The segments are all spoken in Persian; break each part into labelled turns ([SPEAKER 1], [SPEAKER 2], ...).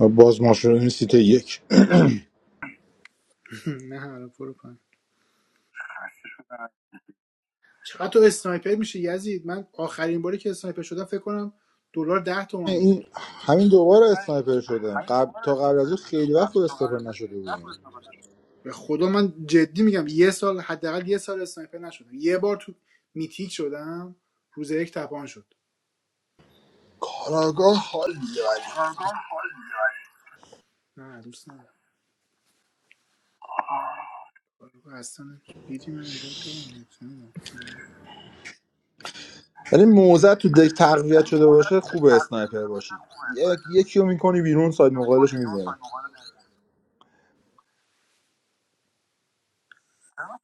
[SPEAKER 1] باز ما شدیم سیت یک
[SPEAKER 2] نه حالا برو پایین چقدر تو اسنایپر میشه یزید من آخرین باری که اسنایپر شدم فکر کنم دلار ده تومن بود
[SPEAKER 1] این همین دوباره اسنایپر شدم قبل تا قبل از اون خیلی وقت خود استاپر نشده بودم
[SPEAKER 2] به خدا من جدی میگم یه سال حداقل یه سال اسنایپر نشدم یه بار تو میتیک شدم روز یک تپان شد
[SPEAKER 1] کاراگاه حال میده ولی
[SPEAKER 2] نه دوست ندارم آره، اصلا بیدی من اینوایت دادم بهت. نمی‌دونم.
[SPEAKER 1] ولی موزه تو دک تقویت شده باشه خوبه اسنایپر باشی یک یکی رو میکنی بیرون ساید مقابلش رو میزنی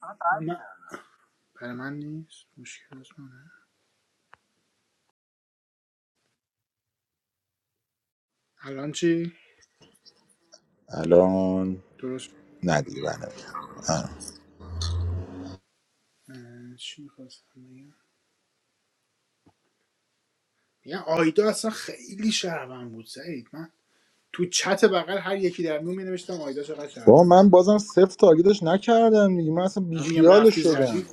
[SPEAKER 2] من- برای من نیست مشکل از منه الان چی
[SPEAKER 1] الان
[SPEAKER 2] درست
[SPEAKER 1] نه دیگه بر نمی‌گردم.
[SPEAKER 2] چی میخواستم بگم میگم آیدا اصلا خیلی شهروند بود سعید من تو چت بغل هر یکی در میون می نوشتم آیدا چقدر
[SPEAKER 1] با
[SPEAKER 2] شهروند
[SPEAKER 1] من بازم صفر تارگتش نکردم دیگه من اصلا
[SPEAKER 2] من میگم
[SPEAKER 1] بیخیالش
[SPEAKER 2] رفتی
[SPEAKER 1] شدم
[SPEAKER 2] زدی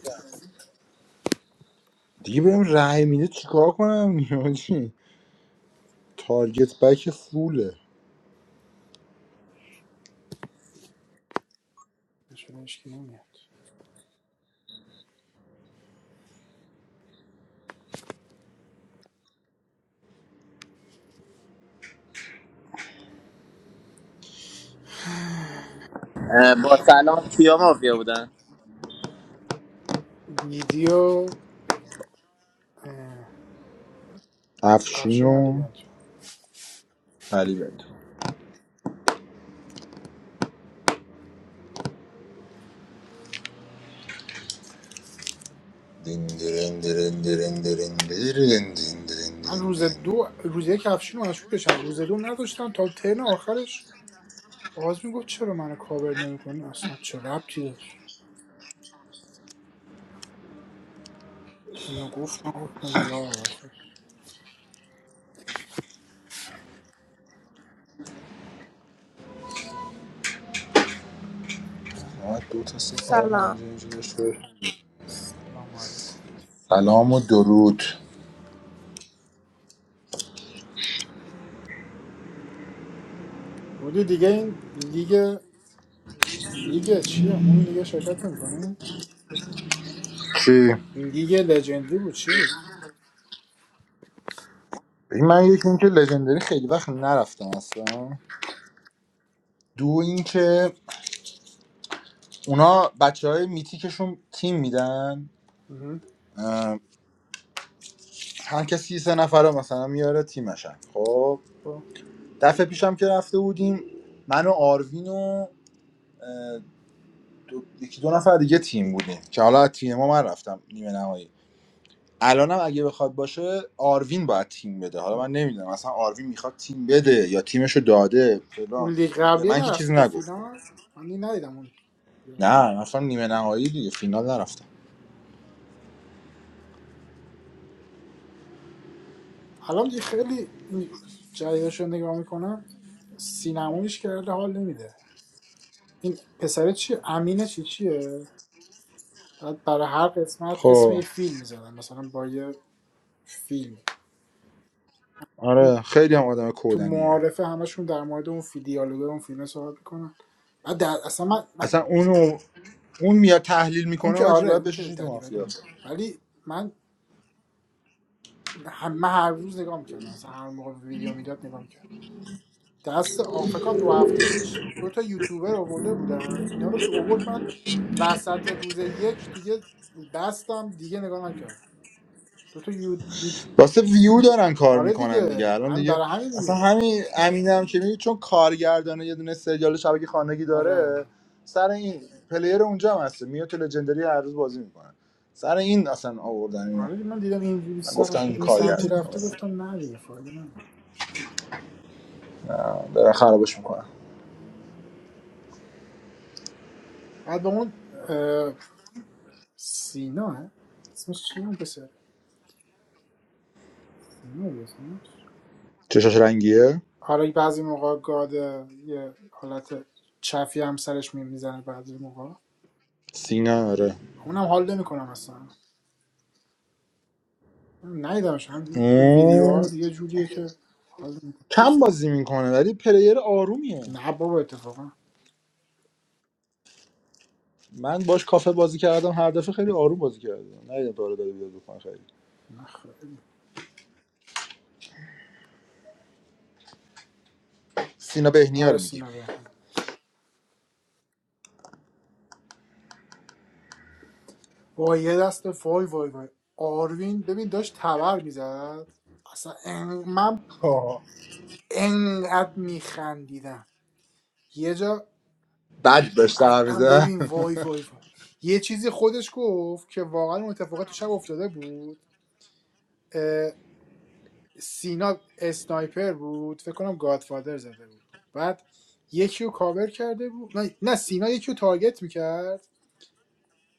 [SPEAKER 1] دیگه بهم رأی میده چیکار کنم یعنی چی؟ تارگت بک فوله
[SPEAKER 3] I'm a salon film of you, don't I?
[SPEAKER 2] ویدیو اه،
[SPEAKER 1] افشین
[SPEAKER 2] افشین علی
[SPEAKER 1] و
[SPEAKER 2] بنتو
[SPEAKER 1] علی بنتو. دین درین درین درین درین درین دین درین
[SPEAKER 2] من
[SPEAKER 1] درین
[SPEAKER 2] روز
[SPEAKER 1] دین.
[SPEAKER 2] دو روز یک افشین رو مشکوکشم روز دو نداشتم تا ترن آخرش آغاز میگفت چرا منو کاور نمیکنی اصلا چه ربطی داشت اینو گفت من گفتم یا واسه
[SPEAKER 1] آه، دو تا سه تا پنج
[SPEAKER 4] سلام
[SPEAKER 1] اینجا داشته باش.
[SPEAKER 2] سلام علیکم
[SPEAKER 1] سلام و درود
[SPEAKER 2] رودی دیگه این لیگ لیگ چیه اون دیگه شرکت نمیکنی
[SPEAKER 1] چی؟
[SPEAKER 2] لیگ لژندری بود چی
[SPEAKER 1] ببین، من یکی اینکه لژندری خیلی وقت نرفتم اصلا دو اینکه اونا بچه های میتیکشون تیم میدن اه، هر کسی سه نفر رو مثلا میاره تیمشن خب
[SPEAKER 2] بود
[SPEAKER 1] دفعه پیشم که رفته بودیم من و آروین و اه، دو- یکی دو نفر دیگه تیم بودیم که حالا از تیم ما من رفتم نیمه نهایی الانم اگه بخواد باشه آروین باید تیم بده حالا من نمیدونم اصلا آروین میخواد تیم بده یا تیمشو داده
[SPEAKER 2] اون
[SPEAKER 1] فلان
[SPEAKER 2] لیگ
[SPEAKER 1] به
[SPEAKER 2] قبلیه
[SPEAKER 1] من که چیزی
[SPEAKER 2] نرفتی تو
[SPEAKER 1] نگفته
[SPEAKER 2] فینال من دیگه ندیدم اون لیگ
[SPEAKER 1] نه
[SPEAKER 2] آخرش.
[SPEAKER 1] من اصلا نیمه نهایی دیگه فینال
[SPEAKER 2] آه.
[SPEAKER 1] نرفتم
[SPEAKER 2] الان دیگه خیلی این جدیدش رو نگاه میکنم سینمایش کرده حال نمیده این پسره چیه امینه چی چیه بعد برای هر قسمت اسم
[SPEAKER 1] خب
[SPEAKER 2] یه فیلم میزنن مثلا با یه فیلم
[SPEAKER 1] آره خیلی هم آدم
[SPEAKER 2] تو
[SPEAKER 1] کودنیه
[SPEAKER 2] معارفه همشون در مورد اون فی دیالوگ اون فیلم صحبت میکنن بعد در... اصلا من... من...
[SPEAKER 1] اصلا اونو اون میاد تحلیل
[SPEAKER 2] اون
[SPEAKER 1] میکنه
[SPEAKER 2] که
[SPEAKER 1] آجی
[SPEAKER 2] آره
[SPEAKER 1] باید
[SPEAKER 2] اون که
[SPEAKER 1] بششی تو
[SPEAKER 2] دریوری
[SPEAKER 1] مافیا
[SPEAKER 2] میگه ولی من هم... من هر روز نگاه میکردم اصلا هر موقع ویدیو میداد نگاه میکردم دست آ- کنم دو هفته پیش دو تا یوتیوبر آورده بودن اینا رو که آورد من وسط روز یک دیگه بستم دیگه نگاه نکردم دو تا یو... یو-
[SPEAKER 1] واسه ویو دارن کار
[SPEAKER 2] آره
[SPEAKER 1] میکنن
[SPEAKER 2] دیگه
[SPEAKER 1] دیگه الان
[SPEAKER 2] همین
[SPEAKER 1] دیگه
[SPEAKER 2] برای همین
[SPEAKER 1] اصلا
[SPEAKER 2] دیگه
[SPEAKER 1] همین امینم هم که میگه چون کارگردانه یه دونه سریال شبکه خانگی داره
[SPEAKER 2] آره
[SPEAKER 1] سر این پلیر اونجا هم هست میاد تو لژندری هر روز بازی میکنه سر این اصلا آوردن اینو
[SPEAKER 2] آره دیگه من دیدم اینجوری
[SPEAKER 1] من گفتم
[SPEAKER 2] سم...
[SPEAKER 1] این
[SPEAKER 2] این سمتی
[SPEAKER 1] کارگردان
[SPEAKER 2] رفته گفتم نه دیگه فایده نداره
[SPEAKER 1] دارن خرابش میکنن
[SPEAKER 2] بعد با اون اه، سینا هست؟ اسمش چیه اون پسر سینا بود اسمش
[SPEAKER 1] چشاش رنگیه
[SPEAKER 2] آره بعضی موقع گاد یه حالت چفی هم سرش میمیزنه بعضی موقع
[SPEAKER 1] سینا آره
[SPEAKER 2] اونم حال نمیکنم اصلا ندیدمش هم تو
[SPEAKER 1] اون
[SPEAKER 2] ویدیوها یه جوریه که حال می‌کنه.
[SPEAKER 1] کم بازی میکنه ولی پلیر آرومیه
[SPEAKER 2] نه بابا اتفاقا
[SPEAKER 1] من باش کافه بازی کردم هر دفعه خیلی آروم بازی کردم نه داره داره بیاد بکنه خیلی
[SPEAKER 2] نه خیلی
[SPEAKER 1] سینا بهنیا
[SPEAKER 2] آره
[SPEAKER 1] رو میگیم
[SPEAKER 2] سینا بهمون با یه دست وای وای وای آروین ببین داشت تبر میزد اصلا ان- من انقدر میخندیدم یه جا
[SPEAKER 1] بد داشتم
[SPEAKER 2] اصلا
[SPEAKER 1] میزه
[SPEAKER 2] ببین وای وای وای یه چیزی خودش گفت که واقعا اون اتفاقات تو شب افتاده بود سینا اسنایپر بود فکر کنم گادفادر زده بود بعد یکی رو کاور کرده بود نه, نه سینا یکی رو تارگت میکرد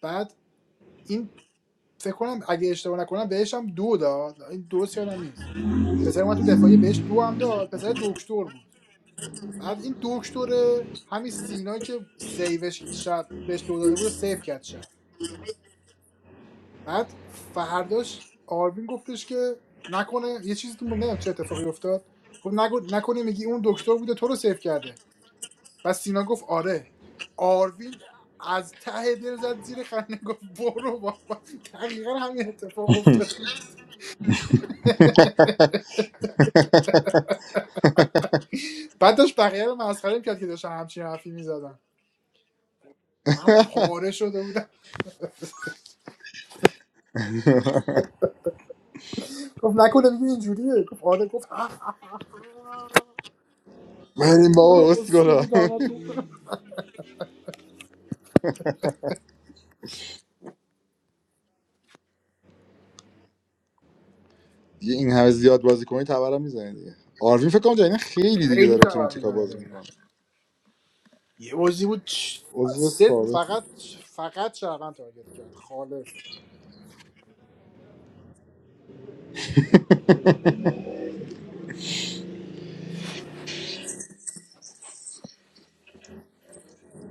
[SPEAKER 2] بعد این فکر کنم اگه اشتباه نکنم بهش هم دو داد این درست یادم نیست پسر من تو دفاعی بهش دو هم داد پسر دکتر بود بعد این دکتر همین سینا که سیوش شب بهش دو داده بود و سیو کرد شب بعد فرداش آروین گفتش که نکنه یه چیزی تو نمیدونم چه اتفاقی افتاد گفت نگو نکنه میگی اون دکتر بوده تو رو سیو کرده و سینا گفت آره آروین از ته دل زد زیر خنده گفت برو بابا دقیقا همین اتفاق افتاده بود بعد داشت بقیه رو مسخره میکرد که داشتن همچین حرفی میزدن من پاره شده بودم گفت نکنه دیگه اینجوریه گفت آره گفت اخ
[SPEAKER 1] من این بابا اسکولا
[SPEAKER 2] اسکولی دامتون
[SPEAKER 1] دیگه این همه زیاد بازی کنی تبرم میزنی دیگه آروین فکر کنم جدیدن خیلی دیگه
[SPEAKER 2] خیلی
[SPEAKER 1] داره تو
[SPEAKER 2] خبر
[SPEAKER 1] میتیکا بازی
[SPEAKER 2] میدونم
[SPEAKER 1] میکنه
[SPEAKER 2] یه بازی بود چ-
[SPEAKER 1] عضو
[SPEAKER 2] سه
[SPEAKER 1] ثابت
[SPEAKER 2] فقط فقط شعبان تارگت کرد خالص خدا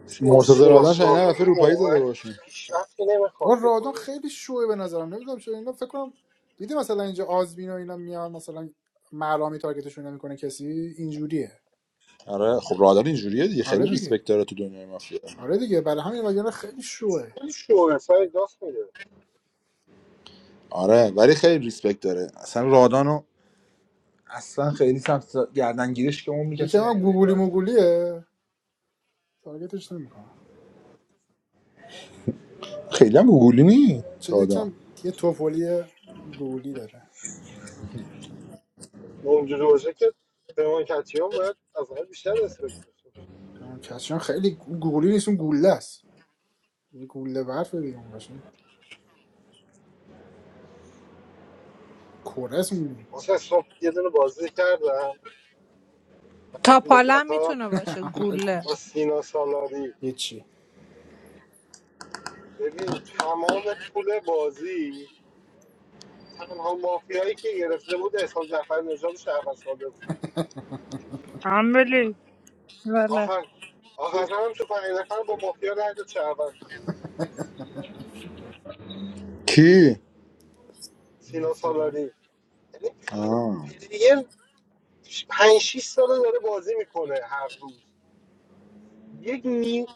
[SPEAKER 5] مثل این
[SPEAKER 1] مرتضی
[SPEAKER 5] سینا
[SPEAKER 1] رادان شاید نه نرفه
[SPEAKER 5] سالاری
[SPEAKER 1] روپایی
[SPEAKER 5] واقعا
[SPEAKER 1] زده
[SPEAKER 5] هیچ
[SPEAKER 1] باشون
[SPEAKER 5] پیشرفتی نمیخواد
[SPEAKER 2] آقا رادون
[SPEAKER 5] بکنه
[SPEAKER 2] خیلی شوه به نظرم نمیدونم چرا اینا فکر کنم دیدی مثلا اینجا آزمین و اینا میان مثلا مرامی تارگتشون نمیکنه کسی اینجوریه
[SPEAKER 1] آره خب رادان اینجوریه دیگه خیلی
[SPEAKER 2] آره دیگه
[SPEAKER 1] ریسپکت داره تو دنیای مافیا
[SPEAKER 2] آره دیگه برای همین وگرنه خیلی شوه
[SPEAKER 5] خیلی شعر سر داست میده
[SPEAKER 1] آره ولی خیلی ریسپکت داره اصلا رادانو اصلا خیلی سمت گردنگیریش که اون
[SPEAKER 2] یکی
[SPEAKER 1] کسی
[SPEAKER 2] هم
[SPEAKER 1] نمیره این
[SPEAKER 2] گوگولی
[SPEAKER 1] راحتی
[SPEAKER 2] موگولیه تارگتش نمیکنه
[SPEAKER 1] خیلی هم گوگولی نی
[SPEAKER 2] چه
[SPEAKER 1] رادان
[SPEAKER 2] یکم یه توفولی گوگولی داره
[SPEAKER 5] اونجا روزه که پیمان کتیان باید از همه بیشتر اسپکت بشه
[SPEAKER 2] کچان خیلی گوگولی نیست اون گوله است یه گوله برف دیگه اون باشه کره است اون.
[SPEAKER 5] واسه صبح یه دونه بازی کردم بعد
[SPEAKER 4] تا
[SPEAKER 5] از مدت
[SPEAKER 4] پالم میتونه باشه گوله
[SPEAKER 5] با سینا سالاری
[SPEAKER 2] هیچی
[SPEAKER 5] ببین تمام طول بازی تنها مافیایی که گرفته بود احسان جعفر نژاد شهروند ساده بود
[SPEAKER 4] عملی بله
[SPEAKER 5] آخر آخر هم تو پنج نفر با مافیا رد شهروند
[SPEAKER 1] کی
[SPEAKER 5] سینا
[SPEAKER 2] مثلا
[SPEAKER 5] سالاری یعنی
[SPEAKER 1] آه.
[SPEAKER 5] پلیر پنج 6 ساله داره بازی میکنه هر روز یک نیم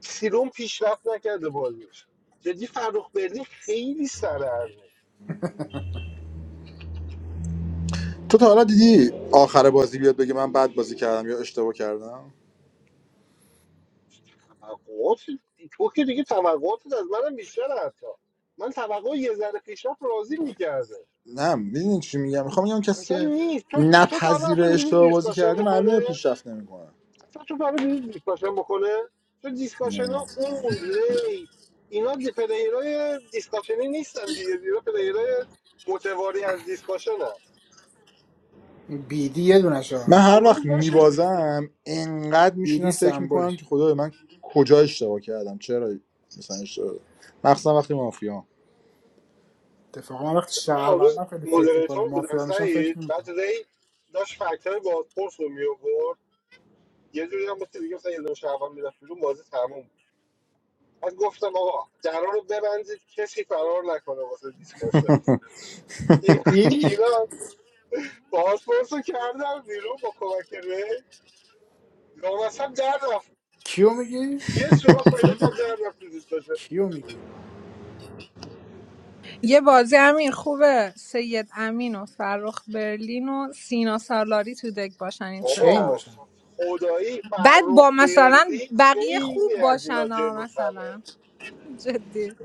[SPEAKER 5] سیروم پیشرفت نکرده بازیش جدی فرخ بردین خیلی سره از اون
[SPEAKER 1] تو تا حالا دیدی آخر بازی بیاد بگه من بد بازی کردم یا اشتباه کردم
[SPEAKER 5] توقعات تو که دیگه توقعاتت از منم بیشتره حتی من توقع یه ذره پیشرفت راضی میکرده
[SPEAKER 1] نه میدونی چی میگم میخوام میگم کسی
[SPEAKER 5] اصلا
[SPEAKER 1] که
[SPEAKER 5] نیست تو تو تا حالا
[SPEAKER 1] نپذیره
[SPEAKER 5] اصلا دیدی
[SPEAKER 1] اشتباه بازی
[SPEAKER 5] دیسکاشن
[SPEAKER 1] کرده معلومه
[SPEAKER 5] بکنه
[SPEAKER 1] پیشرفت نمیکنه
[SPEAKER 5] اصلا تو تا حالا دیدی دیسکاشن بکنه تو دیسکاشن ها اون ری اینا دی- پلیرای دیسکاشنی نیستن دیگه اینا پلیرای متواری از دیسکاشن
[SPEAKER 2] این بیدی یه دونش
[SPEAKER 1] من هر
[SPEAKER 5] اون
[SPEAKER 1] وقت
[SPEAKER 5] روز داشتش
[SPEAKER 1] میبازم انقدر میشینم
[SPEAKER 2] بیدی
[SPEAKER 1] فکر
[SPEAKER 2] سمبولش
[SPEAKER 1] میکنم که خدای من کجا اشتباه کردم چرا مثلا اشتباه مخصوصا وقتی مافیا
[SPEAKER 2] اتفاقا من وقتی
[SPEAKER 5] یعنی من اون روز
[SPEAKER 2] شهروندم خیلی فکر
[SPEAKER 5] مودریتور
[SPEAKER 2] میکنم
[SPEAKER 5] بودم
[SPEAKER 2] مافیا میشم
[SPEAKER 5] سعید
[SPEAKER 2] فکر
[SPEAKER 5] بعد
[SPEAKER 2] نمیکنم
[SPEAKER 5] ری داشت فکتر بازپرس رو می آورد یه جوری هم مثل دیگه مثلا یه دونه شعبان میرفت بیرون بازی تموم بود. بعد گفتم آقا درا رو ببندید کسی فرار نکنه واسه دیسکاشه این
[SPEAKER 2] این
[SPEAKER 5] اینا بازپرس رو کردم بیرون با کمک ری لامصب در رفت
[SPEAKER 2] کیو میگی
[SPEAKER 5] یه سوراخ پیدا کرد در رفت تو دیسکاشه
[SPEAKER 2] کیو میگی
[SPEAKER 4] یه بازی امیر خوبه سید امین و فرخ برلین و سینا سالاری تو دک باشن این
[SPEAKER 2] چین
[SPEAKER 4] ستا
[SPEAKER 5] بابا
[SPEAKER 2] باشن
[SPEAKER 5] ف- خدایی
[SPEAKER 4] بعد
[SPEAKER 5] فرخ
[SPEAKER 4] با مثلا
[SPEAKER 5] بردی
[SPEAKER 4] بقیه
[SPEAKER 5] خیلی
[SPEAKER 4] خوب
[SPEAKER 5] از اینا
[SPEAKER 4] باشن ها
[SPEAKER 5] جلوتره
[SPEAKER 4] مثلا جدی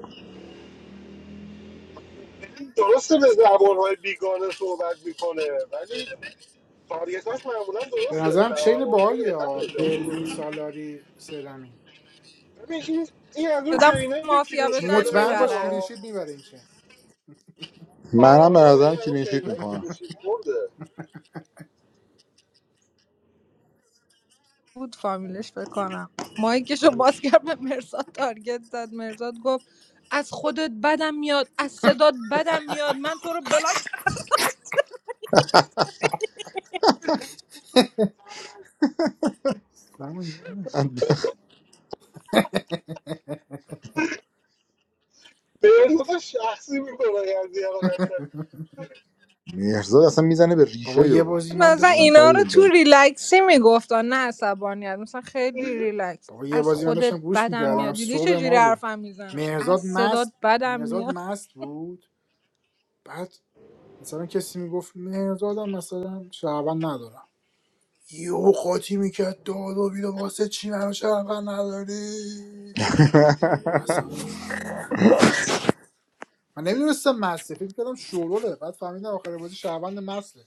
[SPEAKER 5] بریم درسته به زبان بیگانه صحبت میکنه ولی تارگتاش معمولا
[SPEAKER 2] به
[SPEAKER 5] درسته
[SPEAKER 2] نظرم
[SPEAKER 5] شبم
[SPEAKER 2] چین
[SPEAKER 5] مافیا
[SPEAKER 2] باحالی
[SPEAKER 5] بهتر
[SPEAKER 2] ها
[SPEAKER 5] پیدا
[SPEAKER 2] برلین
[SPEAKER 5] میکنه
[SPEAKER 2] سالاری سدمی
[SPEAKER 5] ببین این این از اون
[SPEAKER 4] آدم
[SPEAKER 5] چینایی که
[SPEAKER 4] مافیا
[SPEAKER 5] کلینشیت
[SPEAKER 4] بشن
[SPEAKER 2] مطمئن
[SPEAKER 5] میبرن
[SPEAKER 2] باش
[SPEAKER 4] میبرن
[SPEAKER 2] کلینشیت
[SPEAKER 5] ها.
[SPEAKER 2] میبره این چین
[SPEAKER 1] منم به
[SPEAKER 5] آره
[SPEAKER 1] نظرم
[SPEAKER 5] این از اون
[SPEAKER 1] کلینشیت
[SPEAKER 5] چینایی که
[SPEAKER 1] میکنم
[SPEAKER 5] کلینشیت برده
[SPEAKER 4] بود فامیلش بکنم مایکشو
[SPEAKER 2] آره.
[SPEAKER 4] باز کرد به مرزاد تارگت زد مرزاد گفت از خودت بدم میاد از صدات بدم میاد من تو رو بلاک
[SPEAKER 2] زمان یاد نه.
[SPEAKER 5] به ارتباط شخصی میکنه از یه قشنگ
[SPEAKER 1] مرزاد اصلا میزنه به
[SPEAKER 2] بابا
[SPEAKER 1] ریشه
[SPEAKER 2] یه
[SPEAKER 1] یو
[SPEAKER 2] بازی من
[SPEAKER 4] مثلا
[SPEAKER 1] این
[SPEAKER 2] داشتم
[SPEAKER 4] اینا رو
[SPEAKER 1] کاری
[SPEAKER 4] تو
[SPEAKER 1] با
[SPEAKER 4] ریلکسی میگفتن نه عصبانیت مثلا خیلی ریلکس
[SPEAKER 2] بابا یه
[SPEAKER 4] از
[SPEAKER 2] بازی من
[SPEAKER 4] خودت
[SPEAKER 2] داشتم گوش
[SPEAKER 4] بدم
[SPEAKER 5] آه.
[SPEAKER 2] میکردم
[SPEAKER 4] میاد دیدی
[SPEAKER 2] صبح
[SPEAKER 4] چجوری
[SPEAKER 2] ما بود
[SPEAKER 4] حرفم میزنم از
[SPEAKER 2] مهرزاد
[SPEAKER 4] صدات
[SPEAKER 2] مست
[SPEAKER 4] بدم
[SPEAKER 2] مهرزاد
[SPEAKER 4] میاد
[SPEAKER 2] مست بود بعد مثلا کسی میگفت مهرزادم مثلا شهروند ندارم یهو قاطی میکرد داد و بیداد واسه چی منو شهروند نداری اصلا من نمیدونستم مسته فکر کردم شوروله بعد فهمیدم آخر بازی شهروند مسته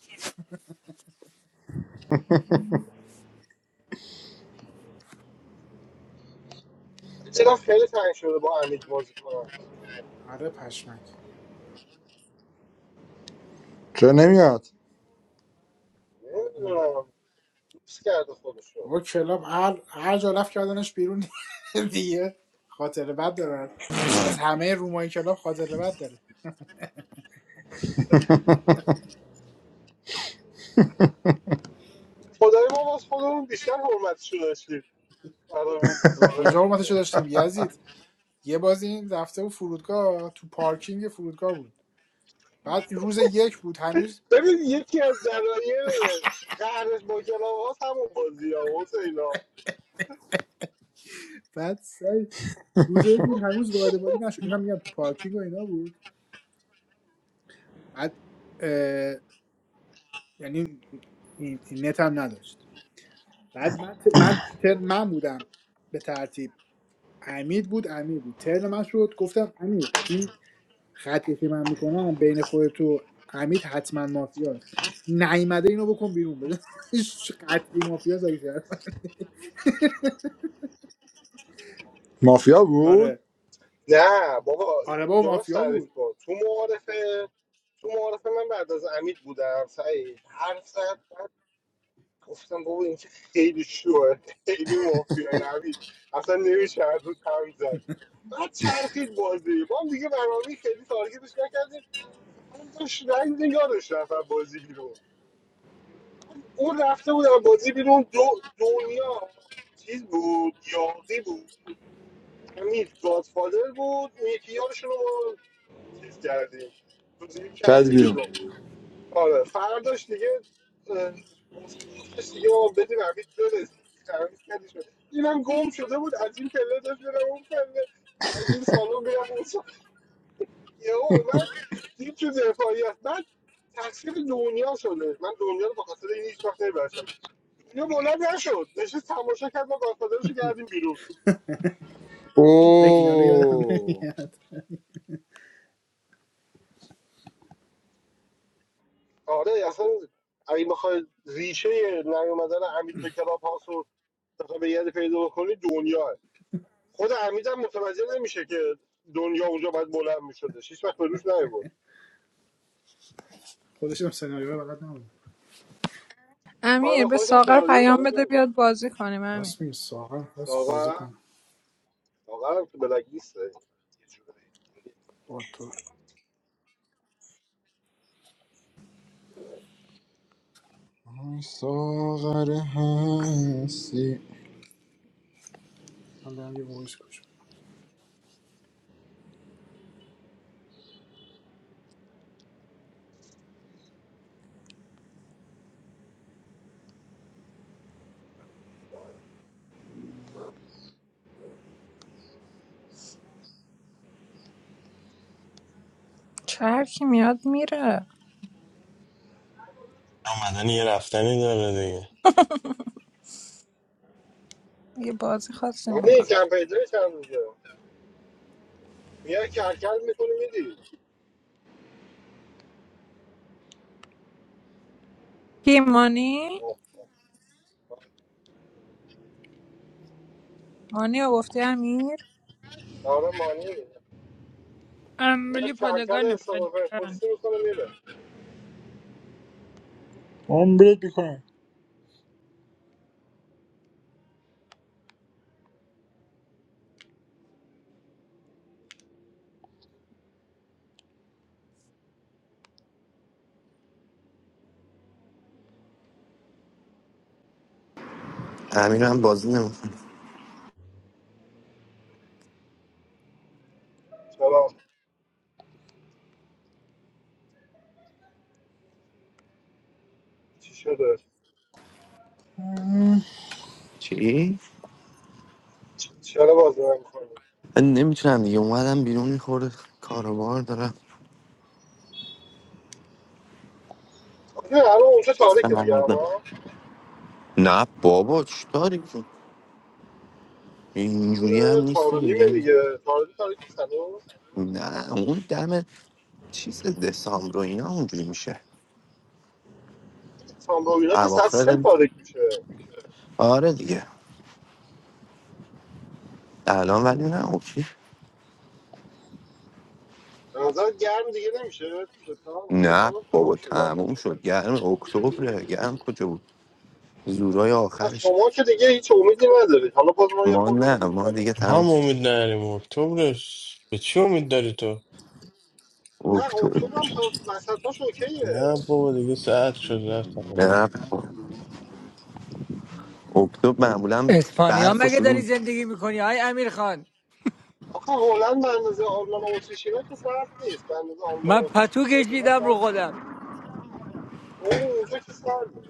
[SPEAKER 5] چرا خیلی تنگ شده با امید بازی کنم
[SPEAKER 2] آره پشمک
[SPEAKER 1] چرا نمیاد
[SPEAKER 5] نمیدونم دوست کرده خودشو
[SPEAKER 2] بابا کلاب هر هر جا رفت کردنش بیرون دیگه خاطر بد داره از همه رومای کلاب خاطر بد داره
[SPEAKER 5] خدای ما باز خودمون بیشتر حرمتشو داشتیم برای می-
[SPEAKER 2] بابا کجا
[SPEAKER 5] کاورش
[SPEAKER 2] حرمتشو داشتیم یزید یه بازی این رفته و فرودگاه تو پارکینگ فرودگاه بود بعد روز یک بود هنوز
[SPEAKER 5] ببین یکی از دلایل قهرش با کلاهاست همون بازی ها حسینا
[SPEAKER 2] بعد سعی روز یک بود هنوز وارد بازی نشد اینا میگم تو پارکینگ و اینا بود بعد اه، یعنی این این نت هم نداشت بعد من ت- من, تر من بودم به ترتیب امید بود امیر بود ترن من شد گفتم امیر این خطی که من میکنم بین خود تو امید حتما مافیاست نیومده اینو بکن بیرون بده قطعی مافیاست اگه شد.
[SPEAKER 1] مافیا بود
[SPEAKER 2] آره
[SPEAKER 5] نه بابا
[SPEAKER 2] آره بابا
[SPEAKER 5] درست
[SPEAKER 2] مافیا
[SPEAKER 5] تعریف
[SPEAKER 2] بود
[SPEAKER 5] کن تو معارفه تو معارفه من بعد از امید بودم سعید هر ساعت گفتم بابا این که خیلی شوه خیلی مافیای امید اصلا نمیشه هر روز هم زد بعد چرخید بازی ما هم دیگه برنامه خیلی تارگیتش نکردیم هم داشت رنگ نگارش رفت از بازی بیرون اون رفته بود از بازی بیرون دو دنیا چیز بود یاقی بود امید گادفادر بود اون یکی یارشون رو ما چیز کردیم توضیح
[SPEAKER 1] کرد
[SPEAKER 5] کردیم
[SPEAKER 1] بیرون
[SPEAKER 5] بیرون آره فرداش دیگه اه، حسین گفتش دیگه آقا بدیم امید بره تعویض کردی شد اینم گم شده بود از این پله داشت میرم اون پله از این سالن میرم اون سالن یهو اومد دید تو دفاعیت بعد تقصیر دنیا شده من دنیا رو به خاطر این هیچ وقت اینو بلند نشد نشست تماشا کرد ما گادفادرشو کردیم بیرون
[SPEAKER 2] حالا اینا رو یادم
[SPEAKER 1] اوه
[SPEAKER 2] نمیاد
[SPEAKER 5] آره اصلا اگه بخوای ریشه نیومدن حمید به کلاب هاوس رو بخوای به یاد پیدا بکنی دنیا خود حمید هم متوجه نمیشه که دنیا اونجا باید بلند میشدش هیچ وقت به روش نیبود
[SPEAKER 2] خودشم سناریو رو بلد نبودم
[SPEAKER 4] امیر
[SPEAKER 5] آره
[SPEAKER 4] به
[SPEAKER 5] خودت هم
[SPEAKER 4] ساغر
[SPEAKER 5] سناریو رو
[SPEAKER 4] پیام
[SPEAKER 5] بلد
[SPEAKER 4] بده
[SPEAKER 5] نبود
[SPEAKER 4] بیاد بازی کنیم امیر
[SPEAKER 2] راست میگه ساغر هست بازی
[SPEAKER 5] ساغر
[SPEAKER 2] کنم
[SPEAKER 5] ساغر هم تو بلک نیست یه جورایی
[SPEAKER 2] با تو
[SPEAKER 1] ای ساغر هستی
[SPEAKER 2] من برم یه وایس گوش
[SPEAKER 4] چه هر کی میاد میره
[SPEAKER 6] آمدنی یه رفتنی داره دیگه
[SPEAKER 4] یه بازی خاصی
[SPEAKER 5] مانی
[SPEAKER 4] میکن
[SPEAKER 5] کمپیدره چند روزه میای کرکل میکنی میدی
[SPEAKER 4] کی مانی مانی رو گفتی امیر
[SPEAKER 5] آره مانی میاد میاد
[SPEAKER 4] امبلی
[SPEAKER 5] کرکل
[SPEAKER 4] پادگان
[SPEAKER 5] استقلال
[SPEAKER 4] پادگان
[SPEAKER 5] پرسپولیسی میکنه میره
[SPEAKER 1] عمرت میکنم
[SPEAKER 7] امینم بازی نمیکنه
[SPEAKER 5] چی شده
[SPEAKER 7] چی؟
[SPEAKER 5] چرا بازی نمی‌کنی
[SPEAKER 7] من نمیتونم دیگه اومدم بیرون میخوره کاروبار دارم
[SPEAKER 5] آخه الان اونجا تاریکه دیگه
[SPEAKER 7] سمردم
[SPEAKER 5] هوا
[SPEAKER 7] نه بابا چی داری که اینجوری هم
[SPEAKER 5] چند
[SPEAKER 7] نیست
[SPEAKER 5] چهار و
[SPEAKER 7] دیگه
[SPEAKER 5] نیمه
[SPEAKER 7] یعنی-
[SPEAKER 5] دیگه چهار و نیم تاریک نیست الان
[SPEAKER 7] نه اون دم چیز دسامبر و اینا اونجوری میشه
[SPEAKER 5] دسامبر و اینا که ساعت سه
[SPEAKER 7] اواخر
[SPEAKER 5] تاریک میشه
[SPEAKER 7] آره دیگه الان ولی نه اوکی
[SPEAKER 5] به نظر گرم دیگه نمیشه تو ستام
[SPEAKER 7] نه
[SPEAKER 5] ستام هم تمام
[SPEAKER 7] بابا
[SPEAKER 5] شده
[SPEAKER 7] تموم
[SPEAKER 5] البته نه
[SPEAKER 7] شد
[SPEAKER 5] دیگه
[SPEAKER 7] گرم اکتبر گرم کجا بود زورای
[SPEAKER 5] نه
[SPEAKER 7] آخرش
[SPEAKER 5] شما که دیگه هیچ امیدی ندارید حالا باز ما یه
[SPEAKER 7] ما
[SPEAKER 5] خورده
[SPEAKER 7] نه
[SPEAKER 5] امید
[SPEAKER 7] ما
[SPEAKER 5] داریم
[SPEAKER 7] دیگه تموم
[SPEAKER 6] هم
[SPEAKER 7] شد
[SPEAKER 6] امید نداریم اکتبرش به چی امید داری تو
[SPEAKER 5] نه اکتبر هم
[SPEAKER 7] اکتبر
[SPEAKER 5] تا وسطاش اوکیه
[SPEAKER 6] نه بابا دیگه ساعت شد رفتم
[SPEAKER 7] نه اکتبر معمولا
[SPEAKER 8] اسپانیا
[SPEAKER 7] برف و
[SPEAKER 8] مگه داری
[SPEAKER 7] شروع
[SPEAKER 8] زندگی میکنی آی امیر خان
[SPEAKER 5] آخه هلند به اندازه آلمان و اتریش اینا که سرد نیست به اندازه آلمان و
[SPEAKER 8] من
[SPEAKER 5] اتریش و
[SPEAKER 8] پتو
[SPEAKER 5] سوئد اینا
[SPEAKER 8] کشیدم رو
[SPEAKER 5] سرد نیست
[SPEAKER 8] خودم
[SPEAKER 5] تو اونجا که سرده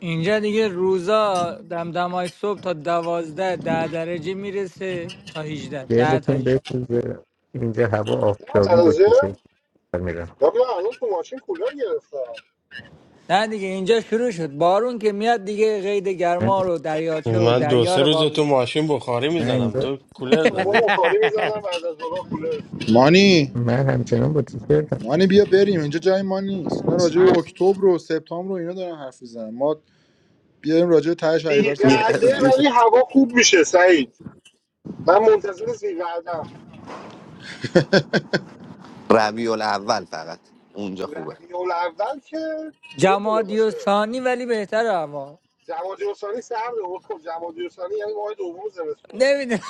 [SPEAKER 8] اینجا دیگه روزا دمدمای صبح تا دوازده ده درجه میرسه تا هیجده
[SPEAKER 9] I
[SPEAKER 8] ده
[SPEAKER 9] think
[SPEAKER 8] تا هیجده
[SPEAKER 9] this is India have of
[SPEAKER 5] 10
[SPEAKER 9] doggy
[SPEAKER 5] درجه
[SPEAKER 9] butchers. I mean,
[SPEAKER 5] یا بیا الان تو ماشین کولر گرفتم
[SPEAKER 8] نه دیگه اینجا شروع شد بارون که میاد دیگه قید
[SPEAKER 9] I,
[SPEAKER 8] گرما رو دریاچه و
[SPEAKER 6] من دو
[SPEAKER 8] دریا
[SPEAKER 6] سه
[SPEAKER 8] رو
[SPEAKER 6] روز تو
[SPEAKER 8] بابزه
[SPEAKER 6] ماشین بخاری میزنم
[SPEAKER 9] I
[SPEAKER 6] تو
[SPEAKER 5] من
[SPEAKER 6] کولر
[SPEAKER 5] شما
[SPEAKER 6] زدی
[SPEAKER 5] بخاری میزنم بعد از اونها کولر میزنم
[SPEAKER 1] مانی
[SPEAKER 9] am saying no butchers.
[SPEAKER 1] مانی بیا بریم اینجا جای ما نیست اینا راجع به اکتبر و سپتامبر و اینا دارن حرف میزنن ما بیایم راجع به ته شهریور صحبت کنیم ما
[SPEAKER 5] زیقعده
[SPEAKER 7] می‌کنه.
[SPEAKER 5] ولی هوا خوب میشه سعید من منتظر زیقعدم
[SPEAKER 7] ربیع الاول فقط اونجا خوبه
[SPEAKER 5] ربیع الاول که یه دونه
[SPEAKER 8] جمادی و
[SPEAKER 5] باشه
[SPEAKER 8] ثانی ولی بهتره اما.
[SPEAKER 5] جمادی الثانی سرده بود خب جمادی الثانی یعنی ماه دوم زمستون
[SPEAKER 8] نمیدونم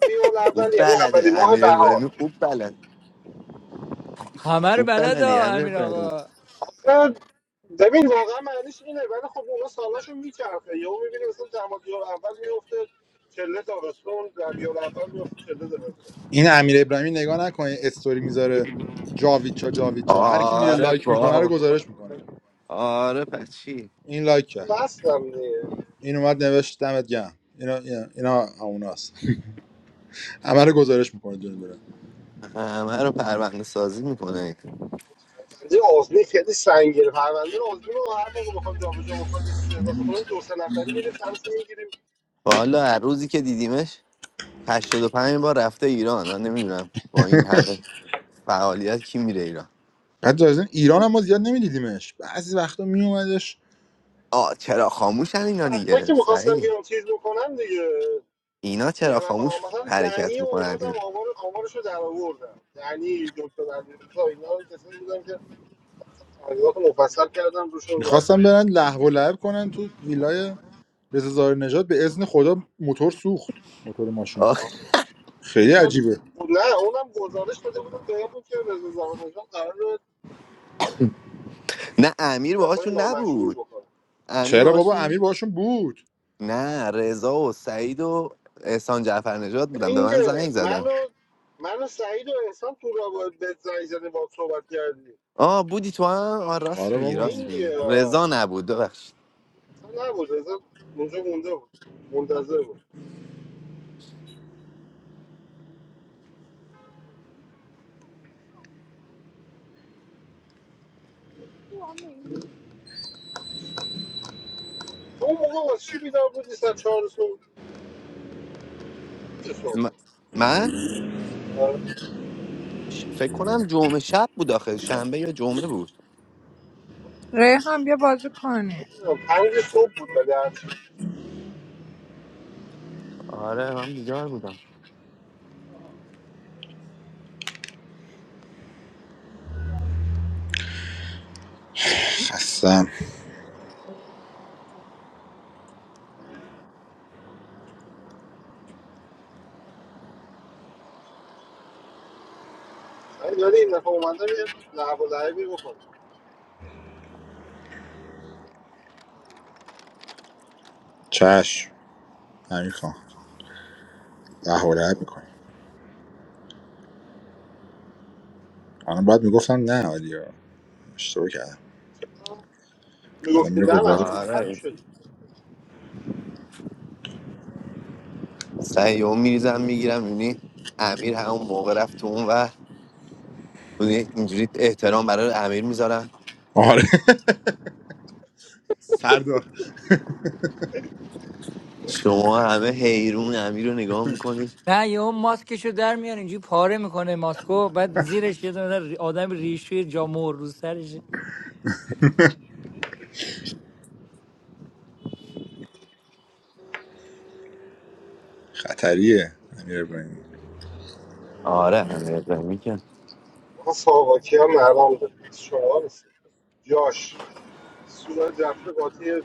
[SPEAKER 5] ربیع
[SPEAKER 7] خوب
[SPEAKER 5] الاول یعنی اولین
[SPEAKER 7] بلده
[SPEAKER 5] ماه
[SPEAKER 7] امیر
[SPEAKER 5] بهار
[SPEAKER 7] ابراهیمی خوب بلد
[SPEAKER 8] همه رو
[SPEAKER 7] خوب
[SPEAKER 8] بلد
[SPEAKER 7] بلدی
[SPEAKER 1] نه.
[SPEAKER 8] ها
[SPEAKER 7] امیر
[SPEAKER 8] امیر
[SPEAKER 7] ابراهیمی
[SPEAKER 8] آقا
[SPEAKER 5] آخه ببین واقعا معنیش اینه ولی خب اونا سالاشو میچرخه یهو میبینی مثلا جمادی الاول میفته چله تابستون ربیع الاول میفته چله زمستون
[SPEAKER 1] این امیر ابراهیمی نگاه نکنه استوری میذاره جاویدچا جاویدچا هر کی میره
[SPEAKER 7] آره
[SPEAKER 1] لایک میکنه رو
[SPEAKER 7] بابا
[SPEAKER 1] گزارش میکنه
[SPEAKER 7] آره پس چی
[SPEAKER 1] این لایک کرد
[SPEAKER 5] وصلم دیگه
[SPEAKER 1] این اومد نوشت دمت گرم اینا اینا اینا هموناست همه رو گزارش میکنه دونه دونه
[SPEAKER 7] همه رو پرونده سازی میکنه
[SPEAKER 5] پرونده آزمین خیلی سنگینه پرونده آزمین رو هر موقع بخوام جابجا بکنم یه چیز اضافه کنیم دو سه نفری میریم سرشو میگیریم
[SPEAKER 7] والا هر روزی که دیدیمش 85 بار رفته ایران من نمیدونم با این همه فعالیت کی میره ایران
[SPEAKER 1] بعد از این ایران هم ما زیاد نمیدیدیمش بعضی وقتا میومدش
[SPEAKER 7] آ چرا خاموشن اینا
[SPEAKER 5] وقتا که
[SPEAKER 7] دیگه
[SPEAKER 5] میخواستم
[SPEAKER 7] صحیح
[SPEAKER 5] بیام چیز بکنم دیگه
[SPEAKER 7] اینا
[SPEAKER 5] یه
[SPEAKER 7] چرا
[SPEAKER 5] نفر
[SPEAKER 7] خاموش
[SPEAKER 5] مثلا دنی
[SPEAKER 7] حرکت
[SPEAKER 5] و اومدم
[SPEAKER 7] میکنن
[SPEAKER 5] آمار آمارش رو در آوردم دنی دکتر امیرزا اینا رو کسایی بودن که اصلا تحقیقات مفصل کردم روشون و
[SPEAKER 1] میخواستم برن لهو و لعب کنن تو ویلای رضا زاهر نژاد به اذن خدا موتور سوخت موتور ماشین خیلی
[SPEAKER 5] اونجا
[SPEAKER 1] عجیبه
[SPEAKER 5] نه اونم گزارش داده بودم بهمون که رضا زارنژاد قرار رو
[SPEAKER 7] نه امیر
[SPEAKER 5] های
[SPEAKER 7] باهاشون
[SPEAKER 5] نامشروع
[SPEAKER 7] نبود
[SPEAKER 5] بکنه
[SPEAKER 7] امیر
[SPEAKER 1] چرا بابا
[SPEAKER 7] باهاشون
[SPEAKER 1] امیر باشون بود
[SPEAKER 7] نه رضا و سعید و احسان جعفر نجات بودن به من
[SPEAKER 5] اینگه
[SPEAKER 7] زنگ زدن
[SPEAKER 5] منو منو سعید و احسان تو رابط به زنگ زدیم با صحبت کردیم
[SPEAKER 7] آه بودی تو هم آه راست
[SPEAKER 1] آره
[SPEAKER 7] میگی
[SPEAKER 1] بابا
[SPEAKER 7] راست میگی
[SPEAKER 5] خنگه
[SPEAKER 7] رضا نبود ببخشید
[SPEAKER 5] اصلا نبود اصلا اونجا مونده بود منتظر بود تو اون موقع واسه چی بیدار بودی ساعت چهار صبح پنج صبح
[SPEAKER 7] م- من
[SPEAKER 5] آره،
[SPEAKER 7] ش- فکر کنم جمعه شب بود آخه شنبه یا جمعه بود
[SPEAKER 4] ریحان بیا بازی کنی
[SPEAKER 5] نمی‌دونم، پنج صبح بود ولی هرچی
[SPEAKER 7] آره من بیدار بودم
[SPEAKER 1] خستم
[SPEAKER 5] سعید داری این دفعه اومدم یه لعب و لعبی بکنم
[SPEAKER 1] چش امیر خان دهورت میکنی الان بعد میگفتم نه ولی اشتباه کردم الان میره
[SPEAKER 5] میگفتیم نه
[SPEAKER 1] گذاره
[SPEAKER 5] مشکوکتر
[SPEAKER 7] آره
[SPEAKER 5] میشدی
[SPEAKER 7] سعیو میریزم میگیرم میبینی امیر همون موقع رفت تو اون و اینجوری احترام برای امیر میذارم
[SPEAKER 1] آره سردار
[SPEAKER 7] شما همه حیرون امیر رو نگاه میکنید
[SPEAKER 8] نه یهو ماسکشو در میاره اینجوری پاره میکنه ماسکو بعد زیرش یه دونه ری- آدم ریشوی جامور رو سرش
[SPEAKER 1] خطریه امیر ابراهیمی
[SPEAKER 7] آره امیر ابراهیمی که
[SPEAKER 5] آقا ساواکی هم نرام بود شما رسید جاش سوئد رفته قاطی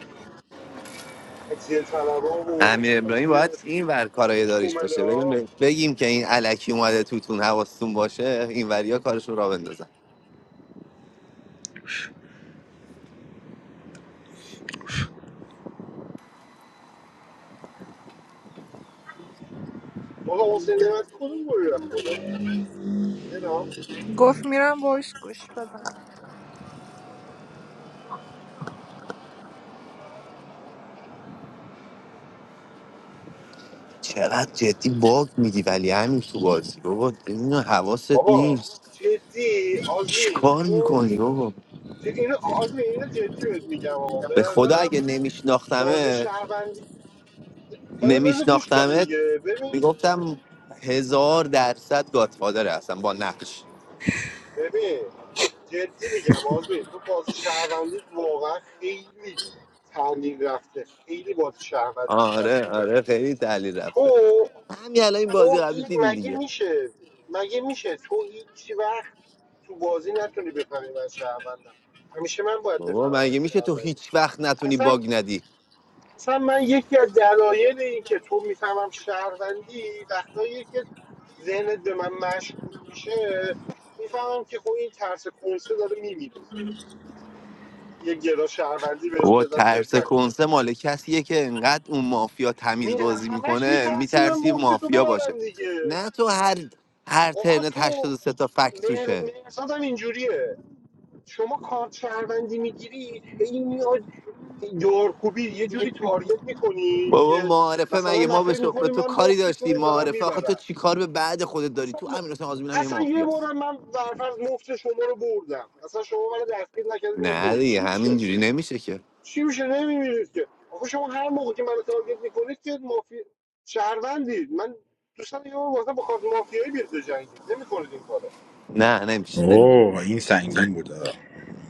[SPEAKER 5] تجزیه طلبها و
[SPEAKER 7] امیر ابراهیمی
[SPEAKER 5] قاطی
[SPEAKER 7] باید این ور کارای داریش
[SPEAKER 5] کومله
[SPEAKER 7] باشه بگیم
[SPEAKER 5] ها.
[SPEAKER 7] به- بگیم که این الکی اومده توتون حواستون باشه این وریا کارشون را بندازن
[SPEAKER 5] آقا حسین نعمت کدوم گل رفت خودش زینا
[SPEAKER 4] گفت میرم وایس گوش بدم
[SPEAKER 7] چقدر جدی باگ میدی ولی همین تو بازی بابا اینو حواست
[SPEAKER 5] بابا
[SPEAKER 7] نیست
[SPEAKER 5] جدی آزمین
[SPEAKER 7] چیکار
[SPEAKER 5] تو
[SPEAKER 7] میکنی بابا
[SPEAKER 5] ج... اینو آزمین اینو جدی بهت میگم آقا به
[SPEAKER 7] به خدا
[SPEAKER 5] نظرم
[SPEAKER 7] اگه
[SPEAKER 5] بازی
[SPEAKER 7] نمیشناختمت
[SPEAKER 5] شهروندی بابا بذار گوش کن
[SPEAKER 7] نمیشناختمت
[SPEAKER 5] دیگه ببین
[SPEAKER 7] میگفتم هزار درصد گاتفادره اصلا با نقش
[SPEAKER 5] ببین جدی میگم آزمین تو بازی شهروندی واقعا خیلی تحلیل رفته خیلی بازی شهروندی بد
[SPEAKER 7] آره
[SPEAKER 5] شده
[SPEAKER 7] آره خیلی تحلیل رفته
[SPEAKER 5] تو
[SPEAKER 7] همین الان این بازی
[SPEAKER 5] تو هیچ
[SPEAKER 7] قبلی
[SPEAKER 5] مگه
[SPEAKER 7] دیدی
[SPEAKER 5] میشه مگه میشه تو هیچ وقت تو بازی نتونی بفهمی من شهروندم همیشه من باید
[SPEAKER 7] بابا
[SPEAKER 5] بفهمم تو
[SPEAKER 7] مگه میشه تو
[SPEAKER 5] شهروندی
[SPEAKER 7] هیچ وقت نتونی
[SPEAKER 5] اصلا
[SPEAKER 7] باگ ندی
[SPEAKER 5] اصلا من یکی از دلایل این که تو میفهمم شهروندی وقتایی که ذهنت به من مشکوک میشه میفهمم که خب این ترس کنسه داره میمیره یه گرا شهروندی بهش
[SPEAKER 7] بابا
[SPEAKER 5] بدم
[SPEAKER 7] ترس
[SPEAKER 5] درد نکنه
[SPEAKER 7] کنسه مال کسیه که انقدر اون مافیا تمیز
[SPEAKER 5] می
[SPEAKER 7] بازی
[SPEAKER 5] همش
[SPEAKER 7] میکنه
[SPEAKER 5] میترسی من
[SPEAKER 7] میترسی
[SPEAKER 5] مفت تو
[SPEAKER 7] مافیا باشه
[SPEAKER 5] ببرم دیگه
[SPEAKER 7] نه تو هر هر
[SPEAKER 5] آخه
[SPEAKER 7] ترنت
[SPEAKER 5] تو
[SPEAKER 7] 83 تا فکت
[SPEAKER 5] مهر-
[SPEAKER 7] توشه
[SPEAKER 5] مهرزاد هم اینجوریه شما کارت شهروندی میگیری هی میاد دارکوبی یه جوری تارگت میکنی
[SPEAKER 7] بابا
[SPEAKER 5] که
[SPEAKER 7] معارفه
[SPEAKER 5] مثلا
[SPEAKER 7] مگه
[SPEAKER 5] من
[SPEAKER 7] ما به,
[SPEAKER 5] فکر
[SPEAKER 7] شو- به
[SPEAKER 5] میکنی
[SPEAKER 7] تو
[SPEAKER 5] من
[SPEAKER 7] کاری
[SPEAKER 5] مفتتون
[SPEAKER 7] داشتیم
[SPEAKER 5] رو دارم
[SPEAKER 7] معارفه آخه تو
[SPEAKER 5] میبرم
[SPEAKER 7] چی کار به بعد خودت داری
[SPEAKER 5] اصلا
[SPEAKER 7] تو امیر حسین آزمین هم یه
[SPEAKER 5] اصلا یه
[SPEAKER 7] مافیاست
[SPEAKER 5] بارم من برفرض مفت شما رو بردم مثلا شما منو دستگیر نکردید من
[SPEAKER 7] نه
[SPEAKER 5] برد چی
[SPEAKER 7] دیگه
[SPEAKER 5] میشه
[SPEAKER 7] همینجوری نمیشه که
[SPEAKER 5] چی میشه نمیمیرید که آخه شما هر موقع که منو تارگت میکنید که مافی شهروندید من دوستان یه بار واسه با کارت مافیایی بیاد جنگید نمیکنید این کارو
[SPEAKER 7] نه نمیشه نه,
[SPEAKER 1] اوه این سنگین بود آه.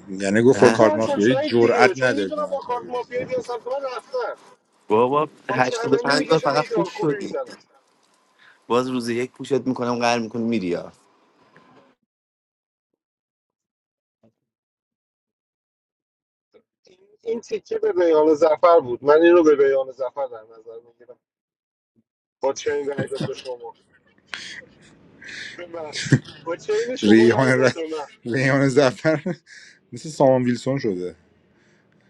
[SPEAKER 1] یعنی گفت با
[SPEAKER 7] نه.
[SPEAKER 1] کارت
[SPEAKER 5] میترسن
[SPEAKER 1] مافیایی
[SPEAKER 5] سعید
[SPEAKER 1] جرئت
[SPEAKER 5] دیگه چون
[SPEAKER 1] نداری به
[SPEAKER 5] میدونم
[SPEAKER 1] من
[SPEAKER 5] با کارت
[SPEAKER 1] تایید بزنی
[SPEAKER 5] مافیایی بیاد سمت من رفتن
[SPEAKER 7] بابا هشتاد و
[SPEAKER 5] چهروندی
[SPEAKER 7] پنج بار
[SPEAKER 5] میکشن هی
[SPEAKER 7] فقط خوش
[SPEAKER 5] دارکوبی
[SPEAKER 7] شدی
[SPEAKER 5] میزنن
[SPEAKER 7] باز روز یک پوشت میکنم قهر میکنی میری
[SPEAKER 5] این تیکه به بیان زفر بود من این رو به بیان زفر در نظر میگیرم با چین رای داد به شما به من با چین شما
[SPEAKER 1] ریحان
[SPEAKER 5] رای
[SPEAKER 1] ر...
[SPEAKER 5] داد به من
[SPEAKER 1] ریحان زفر مثل سامان ویلسون شده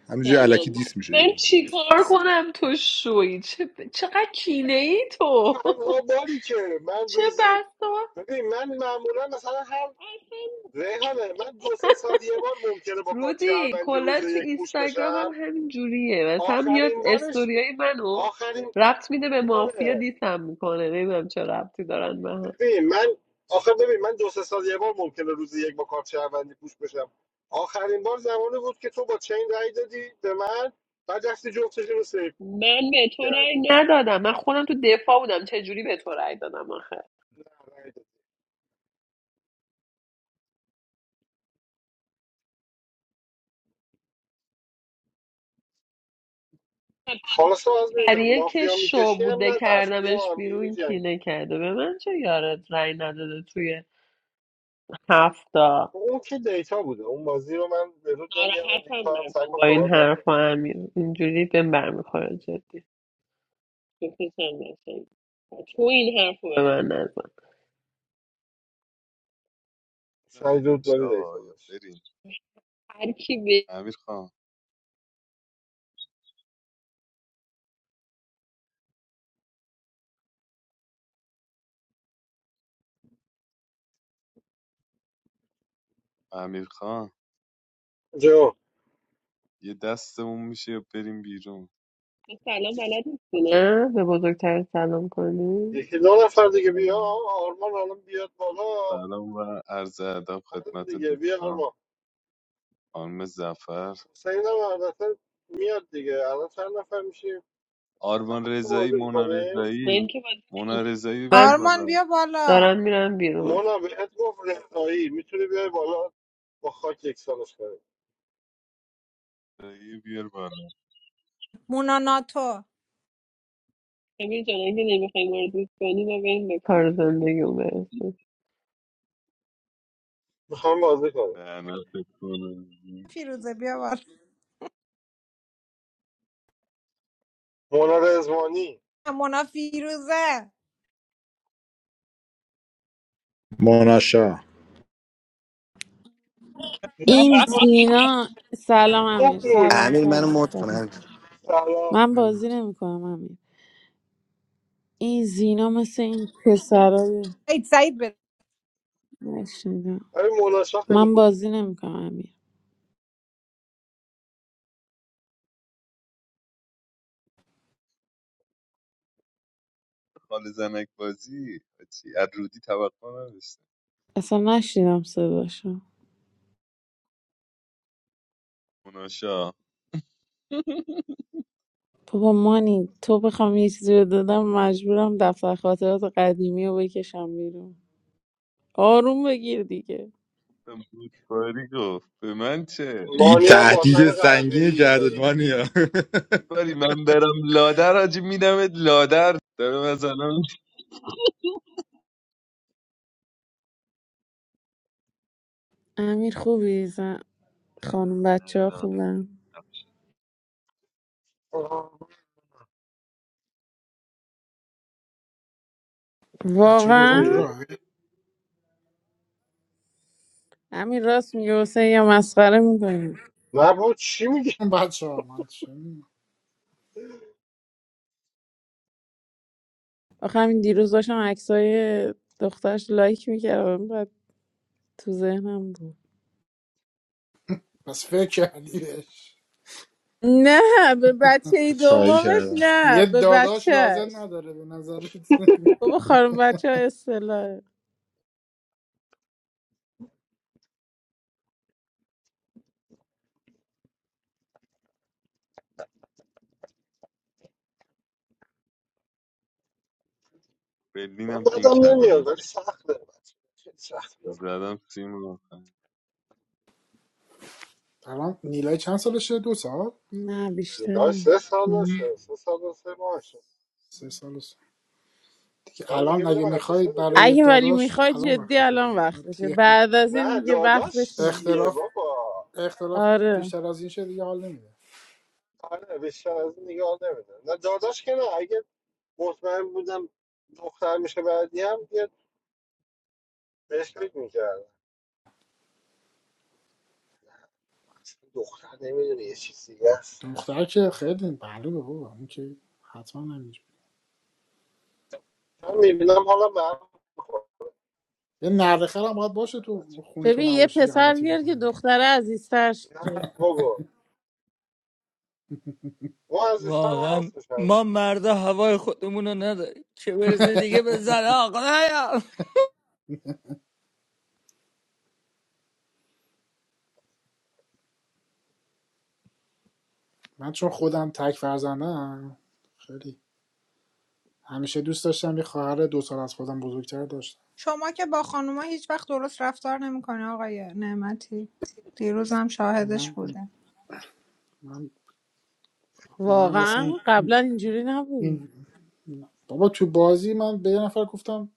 [SPEAKER 1] همینجوری
[SPEAKER 10] سلام
[SPEAKER 1] الکی دیس میشه
[SPEAKER 10] من
[SPEAKER 1] یهو
[SPEAKER 10] چیکار کنم تو شوی چه چقدر کینه ای تو
[SPEAKER 5] تنها باری که من
[SPEAKER 10] چه
[SPEAKER 5] روزی
[SPEAKER 10] بسا
[SPEAKER 5] ببین من معمولا مثلا هر
[SPEAKER 10] اصلا
[SPEAKER 5] ریحانه من دو سه سال یه بار ممکنه با کار
[SPEAKER 10] رودی
[SPEAKER 5] چهروندی روز
[SPEAKER 10] کلا تو
[SPEAKER 5] یک پوش
[SPEAKER 10] اینستاگرام هم
[SPEAKER 5] بشم
[SPEAKER 10] همین جوریه مثلا میاد
[SPEAKER 5] آخرین بارش
[SPEAKER 10] استوریای منو
[SPEAKER 5] آخرین
[SPEAKER 10] ربط میده به مافیا
[SPEAKER 5] ریحانه
[SPEAKER 10] دیسم میکنه نمیدونم چه ربطی دارن به هم
[SPEAKER 5] ببین من آخر ببین من دو سه سال یه بار ممکنه روزی یک با کارت شهروندی پوش بشم آخرین بار زمانی بود که تو با چین رای دادی به من بعد دستی جفتش رو سیف
[SPEAKER 10] من به تو رأی
[SPEAKER 5] کردی
[SPEAKER 10] ندادم من خودم تو دفاع بودم چه جوری به تو رأی دادم آخه
[SPEAKER 5] رای دادی. خلاص از اینجا
[SPEAKER 10] فریه که
[SPEAKER 5] مافیا
[SPEAKER 10] شو
[SPEAKER 5] میکشی هم
[SPEAKER 10] بوده
[SPEAKER 5] نترس بیا
[SPEAKER 10] کردمش
[SPEAKER 5] با هم دیگه
[SPEAKER 10] بیرون کینه
[SPEAKER 5] میجنگیم
[SPEAKER 10] کرده به من چه یارت رأی نداده توی هفته
[SPEAKER 5] اون که دیتا بوده اون بازی رو من به رود نمیارم دیگه
[SPEAKER 10] ناراحتم
[SPEAKER 5] تو هم سگ
[SPEAKER 10] نکن
[SPEAKER 5] و
[SPEAKER 10] با این
[SPEAKER 5] صحبت نکنه
[SPEAKER 10] حرفا امیر اینجوری بهم برمیخوره جدی بپیچم نشن تو این حرفو به من نزن
[SPEAKER 5] سعی
[SPEAKER 11] گیرمون
[SPEAKER 5] رود
[SPEAKER 11] نمیشه
[SPEAKER 5] ولی دیتا
[SPEAKER 11] آقا یا
[SPEAKER 5] داشت
[SPEAKER 11] بریم
[SPEAKER 10] هر کی به
[SPEAKER 11] امیر خان امیر خان
[SPEAKER 5] جو
[SPEAKER 11] یه دستمون میشه یا بریم بیرون
[SPEAKER 10] تو سلام بلد نیستی نه به بزرگتر سلام کنی
[SPEAKER 5] یکی دو نفر دیگه بیا
[SPEAKER 11] سلام
[SPEAKER 5] آرمان الان بیاد بالا
[SPEAKER 11] سلام و عرض ادب
[SPEAKER 5] همین
[SPEAKER 11] خدمت
[SPEAKER 5] دیگه بیا آرمان
[SPEAKER 11] دوستان خانم زفر
[SPEAKER 5] حسین هم البته میاد دیگه الان چند نفر میشیم چند
[SPEAKER 11] آرمان
[SPEAKER 5] نفر
[SPEAKER 11] رضایی
[SPEAKER 5] بازی
[SPEAKER 11] مونا
[SPEAKER 5] میکنیم
[SPEAKER 11] رضایی
[SPEAKER 10] من که بازی
[SPEAKER 11] مونا
[SPEAKER 10] نمی‌کنم.
[SPEAKER 11] رضایی رو بیار
[SPEAKER 10] من
[SPEAKER 11] بالا
[SPEAKER 4] آرمان بیا بالا
[SPEAKER 10] دارم میرم بیرون
[SPEAKER 5] مونا بهت گفت رضایی میتونی بیای بالا با خاک یکسانش کنیم
[SPEAKER 11] رضایی رو بیار بالا
[SPEAKER 4] مونا ناتو
[SPEAKER 10] امیر جان اگه نمیخوای مورد کنی و به این به کار زندگی اون
[SPEAKER 5] میخوام بازی کنیم
[SPEAKER 11] لعنتت کنه
[SPEAKER 4] فیروزه بیا بالا
[SPEAKER 5] مونا رزوانی
[SPEAKER 4] مونا فیروزه
[SPEAKER 1] مانشا
[SPEAKER 12] این
[SPEAKER 5] شاه
[SPEAKER 12] زینا سلام امیر
[SPEAKER 5] خوب بود
[SPEAKER 12] سلام
[SPEAKER 7] امیر منو
[SPEAKER 12] سلام
[SPEAKER 7] مد
[SPEAKER 12] سلام
[SPEAKER 7] کنم
[SPEAKER 5] سلام
[SPEAKER 12] من
[SPEAKER 2] بدم
[SPEAKER 12] بازی
[SPEAKER 2] سلام
[SPEAKER 12] نمیکنم امیر این زینا مثل این پسرای
[SPEAKER 4] عید سعید بده
[SPEAKER 12] نشنیدم
[SPEAKER 5] ولی مونا شاه خیلی
[SPEAKER 12] من
[SPEAKER 5] خوب بود
[SPEAKER 12] بازی نمیکنم امیر
[SPEAKER 11] خال زنک بازی چی از رودی توقع نداشتم
[SPEAKER 12] اصلا نشنیدم صداشو
[SPEAKER 11] مونا شاه
[SPEAKER 12] بابا مانی تو بخوام یه چیزی رو دادم مجبورم دفتر خاطرات قدیمی رو بکشم بیرون آروم بگیر دیگه
[SPEAKER 11] بود باری گفت به من چه
[SPEAKER 1] این
[SPEAKER 5] مانی هم باسن
[SPEAKER 1] تهدید
[SPEAKER 5] قهوه
[SPEAKER 1] سنگین
[SPEAKER 5] ای
[SPEAKER 1] کرده
[SPEAKER 5] داره
[SPEAKER 1] مانیا
[SPEAKER 11] بری من برم لادر آجی میدمت لادر داره مثلا
[SPEAKER 12] امیر خوبی زن خانم
[SPEAKER 11] نه
[SPEAKER 12] بچه ها
[SPEAKER 11] نه
[SPEAKER 12] خوبم
[SPEAKER 5] آه،
[SPEAKER 2] بچه دوم تو
[SPEAKER 12] واقعا
[SPEAKER 5] خوبی
[SPEAKER 2] راه
[SPEAKER 12] امیر راست میگه حسین یا مسخره میکنی
[SPEAKER 5] نبود چی میگی
[SPEAKER 2] بچه ها من چه می‌دونم.
[SPEAKER 12] آخه همین دیروز داشتم عکسای دخترش لایک میکردم بعد تو ذهنم بود
[SPEAKER 2] پس فکر کردی بهش
[SPEAKER 12] نه به بچه
[SPEAKER 1] چایی
[SPEAKER 12] دومش
[SPEAKER 1] کردم
[SPEAKER 12] نه
[SPEAKER 2] یه
[SPEAKER 12] به
[SPEAKER 2] داداش
[SPEAKER 12] بچهش
[SPEAKER 2] لازم نداره به نظرت
[SPEAKER 12] بابا خانم بچه ها اصطلاحه
[SPEAKER 5] من
[SPEAKER 11] برلینم پین
[SPEAKER 5] بدم
[SPEAKER 11] کردم
[SPEAKER 5] نمیاد
[SPEAKER 11] آجی
[SPEAKER 5] ولی سخته خیلی سخت بود
[SPEAKER 11] زدم سیم رو آخر
[SPEAKER 2] الان نیلای چند سالشه دو سال
[SPEAKER 12] نه
[SPEAKER 5] نگاه
[SPEAKER 12] بیشتر
[SPEAKER 5] سه سال
[SPEAKER 12] مم.
[SPEAKER 5] داشته سه سال و سه ماه شد
[SPEAKER 2] سه سال و سه. دیگه
[SPEAKER 5] سال دیگه
[SPEAKER 2] الان
[SPEAKER 5] میره
[SPEAKER 2] اگه میخوای
[SPEAKER 5] مدرسه دیگه
[SPEAKER 2] برای
[SPEAKER 12] اگه ولی
[SPEAKER 2] داداش
[SPEAKER 12] میخوای
[SPEAKER 2] الان
[SPEAKER 12] جدی
[SPEAKER 2] وقتشه
[SPEAKER 12] الان
[SPEAKER 2] دیگه بعد
[SPEAKER 12] وقتشه
[SPEAKER 2] دیگه
[SPEAKER 12] بعد از این
[SPEAKER 5] نه
[SPEAKER 12] دیگه
[SPEAKER 5] داداش
[SPEAKER 12] وقتش نیست
[SPEAKER 5] چیه
[SPEAKER 2] اختلاف
[SPEAKER 5] بابا
[SPEAKER 2] اختلاف
[SPEAKER 12] آره
[SPEAKER 2] بیشتر از این شه دیگه حال نمیده
[SPEAKER 5] آره بیشتر از این نگاه نمیدم نه داداش که نه اگه مطمئن بودم دختر میشه بعدی هم یه بهش فکر میکردم دختر نمیدونه یه چیز دیگه است
[SPEAKER 2] دختر که خیلی معلومه بابا اون که حتما نمیشه
[SPEAKER 5] من میبینم حالا به هم می‌خوره
[SPEAKER 2] یه نرد خرم باید باشه
[SPEAKER 5] سر
[SPEAKER 2] تو
[SPEAKER 5] بچه.
[SPEAKER 2] خونه تو
[SPEAKER 12] ببین یه
[SPEAKER 2] نباشی یه
[SPEAKER 12] پسر
[SPEAKER 2] غلطی
[SPEAKER 12] بیار که
[SPEAKER 2] بکنه دیگه
[SPEAKER 12] دختره عزیزتر
[SPEAKER 5] نه
[SPEAKER 12] شه
[SPEAKER 5] بابا ما از دوستان
[SPEAKER 8] واقعا
[SPEAKER 5] هست میشم
[SPEAKER 8] ما مردا هوای خودمون رو نداریم چه برسه دیگه به زن آقا
[SPEAKER 2] من چون خودم تک فرزندم خیلی همیشه دوست داشتم یه خواهر دو سال از خودم بزرگتر داشتم
[SPEAKER 4] شما که با خانوما هیچ وقت درست رفتار نمیکنه آقای نعمتی دیروز هم شاهدش
[SPEAKER 2] من
[SPEAKER 4] بوده
[SPEAKER 2] من من اصلا
[SPEAKER 12] واقعا قبلا اینجوری نبود
[SPEAKER 2] این بابا تو بازی من به یه نفر گفتم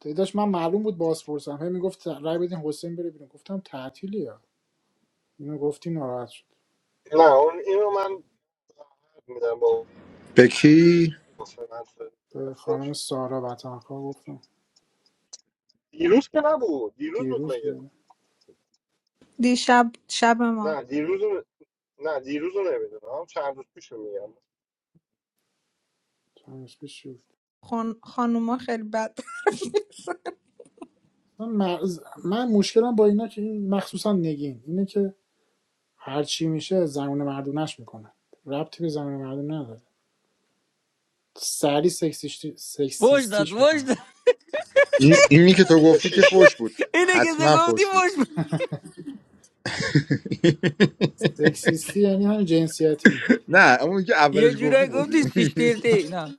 [SPEAKER 2] داداش من معلوم بود باز پرسم هی میگفت رای بدین حسین بره بیرون گفتم تعطیلی ها اینو گفتی ناراحت شد
[SPEAKER 5] نه اون اینو من میدم با
[SPEAKER 1] به کی
[SPEAKER 5] حسین حرف
[SPEAKER 2] به خانم
[SPEAKER 5] رفتنش.
[SPEAKER 2] سارا وطنخواه گفتم
[SPEAKER 5] دیروز که نبود دیروز بود
[SPEAKER 2] دیروز
[SPEAKER 5] مگه
[SPEAKER 2] بود
[SPEAKER 4] دیشب شب ما
[SPEAKER 5] نه دیروز رو- نه دیروز رو نمیدونم چند روز پیش میگم
[SPEAKER 2] چند روز پیش شد.
[SPEAKER 4] خان... خانوما خیلی بد
[SPEAKER 2] من, من مشکلم با اینا که این مخصوصا نگین اینه که هر چی میشه زنون مردونه‌ش میکنن ربطی به زنونه مردونه نداره سری سکسیستی
[SPEAKER 8] فوش داد
[SPEAKER 2] سکسیستیش
[SPEAKER 8] فوش
[SPEAKER 2] میکنن
[SPEAKER 8] داد
[SPEAKER 1] این اینی که تو
[SPEAKER 5] چه
[SPEAKER 1] گفتی که فوش
[SPEAKER 5] شیشی
[SPEAKER 1] بود
[SPEAKER 8] اینه که تو
[SPEAKER 1] حتما
[SPEAKER 8] گفتی
[SPEAKER 1] فوش بود
[SPEAKER 8] فوش ب-
[SPEAKER 2] سکسیستی یعنی همین جنسیتی میکنن
[SPEAKER 1] نه اون که اولش
[SPEAKER 8] یه
[SPEAKER 1] گفتی
[SPEAKER 8] جورایی
[SPEAKER 1] فوش
[SPEAKER 8] گفتی سیش
[SPEAKER 1] بود.
[SPEAKER 8] دیرتی نه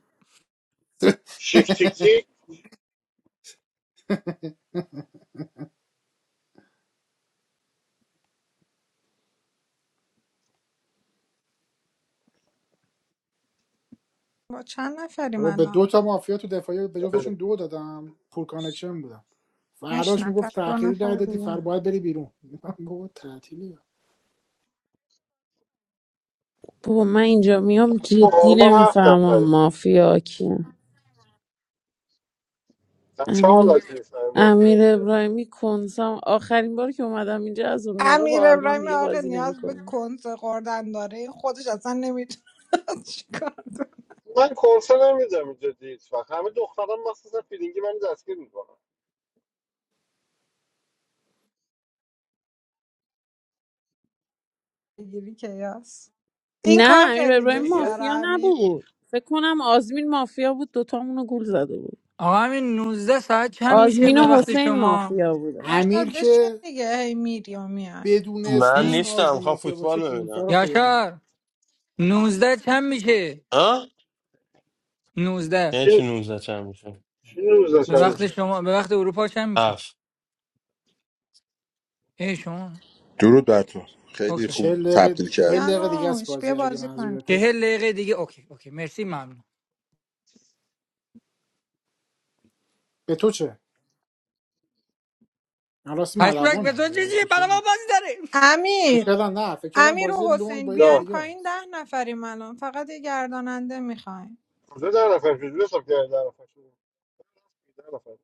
[SPEAKER 5] شیفتیکی
[SPEAKER 4] با چند نفریم
[SPEAKER 2] بابا به
[SPEAKER 4] الان
[SPEAKER 2] دو تا مافیا تو دفاعی به جفتشون دو دادم پور کانکشن بودم
[SPEAKER 4] هشت
[SPEAKER 2] فراش
[SPEAKER 4] نفر
[SPEAKER 2] میگفت
[SPEAKER 4] دو
[SPEAKER 2] تأخیری در
[SPEAKER 4] نفر
[SPEAKER 2] دادی
[SPEAKER 4] دیگه
[SPEAKER 2] فر باید بری بیرون من بابا تعطیلی
[SPEAKER 12] بابا من اینجا میام
[SPEAKER 5] تو
[SPEAKER 12] جدی
[SPEAKER 5] آلمان هفت
[SPEAKER 12] نمیفهمم
[SPEAKER 5] نفره
[SPEAKER 12] مافیا کیه
[SPEAKER 5] در چه
[SPEAKER 12] امیر
[SPEAKER 5] حالت میفهمی مافیا
[SPEAKER 12] امیر
[SPEAKER 5] ایتالیا بود؟
[SPEAKER 12] ابراهیمی کنسام آخرین بار که اومدم اینجا از اون موقع با
[SPEAKER 4] امیر
[SPEAKER 12] آرمان
[SPEAKER 4] ابراهیم
[SPEAKER 12] دیگه
[SPEAKER 4] آقا
[SPEAKER 12] بازی
[SPEAKER 4] نیاز به
[SPEAKER 12] نمیکنم
[SPEAKER 4] کنس خوردن داره این خودش اصلا نمیتونه چیکار
[SPEAKER 5] من کنسه نمیدم اینجا دید فقط همه دختران مخصوصا فیلینگی من دستگیر میکنم
[SPEAKER 4] بگیری که یاس این کار
[SPEAKER 12] نه امیر
[SPEAKER 4] خیلی
[SPEAKER 12] ابراهیمی
[SPEAKER 4] دوست داره
[SPEAKER 12] مافیا
[SPEAKER 4] امیر
[SPEAKER 12] نبود فکر کنم آزمین مافیا بود دوتامونو گول زده بود
[SPEAKER 8] آقا همین نوزده ساعت چند میشه
[SPEAKER 12] آزمین
[SPEAKER 8] به
[SPEAKER 12] و
[SPEAKER 8] وقت
[SPEAKER 12] حسین
[SPEAKER 8] شما
[SPEAKER 12] مافیا بودن
[SPEAKER 4] یاشار
[SPEAKER 2] امیر
[SPEAKER 4] بشین
[SPEAKER 2] که
[SPEAKER 4] دیگه هی میری و میای.
[SPEAKER 2] بدون
[SPEAKER 6] من
[SPEAKER 8] هم؟
[SPEAKER 2] استثنا از
[SPEAKER 6] نیستم
[SPEAKER 2] بی
[SPEAKER 6] خواه
[SPEAKER 2] مافیا باشه
[SPEAKER 6] فوتبال
[SPEAKER 2] کونسه
[SPEAKER 6] ببینم
[SPEAKER 2] رو خورده
[SPEAKER 8] یاشار 19 چند میشه
[SPEAKER 6] ها
[SPEAKER 8] نوزده
[SPEAKER 6] یعنی چی
[SPEAKER 5] چین
[SPEAKER 6] 19 چند میشه
[SPEAKER 5] چین روز
[SPEAKER 2] یعنی که
[SPEAKER 8] به
[SPEAKER 5] دچار
[SPEAKER 8] وقت
[SPEAKER 2] چند
[SPEAKER 5] میشه
[SPEAKER 8] شما به وقت اروپا چند میشه
[SPEAKER 6] هفت
[SPEAKER 8] ای شما
[SPEAKER 1] درود بر تو خیلی
[SPEAKER 8] اوکی
[SPEAKER 1] خوب
[SPEAKER 2] چه دقیقه
[SPEAKER 1] تبدیل
[SPEAKER 2] چهل
[SPEAKER 1] کردی
[SPEAKER 2] دقیقه دیگه است
[SPEAKER 4] یانوش بیا
[SPEAKER 2] بازی اگه
[SPEAKER 4] بازی کن
[SPEAKER 2] منظورته
[SPEAKER 8] چهل دقیقه دیگه اوکی اوکی مرسی ممنون
[SPEAKER 2] به تو چه من راستی
[SPEAKER 8] پشمک به
[SPEAKER 2] ملوانم
[SPEAKER 8] تو چه
[SPEAKER 2] میگم به تو چه
[SPEAKER 8] برای ما بازی داره
[SPEAKER 2] فکر
[SPEAKER 4] امیر
[SPEAKER 2] کردم نه فکر کردم
[SPEAKER 4] امیر
[SPEAKER 2] بازی
[SPEAKER 4] و
[SPEAKER 2] لونگ
[SPEAKER 4] حسین
[SPEAKER 2] با یکی
[SPEAKER 4] بیاین
[SPEAKER 5] دا
[SPEAKER 2] دیگه
[SPEAKER 4] پایین
[SPEAKER 2] است
[SPEAKER 4] ده نفریم الان فقط یه گرداننده میخوایم
[SPEAKER 5] کجا در نفر شد حساب کرده در نفر شد در نفر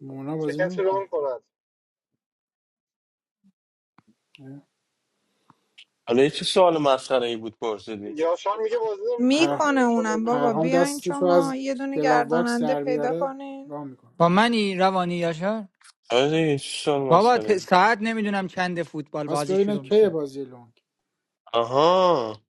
[SPEAKER 2] مونا
[SPEAKER 5] چه
[SPEAKER 2] بازی
[SPEAKER 5] کسی
[SPEAKER 2] نمیکنه
[SPEAKER 5] ران کند
[SPEAKER 6] حالا یه چه سوال مسخره ای بود پرسیدی
[SPEAKER 5] یاشان میگه بازی نمیکنه
[SPEAKER 2] پر...
[SPEAKER 5] که
[SPEAKER 4] میکنه
[SPEAKER 5] یاشان
[SPEAKER 4] اونم
[SPEAKER 5] بازی
[SPEAKER 4] بابا
[SPEAKER 2] پرهام
[SPEAKER 5] میکنه
[SPEAKER 4] بیاین
[SPEAKER 2] دستشو
[SPEAKER 4] شما
[SPEAKER 2] از
[SPEAKER 4] یه دونه
[SPEAKER 2] گلاو باکس
[SPEAKER 4] گرداننده
[SPEAKER 2] در
[SPEAKER 4] پیدا
[SPEAKER 2] بیاره
[SPEAKER 4] کنین
[SPEAKER 2] راه
[SPEAKER 8] با
[SPEAKER 2] میکنه
[SPEAKER 8] منی روانی یاشار
[SPEAKER 6] آره یه چه سوال
[SPEAKER 8] بابا
[SPEAKER 6] مسخره
[SPEAKER 8] ت-
[SPEAKER 6] ای
[SPEAKER 8] ساعت نمیدونم چند فوتبال
[SPEAKER 2] پس
[SPEAKER 8] بازی
[SPEAKER 2] ببینه
[SPEAKER 8] شروع
[SPEAKER 2] کی
[SPEAKER 8] میشه
[SPEAKER 2] بازی لونگ
[SPEAKER 6] آها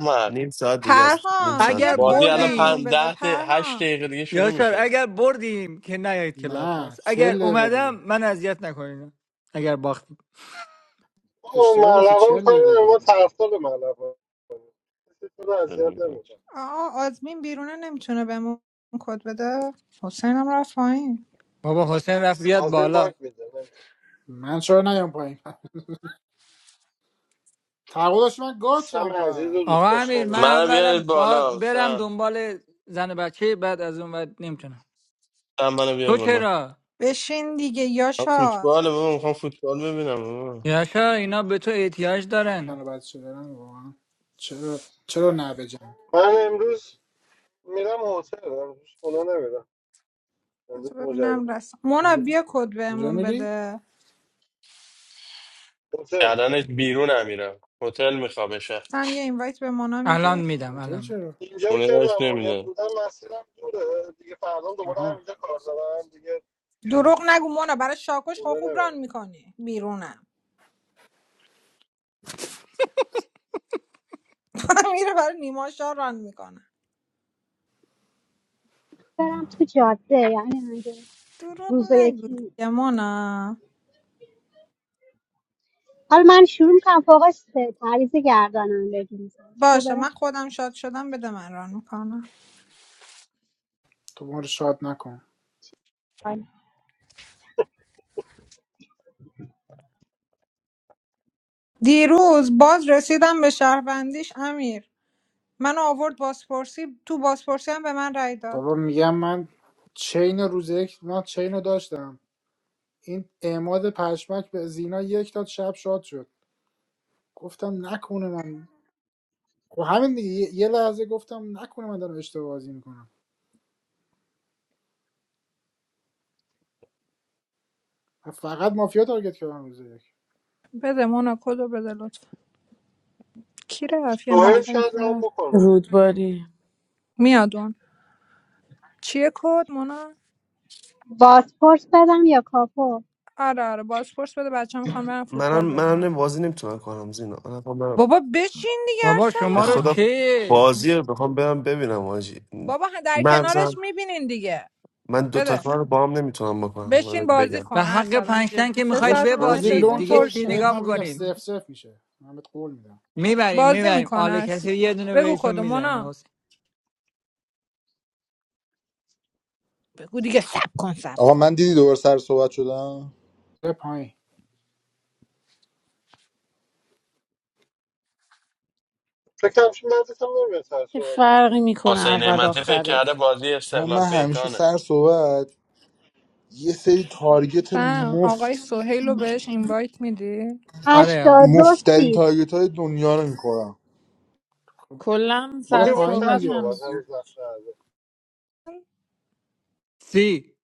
[SPEAKER 6] مرد
[SPEAKER 13] نیم ساعت دیگه است نیم
[SPEAKER 4] پرهام
[SPEAKER 13] ساعت
[SPEAKER 4] بیا
[SPEAKER 8] اگر
[SPEAKER 13] دیگه بود
[SPEAKER 6] بازی
[SPEAKER 4] کد
[SPEAKER 6] الان پن...
[SPEAKER 8] بردیم
[SPEAKER 4] بهمون بده
[SPEAKER 6] ده دقیقه- هشت
[SPEAKER 4] پرهام
[SPEAKER 6] دقیقه دیگه شروع
[SPEAKER 8] یاشار
[SPEAKER 6] میشه
[SPEAKER 8] اگر بردیم که نیاید کلاب هاست
[SPEAKER 2] نه
[SPEAKER 8] اگر
[SPEAKER 2] چهل دقیقه
[SPEAKER 8] اومدم
[SPEAKER 2] دیگه
[SPEAKER 8] من اذیت نکنین اگر باختیم
[SPEAKER 5] او
[SPEAKER 2] اشتباه گفتی
[SPEAKER 5] ملقا
[SPEAKER 2] چهل
[SPEAKER 5] میکنه
[SPEAKER 2] دقیقه
[SPEAKER 5] ما
[SPEAKER 2] دیگه
[SPEAKER 5] طرفدار ملقا کسی تو رو اذیت نمیکنه
[SPEAKER 4] آه آزمین بیرونه نمیتونه بهمون کد بده حسینم رفت پایین
[SPEAKER 8] بابا حسین رفت بیاد
[SPEAKER 5] از این
[SPEAKER 8] بالا
[SPEAKER 5] باک میده نمیشه
[SPEAKER 2] من چرا نیام پایین تعقلش من
[SPEAKER 5] سم
[SPEAKER 2] گاچم
[SPEAKER 5] عزیز و
[SPEAKER 8] آقا
[SPEAKER 5] دوست
[SPEAKER 2] پس
[SPEAKER 8] امیر
[SPEAKER 5] داشتنی
[SPEAKER 8] من
[SPEAKER 6] منم
[SPEAKER 8] اولم
[SPEAKER 6] بیارید
[SPEAKER 8] با
[SPEAKER 6] بالا
[SPEAKER 8] برم
[SPEAKER 6] سم.
[SPEAKER 8] دنبال زن بچه بعد از اون بعد نمیتونم
[SPEAKER 6] من منو بیا
[SPEAKER 8] تو
[SPEAKER 6] بالا
[SPEAKER 8] چرا
[SPEAKER 4] بشین دیگه
[SPEAKER 6] من
[SPEAKER 4] یاشا
[SPEAKER 6] فوتبال بابا میخوام فوتبال ببینم بابا
[SPEAKER 8] یاشار اینا به تو احتیاج دارن
[SPEAKER 2] من بچه دارم واقعا چرا چرا نه بجام
[SPEAKER 5] من امروز میرم هتل امروز خونه نمیرم امروز
[SPEAKER 4] بذار ببینم
[SPEAKER 5] مجرد
[SPEAKER 4] رسم مونا
[SPEAKER 2] کجا
[SPEAKER 4] بیا کد
[SPEAKER 2] کجا
[SPEAKER 4] بهمون
[SPEAKER 2] میری
[SPEAKER 4] بده
[SPEAKER 5] هتل
[SPEAKER 6] کردنش بیرون هم میرم هتل میخوام بشه
[SPEAKER 4] سم یه اینوایت به مونا
[SPEAKER 8] الان
[SPEAKER 4] میدی
[SPEAKER 8] میدم
[SPEAKER 2] هتل
[SPEAKER 8] الان میدم.
[SPEAKER 2] چرا
[SPEAKER 5] اینجا
[SPEAKER 6] خونه
[SPEAKER 5] که
[SPEAKER 6] داشت
[SPEAKER 5] ممنونیت
[SPEAKER 6] نمیده
[SPEAKER 5] بودم مسیرم دوره دیگه فردا دوباره
[SPEAKER 2] آها
[SPEAKER 5] همینجا کار دارم دیگه
[SPEAKER 2] نه.
[SPEAKER 4] دروغ نگو مونا برای شاکوش خب
[SPEAKER 5] خونه
[SPEAKER 4] خوب ران
[SPEAKER 5] نمیرم
[SPEAKER 4] میکنی بیرونم میره برای نیما شاه ران میکنه
[SPEAKER 14] برم تو جاده یعنی اگه
[SPEAKER 4] دروغ
[SPEAKER 14] روز
[SPEAKER 4] نگو
[SPEAKER 14] یکی
[SPEAKER 4] دیگه مونا
[SPEAKER 14] حالا من شروع میکنم فوقش ت- تعویض گردانندگی میزنم تو
[SPEAKER 4] باشه
[SPEAKER 14] برم
[SPEAKER 4] من خودم شاد شدم بده من ران میکنم
[SPEAKER 2] تو ما رو شاد نکن
[SPEAKER 14] پایین
[SPEAKER 4] دیروز باز رسیدم به شهروندیش امیر من آورد بازپرسی تو بازپرسی هم به من رای داد
[SPEAKER 2] بابا میگم من چین روز یک من چین رو داشتم این اعماد پشمک به زینا یک داد شب شاد شد گفتم نکنه من خب همین دیگه یه یه لحظه گفتم نکنه من دارم اشتباه بازی میکنم فقط مافیا تارگت کردم روز یک
[SPEAKER 4] بده مونا کدو بده لطفا کی رفت یه
[SPEAKER 5] سوهل
[SPEAKER 14] پایین.
[SPEAKER 4] نفری
[SPEAKER 5] شاید
[SPEAKER 4] که
[SPEAKER 5] هم
[SPEAKER 4] رفت
[SPEAKER 5] بکنم
[SPEAKER 12] رودباری
[SPEAKER 4] میاد اون چیه کد مونا
[SPEAKER 14] بازپرس بدم یا کاپو
[SPEAKER 4] آره آره بازپرس بده بچه میخوان برن
[SPEAKER 13] منم
[SPEAKER 4] فوتبال
[SPEAKER 13] منم
[SPEAKER 4] ببینن
[SPEAKER 13] نمی- بازی نمیتونم کنم زینا آره، خب من
[SPEAKER 4] بابا بچین دیگه
[SPEAKER 8] بابا
[SPEAKER 13] به
[SPEAKER 8] شما رو
[SPEAKER 4] ارسلان
[SPEAKER 13] خدا
[SPEAKER 8] چی؟
[SPEAKER 13] بازی رو بخوام برم ببینم واجی
[SPEAKER 4] بابا در کنارش
[SPEAKER 13] مغزم
[SPEAKER 4] میبینین دیگه
[SPEAKER 13] من دو تا
[SPEAKER 4] بده
[SPEAKER 13] کار رو با هم نمیتونم بکنم من
[SPEAKER 4] بشین
[SPEAKER 13] بهت
[SPEAKER 4] بازی
[SPEAKER 13] بگم
[SPEAKER 8] به
[SPEAKER 4] کن
[SPEAKER 8] حق
[SPEAKER 4] ارسلان
[SPEAKER 8] پنجتن
[SPEAKER 4] جدی
[SPEAKER 8] که
[SPEAKER 4] سه
[SPEAKER 8] میخواید
[SPEAKER 2] داداش
[SPEAKER 4] ساعت ما
[SPEAKER 2] بازی
[SPEAKER 8] ببازید
[SPEAKER 4] نشستیم
[SPEAKER 2] لون
[SPEAKER 8] دیگه
[SPEAKER 2] که
[SPEAKER 8] چی
[SPEAKER 2] بهت
[SPEAKER 4] پرشین
[SPEAKER 8] نگاه
[SPEAKER 2] من میگم
[SPEAKER 8] میکنین
[SPEAKER 2] سف سف میشه من بهت قول میدم
[SPEAKER 8] میبریم
[SPEAKER 4] بازی
[SPEAKER 8] میبریم
[SPEAKER 4] میکنه
[SPEAKER 8] آل
[SPEAKER 4] ارسی
[SPEAKER 8] کسی یه دونه
[SPEAKER 4] بگو
[SPEAKER 8] بهشون میزنه
[SPEAKER 4] کدومونا
[SPEAKER 8] حسین
[SPEAKER 4] بگو دیگه سب کن سب
[SPEAKER 1] آقا
[SPEAKER 4] کن
[SPEAKER 1] من دیدی دوباره سر صحبت شدم
[SPEAKER 2] یه پایین
[SPEAKER 5] فکرم شد مدرسه هم نمیاد سر
[SPEAKER 12] چه
[SPEAKER 5] صحبت باشه
[SPEAKER 12] فرقی میکنه
[SPEAKER 6] حسین
[SPEAKER 12] اول
[SPEAKER 6] نعمتی فکر کرده
[SPEAKER 12] آخرش
[SPEAKER 6] بازی
[SPEAKER 1] آقا
[SPEAKER 6] استقلال
[SPEAKER 1] من همیشه
[SPEAKER 6] پیکانه
[SPEAKER 1] سر صحبت یه سری تارگت
[SPEAKER 4] سم آقای
[SPEAKER 1] مفت
[SPEAKER 4] سوهیل رو بهش اینوایت میدی
[SPEAKER 8] آره آره.
[SPEAKER 14] هشتاد و دو
[SPEAKER 1] مفترین
[SPEAKER 14] سی
[SPEAKER 1] تارگت های دنیا رو میخورم
[SPEAKER 2] خب
[SPEAKER 12] کلا
[SPEAKER 5] خب
[SPEAKER 2] یا
[SPEAKER 12] سر
[SPEAKER 5] میبره
[SPEAKER 2] پایین
[SPEAKER 5] سر
[SPEAKER 12] صحبت
[SPEAKER 2] دیگه
[SPEAKER 5] صحبت
[SPEAKER 2] پس
[SPEAKER 12] همینه
[SPEAKER 5] هنوز نقشه نداره.
[SPEAKER 8] سی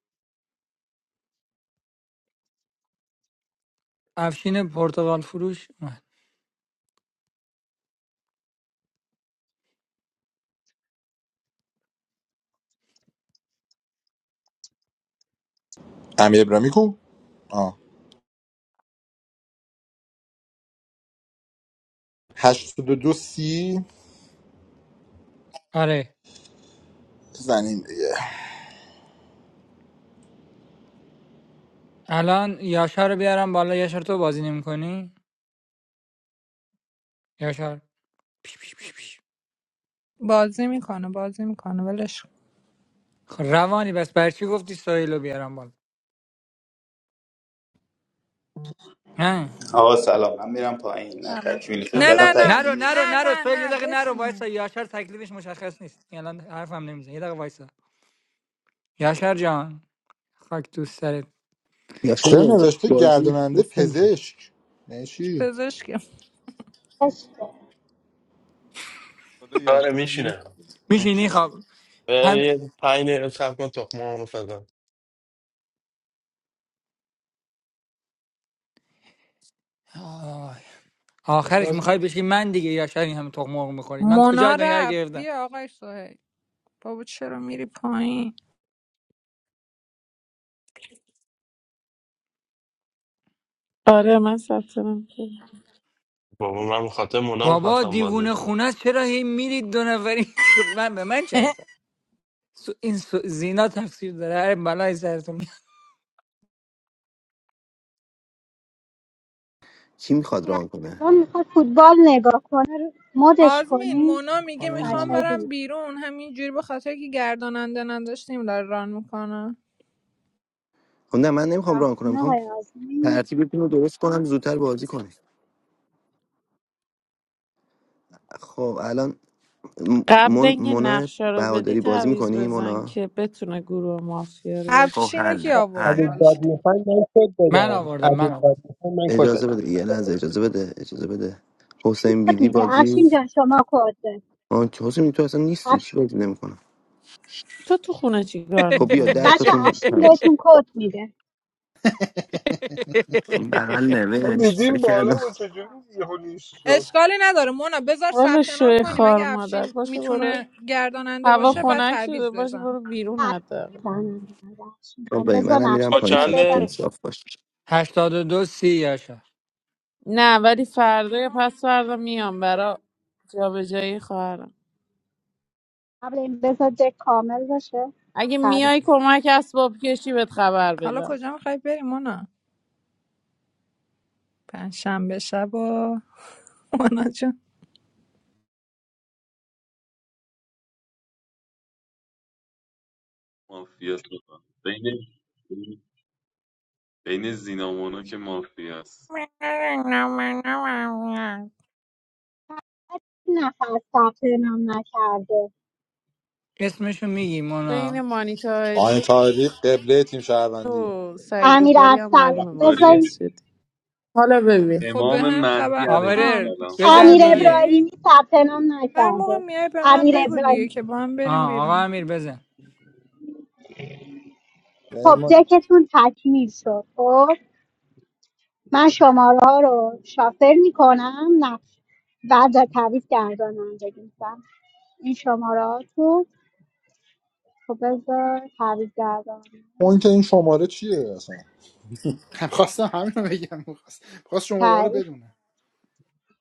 [SPEAKER 8] افشین پرتغال فروش اومد.
[SPEAKER 1] امیر ابرامی کو آه هشتاد و دو سی
[SPEAKER 8] آره
[SPEAKER 1] زنیم
[SPEAKER 8] الان یاشار رو بیارم بالا یاشار تو بازی نمیکنی یاشار
[SPEAKER 4] بازی میکنه بازی میکنه ولش کن.
[SPEAKER 8] خب روانی بس بر چی گفتی سهیل رو بیارم بالا نه
[SPEAKER 15] آقا سلام من میرم پایین نه
[SPEAKER 4] سلام.
[SPEAKER 15] تکمیلی فکر
[SPEAKER 8] سر-
[SPEAKER 4] نه
[SPEAKER 15] کردم
[SPEAKER 4] نه نه
[SPEAKER 15] تکمیل
[SPEAKER 8] نرو نرو
[SPEAKER 15] نیست
[SPEAKER 4] نه
[SPEAKER 8] نرو
[SPEAKER 4] نه
[SPEAKER 8] سهیل یه
[SPEAKER 4] نه
[SPEAKER 8] دقیقه نرو وایسا
[SPEAKER 4] بشینید
[SPEAKER 8] یاشار تکلیفش مشخص نیست الان حرفم نمیزن یه دقیقه وایسا یاشار جان خاک تو سرت
[SPEAKER 1] چه
[SPEAKER 7] یاشار باز
[SPEAKER 1] نوشته
[SPEAKER 7] بازی
[SPEAKER 1] گرداننده
[SPEAKER 7] گفت نمی‌شه.
[SPEAKER 1] پزشک یعنی چی
[SPEAKER 4] پزشکی
[SPEAKER 11] حالا
[SPEAKER 6] آره
[SPEAKER 11] یاشار نیست
[SPEAKER 6] میشینه
[SPEAKER 8] میشینی
[SPEAKER 6] میشینه
[SPEAKER 8] خب هم
[SPEAKER 6] یه پنج دقیقه صبر کن تخمه هم فضا
[SPEAKER 8] آه.
[SPEAKER 2] حالا تو
[SPEAKER 8] آخرش
[SPEAKER 2] از
[SPEAKER 8] میخوای بشی من دیگه یا شاید این همه تخم مرغ میخوری من کجا
[SPEAKER 4] مونا
[SPEAKER 8] دنیا رو
[SPEAKER 4] رفت
[SPEAKER 8] گرفتم
[SPEAKER 4] بیا آقای سوهیل بابا چرا میری پایین
[SPEAKER 12] آره من ثبت نام کردم.
[SPEAKER 6] بابا من بخاطر مونا
[SPEAKER 8] بابا
[SPEAKER 6] میخواستم بازی
[SPEAKER 8] دیوونه
[SPEAKER 6] کنم
[SPEAKER 8] خونه است چرا هی میرید دو نفری خود من به من چه اصلا؟ سو این سو زینا تفسیر داره هر بلای سرتون میاد.
[SPEAKER 7] کی میخواد ران کنه
[SPEAKER 14] اون میخواد فوتبال نگاه کنه رو مدش
[SPEAKER 4] آزمین
[SPEAKER 14] کنی
[SPEAKER 4] مونا میگه
[SPEAKER 2] خانم
[SPEAKER 4] میخوام
[SPEAKER 14] بچه های
[SPEAKER 2] مونا
[SPEAKER 4] برم
[SPEAKER 14] دیگه
[SPEAKER 4] بیرون همینجوری به خاطر که گرداننده نداشتیم داره ران میکنه
[SPEAKER 7] خب نه من نمیخوام ران کنم
[SPEAKER 14] این
[SPEAKER 7] میخوام
[SPEAKER 14] آقای آزمی
[SPEAKER 7] ترتیبتون رو درست کنم زودتر بازی کنید خب الان م-
[SPEAKER 12] قبل
[SPEAKER 7] من
[SPEAKER 12] اینکه
[SPEAKER 7] مونا
[SPEAKER 12] نقشه رو بدی
[SPEAKER 7] بهاداری بازی
[SPEAKER 12] تعویض
[SPEAKER 7] میکنی
[SPEAKER 12] بزن
[SPEAKER 7] مونا
[SPEAKER 12] که بتونه گروه مافیا رو
[SPEAKER 7] خب
[SPEAKER 12] داشته
[SPEAKER 4] افشین رو
[SPEAKER 12] باشه
[SPEAKER 4] کی
[SPEAKER 7] حل
[SPEAKER 4] آورد
[SPEAKER 7] حل
[SPEAKER 16] اگه
[SPEAKER 4] بالا
[SPEAKER 16] داد میخواین من کد
[SPEAKER 8] من
[SPEAKER 16] بدم
[SPEAKER 8] آوردم من
[SPEAKER 16] اگه داد
[SPEAKER 8] آوردم
[SPEAKER 16] میخواین من کد
[SPEAKER 7] اجازه
[SPEAKER 16] بدم
[SPEAKER 7] بده یه لحظه اجازه بده اجازه بده حسین
[SPEAKER 14] کد
[SPEAKER 7] بیدی
[SPEAKER 14] میده
[SPEAKER 7] بازی
[SPEAKER 14] افشین جان شما کد بده
[SPEAKER 7] آن که حسین بیدی تو اصلا نیستی
[SPEAKER 14] افش...
[SPEAKER 7] چی بازی نمیکنم
[SPEAKER 12] تو تو خونه چی کار
[SPEAKER 7] خب بیا ده
[SPEAKER 12] میکنی؟
[SPEAKER 14] بچه
[SPEAKER 7] تاتون
[SPEAKER 14] افشین
[SPEAKER 7] تموم شد.
[SPEAKER 14] بهتون کد میده
[SPEAKER 7] این بغل
[SPEAKER 5] ما
[SPEAKER 7] نوشت فکر
[SPEAKER 5] دیدیم بالا
[SPEAKER 7] کردم
[SPEAKER 5] و چجوری یهو نیست شد
[SPEAKER 4] اشکالی نداره مونا بذار
[SPEAKER 12] والا
[SPEAKER 4] ثبت نام
[SPEAKER 12] شوی
[SPEAKER 4] کنیم
[SPEAKER 12] خار
[SPEAKER 4] اگه
[SPEAKER 12] مادر
[SPEAKER 4] افشین
[SPEAKER 12] باشه برو
[SPEAKER 4] میتونه گرداننده
[SPEAKER 12] هوا
[SPEAKER 4] باشه بعد
[SPEAKER 12] خنک شده
[SPEAKER 4] تعویض
[SPEAKER 12] باشه
[SPEAKER 4] بزن
[SPEAKER 12] برو بیرون حداقل
[SPEAKER 14] زنم افشین جان
[SPEAKER 7] خب
[SPEAKER 14] بذار
[SPEAKER 7] من هم میرم
[SPEAKER 6] با
[SPEAKER 14] نقششون
[SPEAKER 7] پایین
[SPEAKER 14] رو
[SPEAKER 7] خط
[SPEAKER 14] بدم
[SPEAKER 7] تو
[SPEAKER 6] چند
[SPEAKER 7] صاف باش
[SPEAKER 8] 82 سی یاشا
[SPEAKER 12] نه ولی فردا یا پس فردا میام برا جابجایی خواهرم
[SPEAKER 14] قبل این بذار دک کامل باشه
[SPEAKER 12] اگه
[SPEAKER 14] تعویض
[SPEAKER 12] میای کمک اسباب کشی بهت خبر
[SPEAKER 4] حالا
[SPEAKER 12] بدم
[SPEAKER 4] کجا میخوای بریم مونا پنجشنبه شب و مونا جون
[SPEAKER 11] مافیا شدم بین بین زینامونو که مافیا است
[SPEAKER 14] این نفر ثبت نام نکرده
[SPEAKER 8] اسمشو میگی
[SPEAKER 12] بین
[SPEAKER 8] مونا
[SPEAKER 12] مانیتاری
[SPEAKER 1] آین طاهری قبله تیم شهروندی
[SPEAKER 12] و سعید
[SPEAKER 14] امیر
[SPEAKER 12] رودباری هم
[SPEAKER 14] ارسل
[SPEAKER 12] معلومه
[SPEAKER 11] رودباری
[SPEAKER 12] مافیاس
[SPEAKER 14] بذارین
[SPEAKER 12] شدی حالا ببین
[SPEAKER 4] خب به
[SPEAKER 11] امام
[SPEAKER 4] هم
[SPEAKER 11] مهدی
[SPEAKER 4] خبر
[SPEAKER 11] علیه
[SPEAKER 8] آورر
[SPEAKER 4] آم
[SPEAKER 11] السلام
[SPEAKER 4] کار
[SPEAKER 8] بزن
[SPEAKER 14] امیر
[SPEAKER 8] دیگه
[SPEAKER 4] داری
[SPEAKER 14] ابراهیمی ثبت نام
[SPEAKER 4] هر موقع
[SPEAKER 14] نکرده
[SPEAKER 4] میای به من
[SPEAKER 14] امیر
[SPEAKER 4] بگو دیگه که
[SPEAKER 14] ابراهیمی
[SPEAKER 4] با هم بریم
[SPEAKER 8] آه آقا
[SPEAKER 4] بیرون
[SPEAKER 8] امیر بزن
[SPEAKER 1] یعنی
[SPEAKER 14] خب
[SPEAKER 1] ما
[SPEAKER 14] دکتون تکمیل شد خب من شماره ها رو شافر میکنم نقش بعد از تعویض گردانندگی میکنم این شماره ها تو خب بذار تعویض گردانندگی
[SPEAKER 1] اون که این شماره چیه اصلا
[SPEAKER 2] خواستم همین رو بگم خواست خواست شماره ها رو
[SPEAKER 14] تایید
[SPEAKER 2] بدونه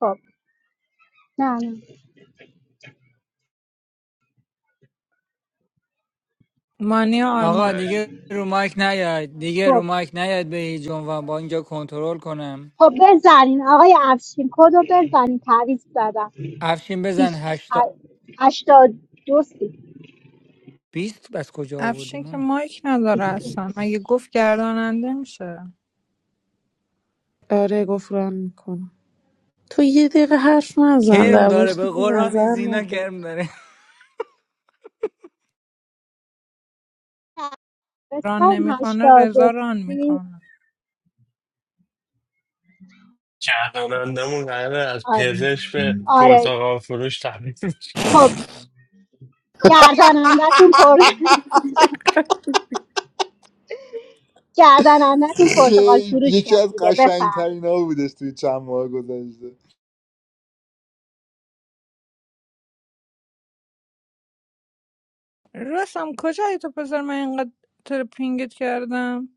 [SPEAKER 14] خب نه نه
[SPEAKER 4] مانی
[SPEAKER 11] قدم
[SPEAKER 8] آقا
[SPEAKER 4] آرمان
[SPEAKER 11] تایی
[SPEAKER 8] دیگه رو مایک نیاد دیگه
[SPEAKER 14] خب
[SPEAKER 8] رو مایک نیاد به هیچ عنوان با اینجا کنترل کنم
[SPEAKER 14] خب بزنین آقای افشین کد رو بزنین تعویض زدم
[SPEAKER 8] افشین بزن
[SPEAKER 14] بیست-
[SPEAKER 8] هشتا
[SPEAKER 14] ه- هشتاد دو سی
[SPEAKER 8] بیست از کجا
[SPEAKER 4] افشین
[SPEAKER 8] آوردیم
[SPEAKER 4] که
[SPEAKER 8] اونو
[SPEAKER 4] مایک نداره
[SPEAKER 14] سی.
[SPEAKER 4] اصلا مگه گفت گرداننده میشه
[SPEAKER 12] آره گفران میکنم تو یه دقیقه حرف نزن
[SPEAKER 8] کرم
[SPEAKER 12] در باید
[SPEAKER 8] داره به قرآن این
[SPEAKER 12] نظر
[SPEAKER 8] زینا
[SPEAKER 12] نده
[SPEAKER 8] کرم داره
[SPEAKER 4] ران
[SPEAKER 14] بزن
[SPEAKER 4] نمیکنه
[SPEAKER 14] هشتاد
[SPEAKER 4] رضا
[SPEAKER 14] دو
[SPEAKER 4] ران
[SPEAKER 14] سی
[SPEAKER 4] میکنه
[SPEAKER 6] گردانندمون قراره از
[SPEAKER 14] آره,
[SPEAKER 6] پزشک به
[SPEAKER 14] آره.
[SPEAKER 6] پرتقال فروش تبدیل شه.
[SPEAKER 14] خب گردانندتون پر گردانندتون پرتغال
[SPEAKER 1] یه-
[SPEAKER 14] فروش
[SPEAKER 1] یکی
[SPEAKER 14] شد
[SPEAKER 1] از قشنگ
[SPEAKER 14] دیگه
[SPEAKER 1] ترین ها بودش توی چند ماه گذشته
[SPEAKER 4] راستم کجایی تو پسر من اینقدر ترپینگت کردم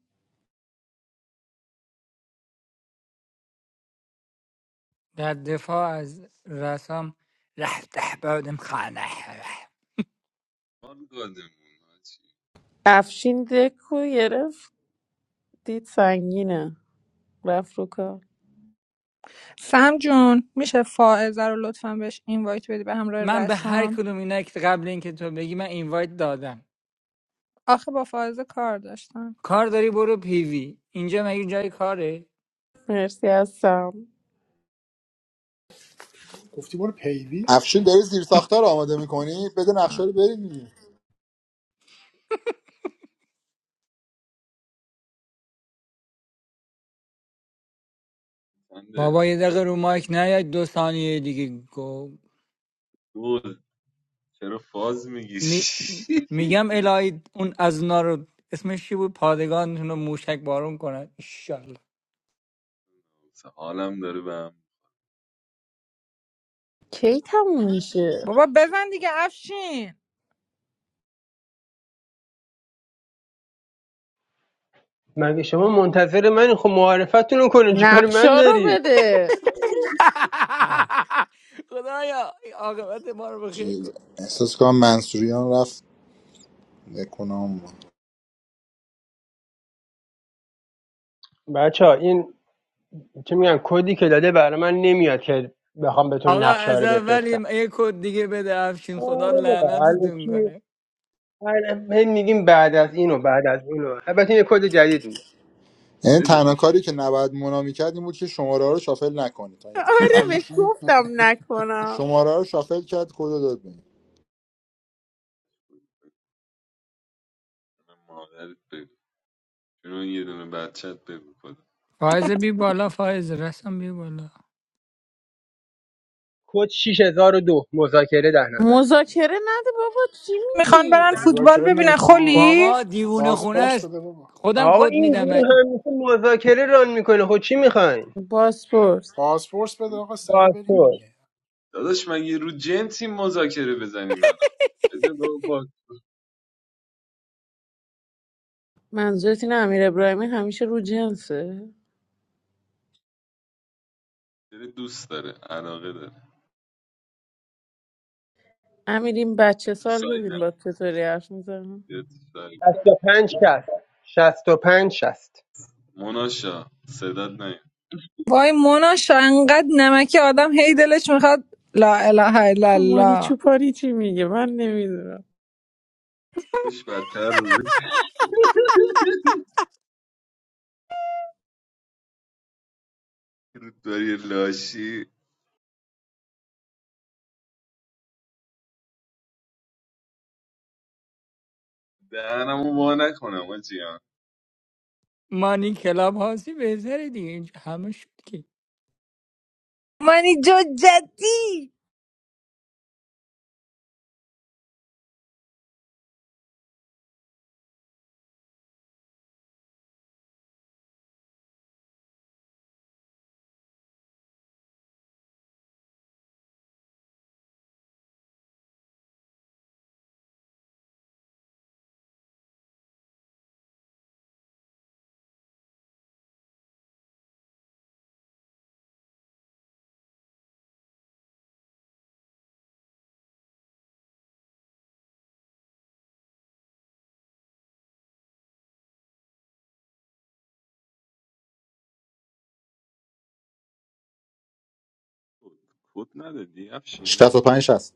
[SPEAKER 8] در دفاع از رسام رفته بودم خانه
[SPEAKER 11] حال گادمون آجی
[SPEAKER 12] افشین دکو گرفت دید سنگینه رفت رو کار
[SPEAKER 4] سم جون میشه فائزه رو لطفا بهش اینوایت بدی به همراه
[SPEAKER 8] من به هر
[SPEAKER 4] رسام
[SPEAKER 8] کدوم اینا که قبل اینکه تو بگی من اینوایت دادم
[SPEAKER 4] آخه با فائزه کار داشتم
[SPEAKER 8] کار داری برو پیوی اینجا مگه جای کاره
[SPEAKER 12] مرسی هستم
[SPEAKER 2] گفتی برو پیوی
[SPEAKER 1] افشین داری زیر ساختار آماده میکنی بده نقشه
[SPEAKER 4] آه.
[SPEAKER 1] رو بریم دیگه.
[SPEAKER 11] خنده
[SPEAKER 8] بابا یه دقیقه رو مایک نیاد دو ثانیه دیگه
[SPEAKER 11] دوز چرا فاز میگی
[SPEAKER 8] می... میگم الهی اون از اونا رو اسمش چی بود پادگانتون رو موشک بارون کنن ایشالله
[SPEAKER 11] حالم داره به هم
[SPEAKER 12] کی تموم میشه
[SPEAKER 4] بابا بزن دیگه افشین
[SPEAKER 16] مگه شما منتظر من خب معرفتون رو کنین چیکار من
[SPEAKER 12] نقشا رو
[SPEAKER 16] دارید
[SPEAKER 12] بده
[SPEAKER 2] نه
[SPEAKER 8] خدایا این عاقبت ما رو بخیر
[SPEAKER 1] چیز.
[SPEAKER 8] کن
[SPEAKER 1] احساس کنم منصوریان رفت نکنم
[SPEAKER 16] بچه ها این چه میگن کدی که داده برای من نمیاد که بخوام بهتون
[SPEAKER 8] آقا
[SPEAKER 16] نقشه ها
[SPEAKER 8] از
[SPEAKER 16] رو
[SPEAKER 8] اول یه
[SPEAKER 16] بفرستم
[SPEAKER 8] یه کد دیگه بده افشین خدا
[SPEAKER 16] آره بابا
[SPEAKER 8] لعنتتون
[SPEAKER 16] الکی
[SPEAKER 8] کنه
[SPEAKER 16] هر- هی میگیم بعد از
[SPEAKER 11] نره،
[SPEAKER 16] اینو
[SPEAKER 11] بده
[SPEAKER 16] بعد از اینو البته این کد جدید بود
[SPEAKER 1] یعنی
[SPEAKER 11] بده
[SPEAKER 1] تنها
[SPEAKER 11] داده
[SPEAKER 1] کاری که نباید مونا میکرد این بود که شماره ها رو شافل نکنید تا یه طور.
[SPEAKER 12] آره
[SPEAKER 1] هم
[SPEAKER 12] بهش گفتم نکنم
[SPEAKER 1] شماره ها رو شافل کرد کد رو داد بهم.
[SPEAKER 11] مادرت بگو چون یه دونه بچت بگو کدوم
[SPEAKER 8] فایز بی بالا فایز رسم بی بالا
[SPEAKER 16] کد 6002 مذاکره ده نفر
[SPEAKER 12] مذاکره نده بابا چی
[SPEAKER 4] میخوان
[SPEAKER 12] میگی
[SPEAKER 4] برن
[SPEAKER 11] در
[SPEAKER 4] فوتبال
[SPEAKER 2] مذاکره
[SPEAKER 4] ببینن
[SPEAKER 2] نمیخوام آقا.
[SPEAKER 4] خلی
[SPEAKER 8] بابا دیوونه خونه
[SPEAKER 2] پاسپورت
[SPEAKER 8] است
[SPEAKER 2] بده بابا
[SPEAKER 8] خودم
[SPEAKER 16] آقا
[SPEAKER 8] کد
[SPEAKER 16] این
[SPEAKER 8] میدم
[SPEAKER 16] گروه همیشه مذاکره ران میکنه خب چی میخواین
[SPEAKER 12] پاسپورت
[SPEAKER 2] پاسپورت بده
[SPEAKER 11] رو-
[SPEAKER 2] آقا سری
[SPEAKER 11] رو-
[SPEAKER 2] بریم دیگه
[SPEAKER 11] داداش من یه رو جنسی مذاکره بزنیم الان بده با, با
[SPEAKER 12] منظورت این امیر ابراهیمی همیشه رو جنسه
[SPEAKER 11] دوست داره علاقه داره
[SPEAKER 12] امیر این بچه
[SPEAKER 11] تو
[SPEAKER 12] سال ببین
[SPEAKER 11] سایدم
[SPEAKER 12] با چطوری حرف میزنم
[SPEAKER 11] بیا تو سایدم.
[SPEAKER 16] 65 شست پنج شست
[SPEAKER 11] مناشا صدات نیم
[SPEAKER 4] وای مونا شا، انقدر نمکی آدم هی دلش میخواد لا اله الا
[SPEAKER 12] خب مانی
[SPEAKER 4] الله
[SPEAKER 12] چوپانی چی میگه من نمیدونم
[SPEAKER 11] خوش بدتر رو رو داری لاشی دهنمو وا نکنم آجیان
[SPEAKER 8] مانی کلاب هاسی بهتره دیگه اینجا همه شد که
[SPEAKER 4] منی جو جدی
[SPEAKER 11] خود ندادی افشین
[SPEAKER 1] 65 60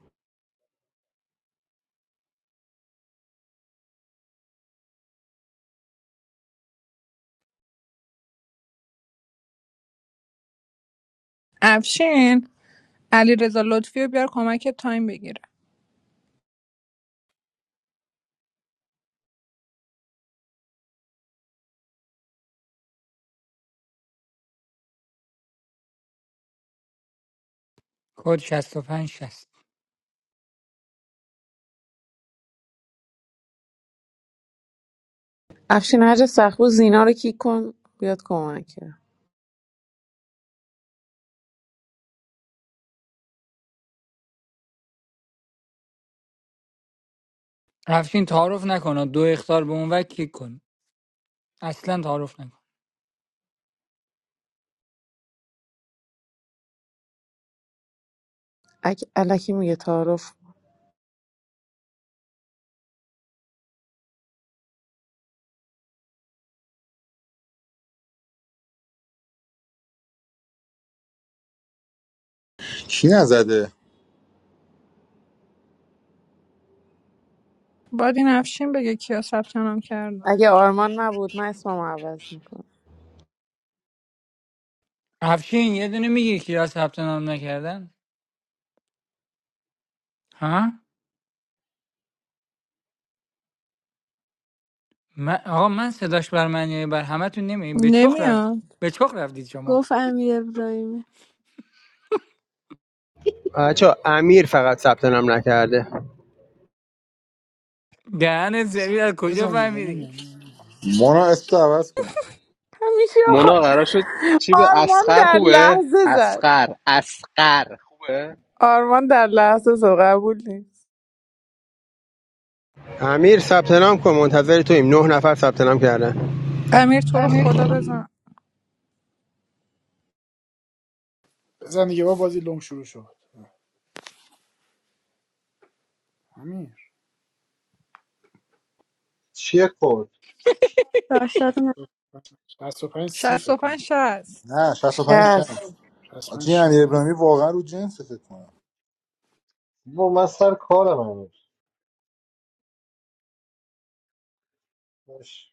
[SPEAKER 4] افشین علی رضا لطفی رو بیار کمک تایم بگیره
[SPEAKER 8] کد 65 60
[SPEAKER 12] افشین هر جا سخبو زینا رو کیک کن بیاد کمک کرد
[SPEAKER 8] افشین تعارف نکن دو اختار به اون وکی کن اصلا تعارف نکن
[SPEAKER 12] اگه الکی میگه تعارف
[SPEAKER 1] کی نزده
[SPEAKER 4] باید این افشین بگه کیا ثبت نام کردم
[SPEAKER 12] اگه آرمان نبود من اسمم عوض میکنم
[SPEAKER 8] افشین یه دونه میگی که یا ثبت نام نکردن ها من آقا من صداش بر من یا بر همتون نمیگیم به چخ رفت
[SPEAKER 4] نمیاد
[SPEAKER 8] به چخ رفتید شما
[SPEAKER 17] گفت امیر ابراهیمی
[SPEAKER 16] بچا امیر فقط ثبت نام نکرده
[SPEAKER 8] دهن زمین از کجا
[SPEAKER 2] بزن دیگه
[SPEAKER 8] فهمیدی
[SPEAKER 2] همین
[SPEAKER 1] مونا اسم عوض کن
[SPEAKER 12] همیشه آخه
[SPEAKER 18] مونا قرار شد چی به
[SPEAKER 12] آرمان
[SPEAKER 18] اسخر
[SPEAKER 12] در
[SPEAKER 18] خوبه
[SPEAKER 12] لحظه زد
[SPEAKER 18] اسخر اسخر خوبه
[SPEAKER 12] آرمان در لحظه زد قبول نیست
[SPEAKER 16] امیر ثبت نام کن منتظر تویم نه نفر ثبت نام کردن
[SPEAKER 4] امیر تو رو خدا بزن
[SPEAKER 2] بزن دیگه بابا بازی لوم شروع شد همین
[SPEAKER 5] چیه کن
[SPEAKER 17] راستا رو من
[SPEAKER 2] پنج سی فکر
[SPEAKER 4] 65
[SPEAKER 2] کنم
[SPEAKER 4] شست
[SPEAKER 1] نه شصت و پنج
[SPEAKER 12] شست
[SPEAKER 1] شست
[SPEAKER 2] 65
[SPEAKER 1] آجی امیر
[SPEAKER 2] شرف
[SPEAKER 1] ابراهیمی واقعا رو جنس فکر کنم
[SPEAKER 5] با من سر کارم هنوز باش.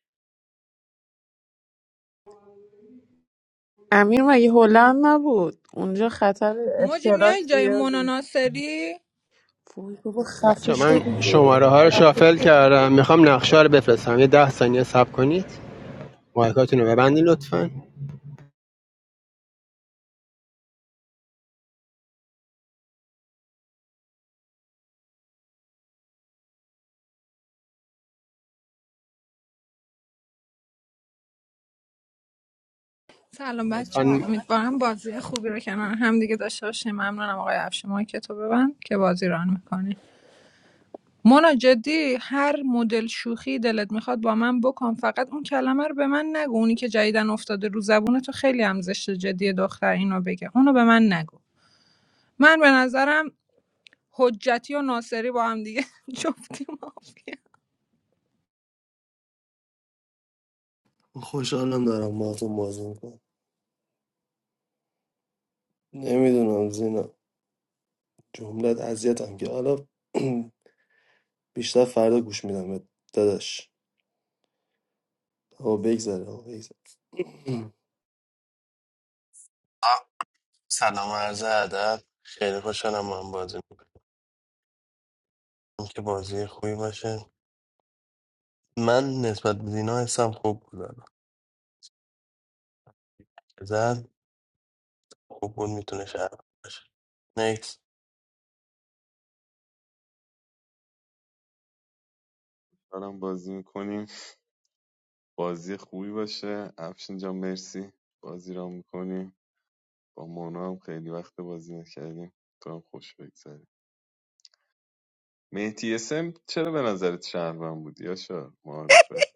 [SPEAKER 12] امیر مگه هلند نبود اونجا خطر
[SPEAKER 4] موجی
[SPEAKER 12] ابتلا
[SPEAKER 4] میای جای
[SPEAKER 12] زیاد
[SPEAKER 4] مونا ناصری
[SPEAKER 12] وای بابا خفه
[SPEAKER 16] بچا
[SPEAKER 12] شدی
[SPEAKER 16] من شماره ها رو شافل کردم میخوام نقشه رو بفرستم یه ده ثانیه صبر کنید مایکاتون رو ببندین لطفا
[SPEAKER 4] سلام بچه ها
[SPEAKER 16] لطفا
[SPEAKER 4] امیدوارم بازی خوبی رو کنار هم دیگه داشته باشیم ممنونم آقای افشین ما که تو ببند که بازی ران میکنی مونا جدی هر مدل شوخی دلت میخواد با من بکن فقط اون کلمه رو به من نگو اونی که جدیدن افتاده رو زبون تو خیلی هم زشته جدی دختر اینو بگه اونو به من نگو من به نظرم حجتی و ناصری با هم دیگه جفتی مافیا
[SPEAKER 13] خوشحالم دارم با تو بازی میکنم نمیدونم زینا جملت اذیتم که حالا بیشتر فردا گوش میدم بهت. داداش آقا بگذره آقا بگذره
[SPEAKER 6] آه، سلام و عرض ادب خیلی خوشحالم من بازی میکنم که بازی خوبی باشه من نسبت به دینا حسم خوب بود الان. زد خوب بود میتونه شهر باشه نیکس
[SPEAKER 11] برام بازی میکنیم بازی خوبی باشه افشین جان مرسی بازی را میکنیم با مونا هم خیلی وقت بازی نکردیم تو هم خوش بگذره مهدی اسم چرا به نظرت شهروند بود یاشار معارفه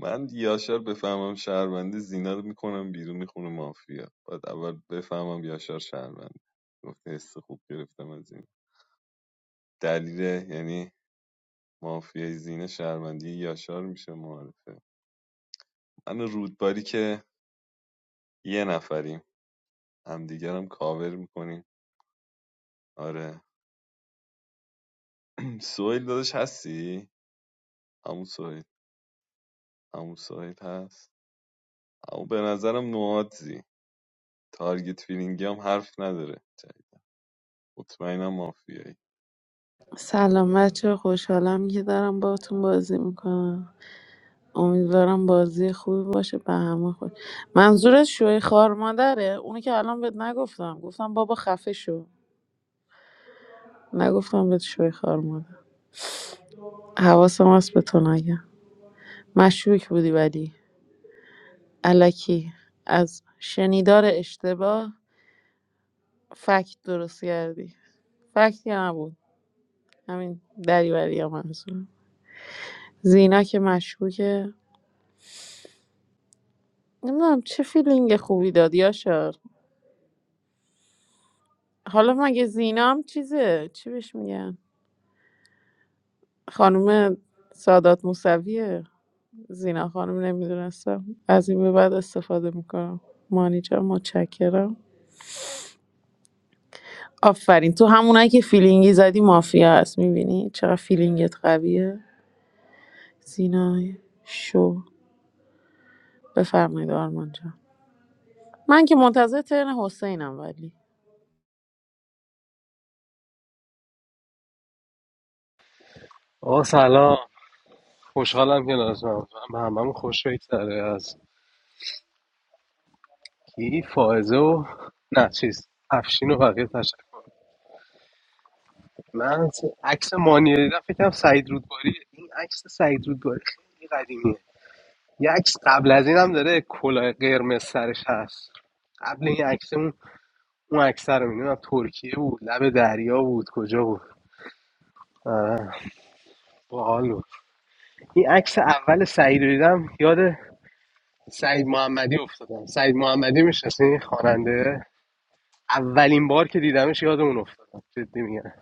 [SPEAKER 11] من یاشار بفهمم شهرونده زینا رو میکنم بیرون میخونه مافیا باید اول بفهمم یاشار شهرونده گفته حس خوب گرفتم از این دلیل یعنی مافیای زینا شهروندی یاشار میشه معارفه من و رودباری که یه نفریم همدیگرم کاور میکنیم آره سویل داداش هستی همون سویل عمو سعید هست عمو به نظرم نوادزی تارگت فیلینگی هم حرف نداره جدید مطمئنم مافیایی
[SPEAKER 12] سلام بچه خوشحالم که دارم باهاتون بازی میکنم امیدوارم بازی خوبی باشه به همه خود منظورت شوی خار مادره اونی که الان بهت نگفتم گفتم بابا خفه شو نگفتم بهت شوی خار مادر حواسم هست به تو نگم مشکوک بودی ولی الکی از شنیدار اشتباه فکت درست کردی فکتی نبود همین دریوری هم منظورم زینا که مشکوکه نمیدونم چه فیلینگ خوبی داد یاشار حالا مگه زینا هم چیزه چی بهش میگن خانم سادات موسویه زینا خانم نمیدونستم از این به بعد استفاده میکنم مانی جان متشکرم آفرین تو همونایی که فیلینگی زدی مافیا هست میبینی چقدر فیلینگت قویه سینای شو بفرمایید آرمان جان من که منتظر ترن حسینم ولی
[SPEAKER 18] آقا سلام خوشحالم که نازم به هممون خوش بگذره از کی فائزه و نه چیز افشین و بقیه تشکر من از عکس مانی رو دیدم فکرم سعید رودباری این عکس سعید رودباری خیلی قدیمیه یه عکس قبل از این هم داره کلاه قرمز سرش هست قبل این عکس اون اون عکس رو میدونم ترکیه بود لب دریا بود کجا بود آره، باحال بود این عکس اول سعید رو دیدم یاد سعید محمدی افتادم سعید محمدی میشناسین خواننده اولین بار که دیدمش یاد اون افتادم جدی میگم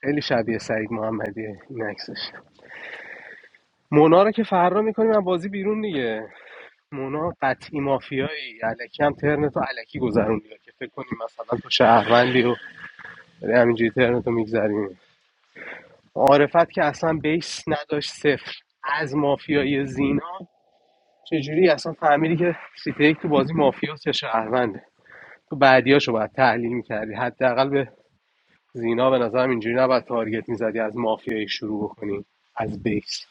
[SPEAKER 18] خیلی شبیه سعید محمدیه این عکسش مونا رو که فرار میکنیم از بازی بیرون دیگه مونا قطعی مافیایی الکی هم ترنتو الکی گذروندی که فکر کنیم مثلا تو شهروندی و داری همینجوری ترنتو میگذریم معارفت که اصلا بیس نداشت صفر از مافیای زینا چجوری اصلا فهمیدی که سیتی یک تو بازی مافیاس یا شهرونده تو بعدیاشو باید تحلیل میکردی حداقل به زینا به نظرم اینجوری نباید تارگت میزدی از مافیایی شروع بکنی از بیس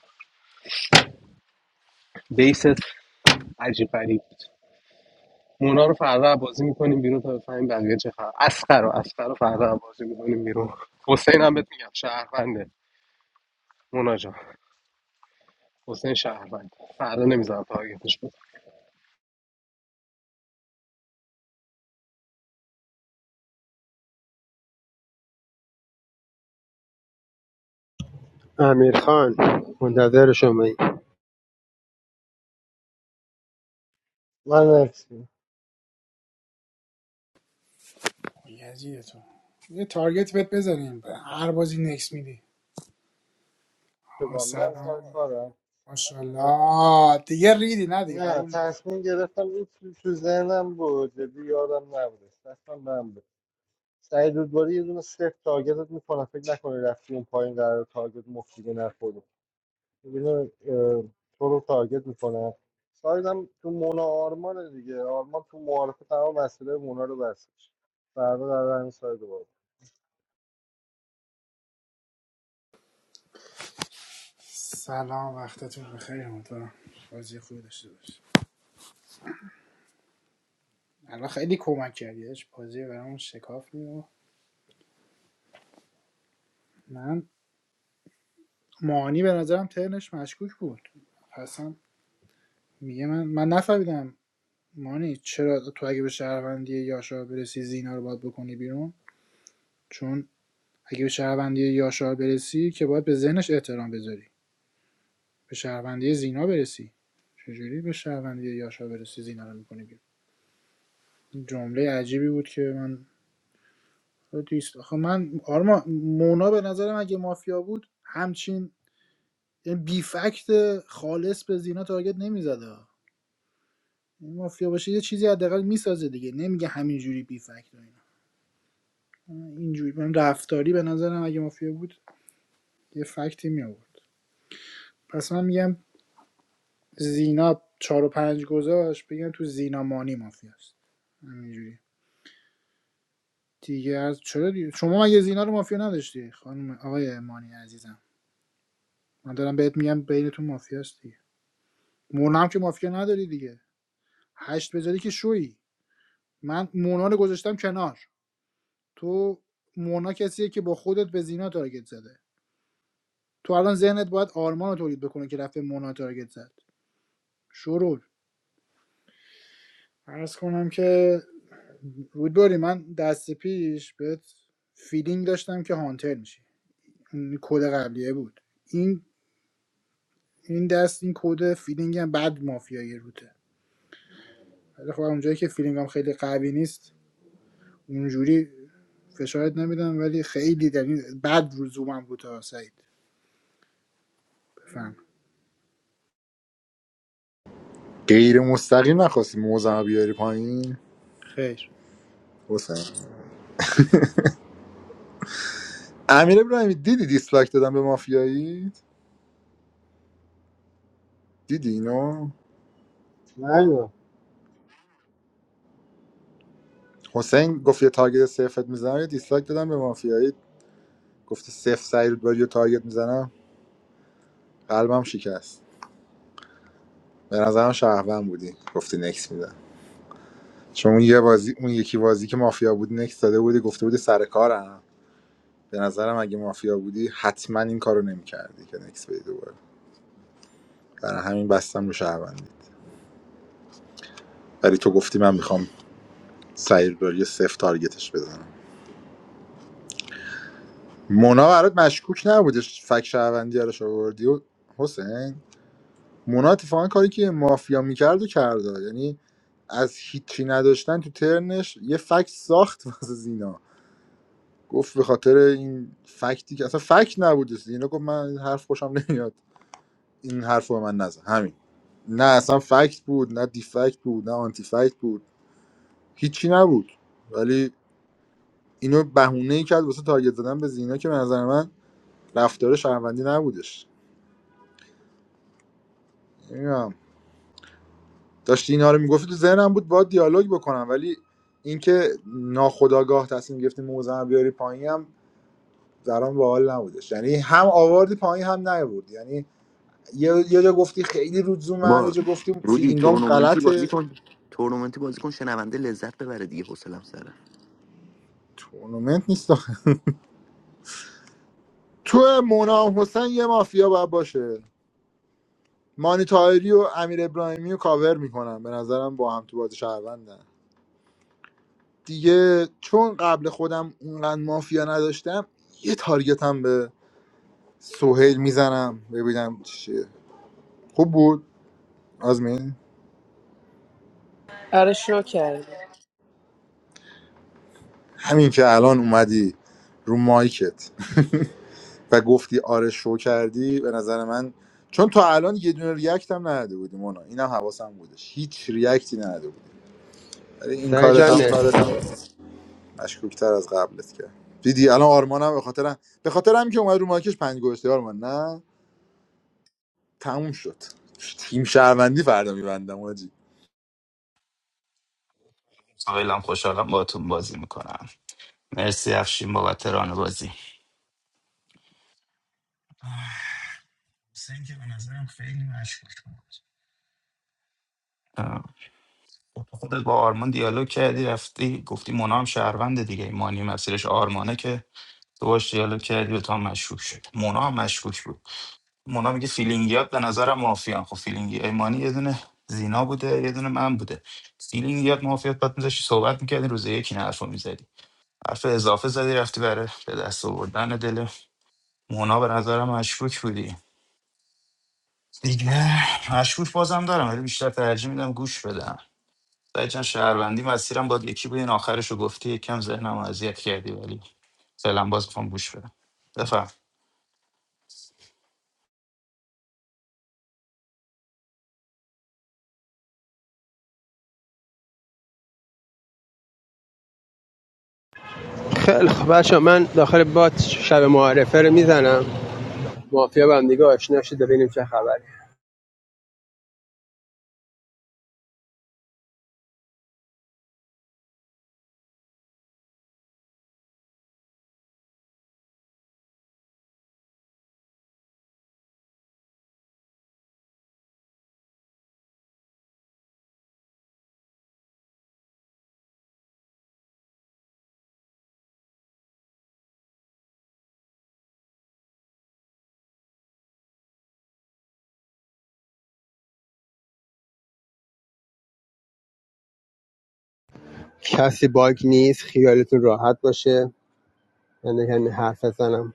[SPEAKER 18] بیست عجیب غریب بود مونا رو فردا بازی میکنیم بیرون تا بفهمیم بقیه چه خبر اسقر رو اسقر رو فردا بازی میکنیم بیرون حسین هم بهت میگم شهرونده مونا جان حسین شهروند فردا نمیذارم تارگتش بود
[SPEAKER 16] امیر خان منتظر شمایی.
[SPEAKER 5] من نکسیم
[SPEAKER 2] یزیدتون یه تارگت بهت بزنیم به هر بازی نکس میدی آقا
[SPEAKER 5] من سر
[SPEAKER 2] سلام
[SPEAKER 5] کارم
[SPEAKER 2] ماشاءالله دیگه ریدی نه دیگه
[SPEAKER 5] نه
[SPEAKER 2] قبول نیست
[SPEAKER 5] تصمیم گرفتم این تو, تو ذهنم بود جدی یادم نبودش دستم من بود سعید رودباری یه دونه صفر تارگتت میکنه فکر نکنه رفتی اون پایین قرار تارگت مفت دیگه نخوری یه دونه، اه، تو رو تارگت میکنه سایدم تو مونا آرمانه دیگه آرمان تو معارفه تمام مسئله مونا رو بستش فردا در همین ساید رو بود
[SPEAKER 2] سلام وقتتون بخیر امیدوارم بازی خوبی داشته باشی الان خیلی کمک کردی داداش. بازی برامون شکاف میو من مانی به نظرم ترنش مشکوک بود اصلا میگه من من نفهمیدم مانی چرا تو اگه به شهروندی یاشار برسی زینا رو باید بکنی بیرون چون اگه به شهروندی یاشار برسی که باید به ذهنش احترام بذاری به شهروندی زینا برسی چجوری به شهروندی یاشار برسی زینا رو میکنی بیرون جمله عجیبی بود که من دیست آخه من آرما مونا به نظرم اگه مافیا بود همچین یعنی بی فکت خالص به زینا تارگت نمیزده مافیا باشه یه چیزی حداقل میسازه دیگه نمیگه همینجوری بی فکت و اینا اینجوری من رفتاری به نظرم اگه مافیا بود یه فکتی می آورد پس من میگم زینا چهار و پنج گذاشت بگم تو زینا مانی مافیاست همینجوری دیگه از چرا دیگه؟ شما مگه زینا رو مافیا نداشتی خانم آقای مانی عزیزم من دارم بهت میگم بینتون مافیاست دیگه مونا هم که مافیا نداری دیگه هشت بذاری که شویی من مونا رو گذاشتم کنار تو مونا کسیه که با خودت به زینا تارگت زده تو الان ذهنت باید آرمان رو تولید بکنه که رفته مونا تارگت زد شروع عرض کنم که رودباری من دست پیش بهت فیلینگ داشتم که هانتر میشی این کد قبلیه بود این این دست این کد فیلینگ هم بعد مافیایی روته ولی خب اونجایی که فیلینگم خیلی قوی نیست اونجوری فشارت نمیدم ولی خیلی در این بد رو زومم بود تا سعید بفهم
[SPEAKER 1] غیر مستقیم نخواستی موزم بیاری پایین
[SPEAKER 2] خیر
[SPEAKER 1] حسین امیر ابراهیمی دیدی دیسلایک دادم به مافیایی دیدی اینو
[SPEAKER 5] نه
[SPEAKER 1] حسین گفت یه تارگت صفرت میزنم یه دیسلایک دادم به مافیایی گفتی صفر سعی رو باری یه تارگت میزنم قلبم شکست به نظرم شهروند بودی گفتی نکس میدم چون اون یه بازی اون یکی بازی که مافیا بودی نکس داده بودی گفته بودی سر کارم به نظرم اگه مافیا بودی حتما این کارو نمیکردی که نکس بدی دوباره برای همین بستم رو شهروندی ولی تو گفتی من میخوام سعید باری صفر تارگتش بزنم مونا برات مشکوک نبودش فک شهروندی رو آوردی و حسین مونا اتفاقا کاری که مافیا میکرد و کرده یعنی از هیچی نداشتن تو ترنش یه فکت ساخت واسه زینا گفت به خاطر این فکتی که اصلا فکت نبود زینا گفت من این حرف خوشم نمیاد این حرف رو به من نزن همین نه اصلا فکت بود نه دیفکت بود نه آنتی فکت بود هیچی نبود ولی اینو بهونه ای کرد واسه تارگت زدن به زینا که به نظر من رفتار شهروندی نبودش نمیدونم داشتی اینا رو میگفتی تو ذهنم بود با دیالوگ بکنم ولی اینکه ناخداگاه تصمیم گرفتی موزه رو بیاری پایین هم درام باحال نبودش یعنی هم آوردی پایین هم نیاوردی یعنی یه یه جا گفتی خیلی رود زومم یه
[SPEAKER 7] با
[SPEAKER 1] جا گفتی
[SPEAKER 7] رودی
[SPEAKER 1] فیلینگام
[SPEAKER 7] تورنمنتی بازی
[SPEAKER 1] غلطه
[SPEAKER 7] کن تورنمنتی بازی کن شنونده لذت ببره دیگه حوصله‌ام سره
[SPEAKER 1] تورنمنت نیست تو مونا و حسین یه مافیا باید باشه مانی تاهری و امیر ابراهیمی رو کاور میکنم به نظرم با هم تو بازی شهروندن دیگه چون قبل خودم اونقدر مافیا نداشتم یه تارگتم به سوهیل میزنم ببینم چیه خوب بود آزمین
[SPEAKER 12] آره شو کردی
[SPEAKER 1] همین که الان اومدی رو مایکت و گفتی آره شو کردی به نظر من چون تا الان یه دونه ریاکت هم نداده بودی مونا اینم حواسم بودش هیچ ریاکتی نداده بودی ولی این
[SPEAKER 16] سعی
[SPEAKER 1] کارت
[SPEAKER 16] جان
[SPEAKER 1] هم
[SPEAKER 16] مرسی
[SPEAKER 1] مشکوکتر از قبلت کرد دیدی الان آرمانم به خاطر به خاطر هم که اومد رو مارکش پنج گوشتی آرمان نه تموم شد تیم شهروندی فردا میبندم آجی
[SPEAKER 15] خیلی خوشحالم باهاتون بازی میکنم مرسی افشین بابت ران بازی حسین که به نظرم خیلی مشکوک بود اه، خودت با آرمان دیالوگ کردی رفتی گفتی مونا هم شهرونده دیگه این مانی مسیرش آرمانه که تو باش دیالوگ کردی به تو هم مشکوک شد مونا هم مشکوک بود مونا میگه فیلینگیات به نظرم مافیان خب فیلینگی ایمانی یه دونه زینا بوده یه دونه من بوده فیلینگیات مافیات باید میذاشتی صحبت میکردی روز یکی نه حرفو می‌زدی. حرف اضافه زدی رفتی برای به دست آوردن دل مونا به نظرم مشکوک بودی دیگه مشکوک بازم دارم ولی بیشتر ترجیح میدم گوش بدم سعی چند شهروندی مسیرم باید یکی بود این آخرش رو گفتی یکم ذهنم رو اذیت کردی ولی فعلا باز میخوام گوش بدم بفهم
[SPEAKER 16] خیلی خب بچا من داخل بات شب معارفه رو میزنم مافیا با هم دیگه آشنا شده ببینیم چه خبره کسی باگ نیست خیالتون راحت باشه من یعنی حرف بزنم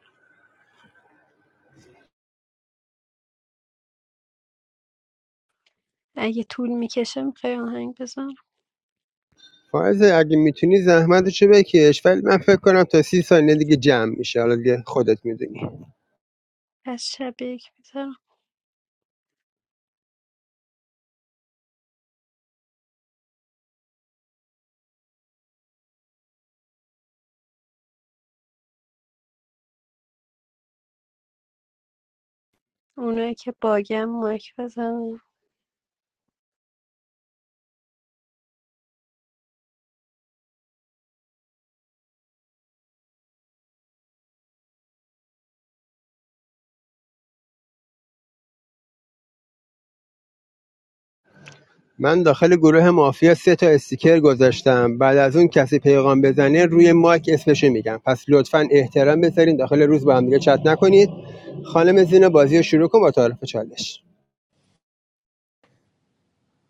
[SPEAKER 17] اگه طول میکشه میخوای آهنگ بذارم
[SPEAKER 16] فائزه اگه میتونی زحمتشو بکش ولی من فکر کنم تا سی ثانیه دیگه جمع میشه حالا دیگه خودت میدونی
[SPEAKER 17] از شب یک میذارم اونایی که باگم مایک بزنم
[SPEAKER 16] من داخل گروه مافیا سه تا استیکر گذاشتم بعد از اون کسی پیغام بزنه روی مایک اسمشو میگم پس لطفا احترام بذارین داخل روز با هم دیگه چت نکنید خانم زینا بازی رو شروع کن با تعارف چالش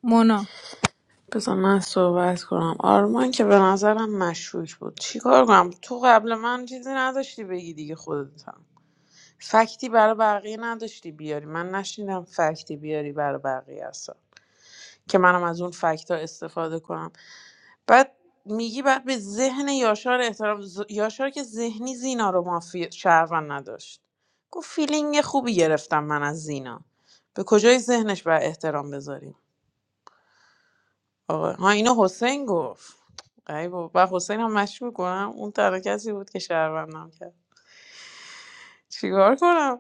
[SPEAKER 4] مونا
[SPEAKER 12] بذار من صحبت کنم آرمان که به نظرم مشکوک بود چیکار کنم تو قبل من چیزی نداشتی بگی دیگه خودت هم فکتی برای بقیه نداشتی بیاری من نشنیدم فکتی بیاری برای بقیه اصلا که منم از اون فکت ها استفاده کنم بعد میگی بعد به ذهن یاشار احترام ز- یاشار که ذهنی زینا رو مافی شهروند نداشت گفت فیلینگ خوبی گرفتم من از زینا به کجای ذهنش بر احترام بذاریم آقا ها اینو حسین گفت ای بابا و حسین هم مشکوک کنم اون تنها کسی بود که شهروندم کرد چیکار کنم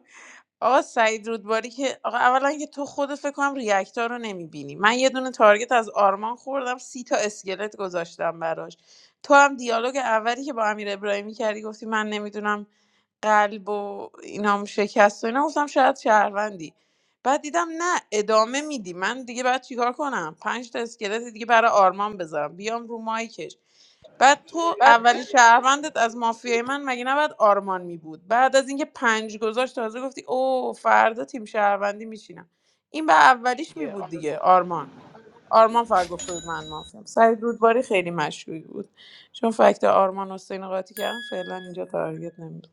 [SPEAKER 12] آقا سعید رودباری که آقا اولا که تو خودت فکر کنم ریاکتار رو نمیبینی من یه دونه تارگت از آرمان خوردم سی تا اسکلت گذاشتم براش تو هم دیالوگ اولی که با امیر ابراهیمی کردی گفتی من نمیدونم قلب و اینام شکست و اینا گفتم شاید شهروندی بعد دیدم نه ادامه میدی من دیگه بعد چیکار کنم پنج تا اسکلت دیگه برای آرمان بذارم بیام رو مایکش بعد تو اول شهروندت از مافیای من مگه نباید آرمان می بود بعد از اینکه پنج گذاشت تازه گفتی او فردا تیم شهروندی میشینم این به اولیش می بود دیگه آرمان آرمان فقط گفته بود من مافیم سعید رودباری خیلی مشهوری بود چون فکت آرمان حسین قاطی کردن فعلا اینجا تارگت نمیده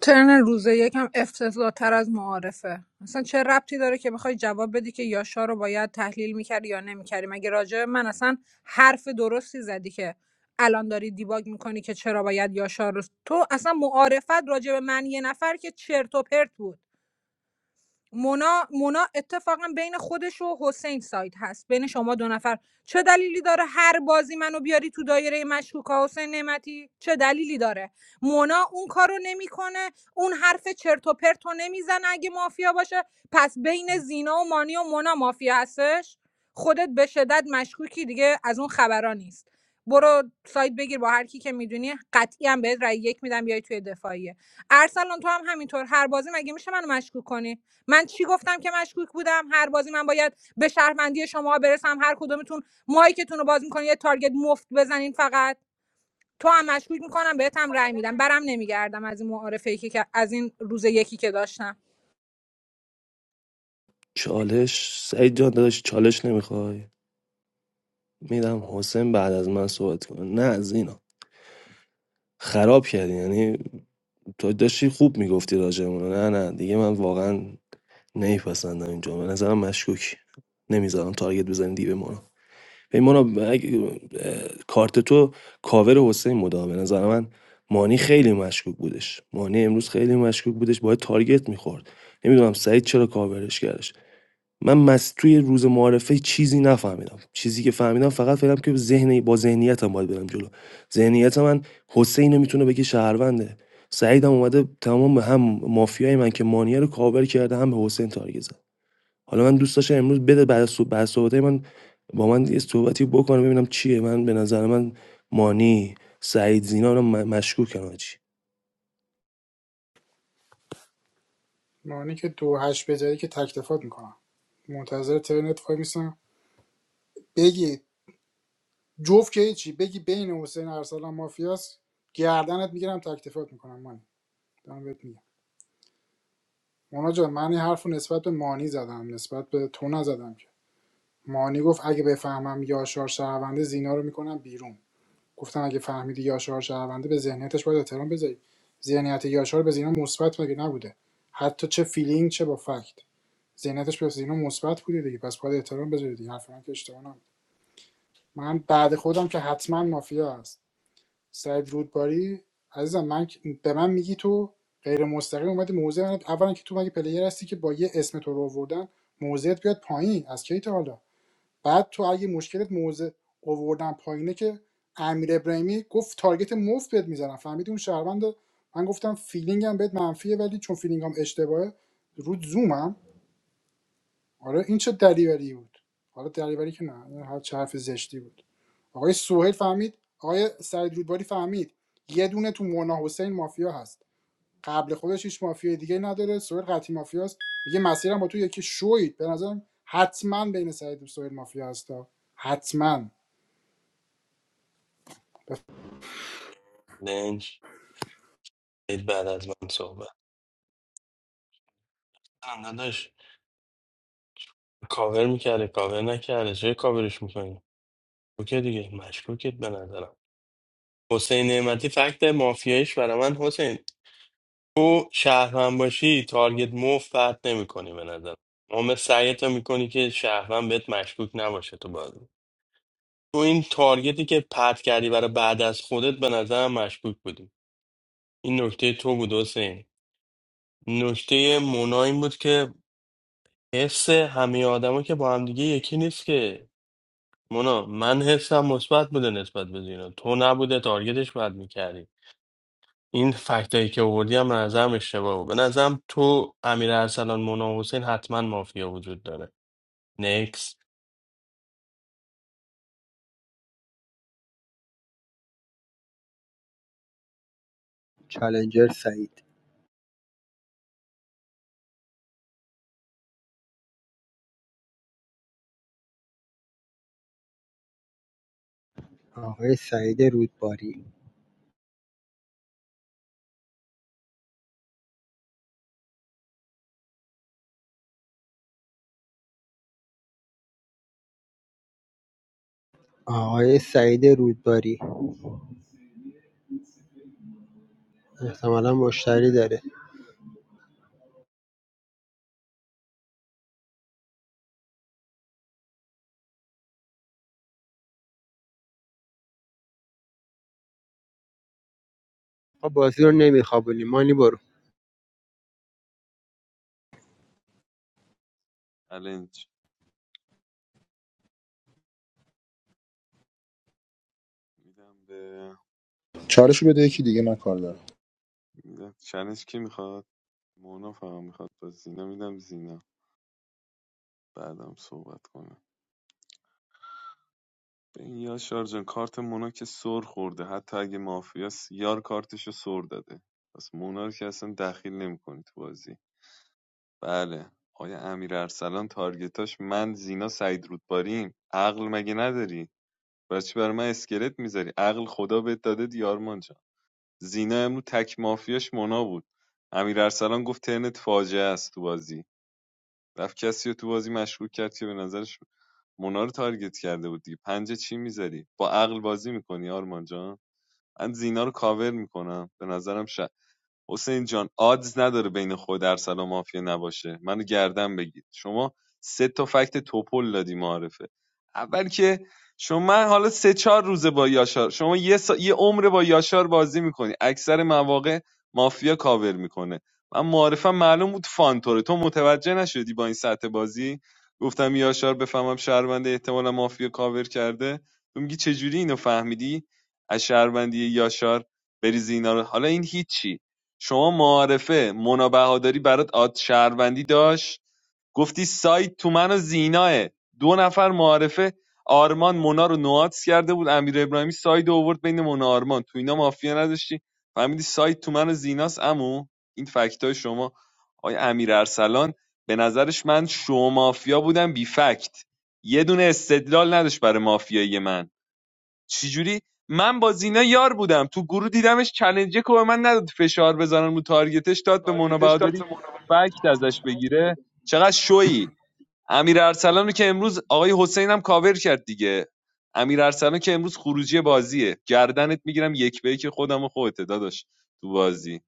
[SPEAKER 4] ترن روز یکم افتضاح تر از معارفه اصلا چه ربطی داره که بخوای جواب بدی که یاشا رو باید تحلیل میکردی یا نمیکردی مگه راجع به من اصلا حرف درستی زدی که الان داری دیباگ میکنی که چرا باید یاشا رو تو اصلا معارفت راجع به من یه نفر که چرت و پرت بود مونا مونا اتفاقا بین خودش و حسین ساید هست بین شما دو نفر چه دلیلی داره هر بازی منو بیاری تو دایره مشکوکا حسین نعمتی چه دلیلی داره مونا اون کارو نمیکنه اون حرف چرت و پرت نمیزنه اگه مافیا باشه پس بین زینا و مانی و مونا مافیا هستش خودت به شدت مشکوکی دیگه از اون خبرا نیست برو سایت بگیر با هر کی که میدونی قطعی هم بهت رای یک میدم بیای توی دفاعیه ارسلان تو هم همینطور هر بازی مگه میشه منو مشکوک کنی من چی گفتم که مشکوک بودم هر بازی من باید به شهروندی شما برسم هر کدومتون مایکتون رو باز میکنین یه تارگت مفت بزنین فقط تو هم مشکوک میکنم بهت هم رأی میدم برم نمیگردم از این معارفه که که- از این روز یکی که داشتم
[SPEAKER 13] چالش سعید جان داداش چالش نمیخوای میدم حسین بعد از من صحبت کنه نه زینا خراب کردی یعنی تو داشتی خوب میگفتی راجعمون نه نه دیگه من واقعا نمیپسندم اینجا به نظرم مشکوکی نمیذارم تارگت بزنی دیو مانا به مانا اگه- اه، کارت تو کاور حسین بودا به نظر من مانی خیلی مشکوک بودش مانی امروز خیلی مشکوک بودش باید تارگت میخورد نمیدونم سعید چرا کاورش کردش من مس توی روز معارفه چیزی نفهمیدم چیزی که فهمیدم فقط فهمیدم که ذهن با ذهنیتم باید برم جلو ذهنیت من حسین میتونه بگه شهرونده سعیدم اومده تمام هم مافیای من که مانیا رو کاور کرده هم به حسین تارگت زد حالا من دوست داشتم امروز بده بعد از صحب- بعد صحبتای من با من یه صحبتی بکنه ببینم چیه من به نظر من مانی سعید زینا رو مشکوک کنم چی.
[SPEAKER 2] معنی که دو هشت بذاری که تکتفات میکنم منتظر ترنت وای میسم بگی جوف که چی بگی بین حسین ارسلان مافیاس گردنت میگیرم تکتفات میکنم مانی دارم بهت میگم مونا جان من این حرف نسبت به مانی زدم نسبت به تو نزدم که مانی گفت اگه بفهمم یاشار شهرونده زینا رو میکنم بیرون گفتم اگه فهمیدی یاشار شهرونده به ذهنیتش باید احترام بذاری ذهنیت یاشار به زینا مثبت مگه نبوده حتی چه فیلینگ چه با فکت ذهنیتش به زینا مثبت بوده دیگه پس باید احترام بذاری دیگه حرف من که اشتباه نبود. من بعد خودم که حتما مافیا سعید رودباری عزیزم من به من میگی تو غیر مستقیم اومدی موزه من اولا که تو مگه پلیر هستی که با یه اسم تو رو آوردن موضعت بیاد پایین از کی تا حالا بعد تو اگه مشکلت موزه آوردن پایینه که امیر ابراهیمی گفت تارگت مفت بهت میزنم فهمیدی اون شهروند من گفتم فیلینگم بهت منفیه ولی چون فیلینگم اشتباهه رو زومم آره این چه دریوری بود حالا دریوری که نه این هر چه حرف زشتی بود آقای سوهیل فهمید آقای سعید رودباری فهمید یه دونه تو مونا حسین مافیا هست قبل خودش هیچ مافیا دیگه نداره سوهیل قطعی مافیاست میگه مسیرم با تو یکی شوید به نظرم حتما بین سعید و سوهیل مافیا هستا حتما
[SPEAKER 6] لنج دید بعد از من صحبت هم داداش کاور میکرده کاور نکرده چه کاورش میکنی اوکی دیگه مشکوکت به نظرم حسین نعمتی فکت مافیایش برای من حسین تو شهروند باشی تارگت موف فرد نمیکنی به نظرم عامل سعیت میکنی که شهروند بهت مشکوک نباشه تو بازی تو این تارگتی که پرت کردی برای بعد از خودت به نظرم مشکوک بودی این نکته تو بود حسین نکته مونا این بود که حس همه آدما که با هم دیگه یکی نیست که مونا من حسم مثبت بوده نسبت به زینا تو نبوده تارگتش باید میکردی این فکتایی که آوردی هم به نظرم اشتباه بود به نظرم تو امیر ارسلان مونا و حسین حتما مافیا وجود داره نکس
[SPEAKER 16] چالنجر سعید آقای سعید رودباری آقای سعید رودباری احتمالا مشتری داره ما بازی رو نمیخوابونیم مانی برو
[SPEAKER 11] چلنج میدم به
[SPEAKER 1] چالشو بده یکی دیگه من کار دارم
[SPEAKER 11] میدم چلنج کی میخواد مونا فقط میخواد با زینا میدم زینا بعدم صحبت کنه به این یاشار جان کارت مونا که سر خورده حتی اگه مافیاس یار کارتشو سر داده پس مونا رو که اصلا دخیل نمیکنی تو بازی بله آیا امیر ارسلان تارگتاش من زینا سعید رودباریم عقل مگه نداری بچه بر من اسکلت میذاری عقل خدا بهت داده دیارمان جان زینا امروز تک مافیاش مونا بود امیر ارسلان گفت ترنت فاجعه است تو بازی رفت کسی رو تو بازی مشکوک کرد که به نظرش مونا رو تارگت کرده بود دیگه پنجه چی میذاری با عقل بازی میکنی آرمان جان من زینا رو کاور میکنم به نظرم ش. حسین جان آدز نداره بین خود ارسل و مافیا نباشه منو گردن بگید شما سه تا فکت توپل دادی معارفه اول که شما من حالا سه چهار روزه با یاشار شما یه, سا... یه عمر با یاشار بازی میکنی اکثر مواقع مافیا کاور میکنه من معارفم معلوم بود فانتوره تو متوجه نشدی با این سطح بازی گفتم یاشار بفهمم شهرونده احتمالا مافیا کاور کرده تو میگی چجوری اینو فهمیدی از شهروندی یاشار بریزی اینا رو حالا این هیچی شما معارفه مونا بهادری برات آد شهروندی داشت گفتی سایت تو من و زیناه دو نفر معارفه آرمان مونا رو نواتس کرده بود امیر ابراهیمی ساید رو آورد بین مونا آرمان تو اینا مافیا نداشتی فهمیدی سایت تو من و زیناست امو این فکت شما آقای امیر ارسلان به نظرش من شو مافیا بودم بی فکت یه دونه استدلال نداشت برای مافیایی من چجوری من با زینا یار بودم تو گروه دیدمش چلنجه که به من نداد فشار بزنن رو تارگتش داد به مونا بهادری فکت ازش بگیره چقدر شویی امیر ارسلان رو که امروز آقای حسین هم کاور کرد دیگه امیر ارسلان که امروز خروجی بازیه گردنت میگیرم یک به یک خودم و خودت داداش تو بازی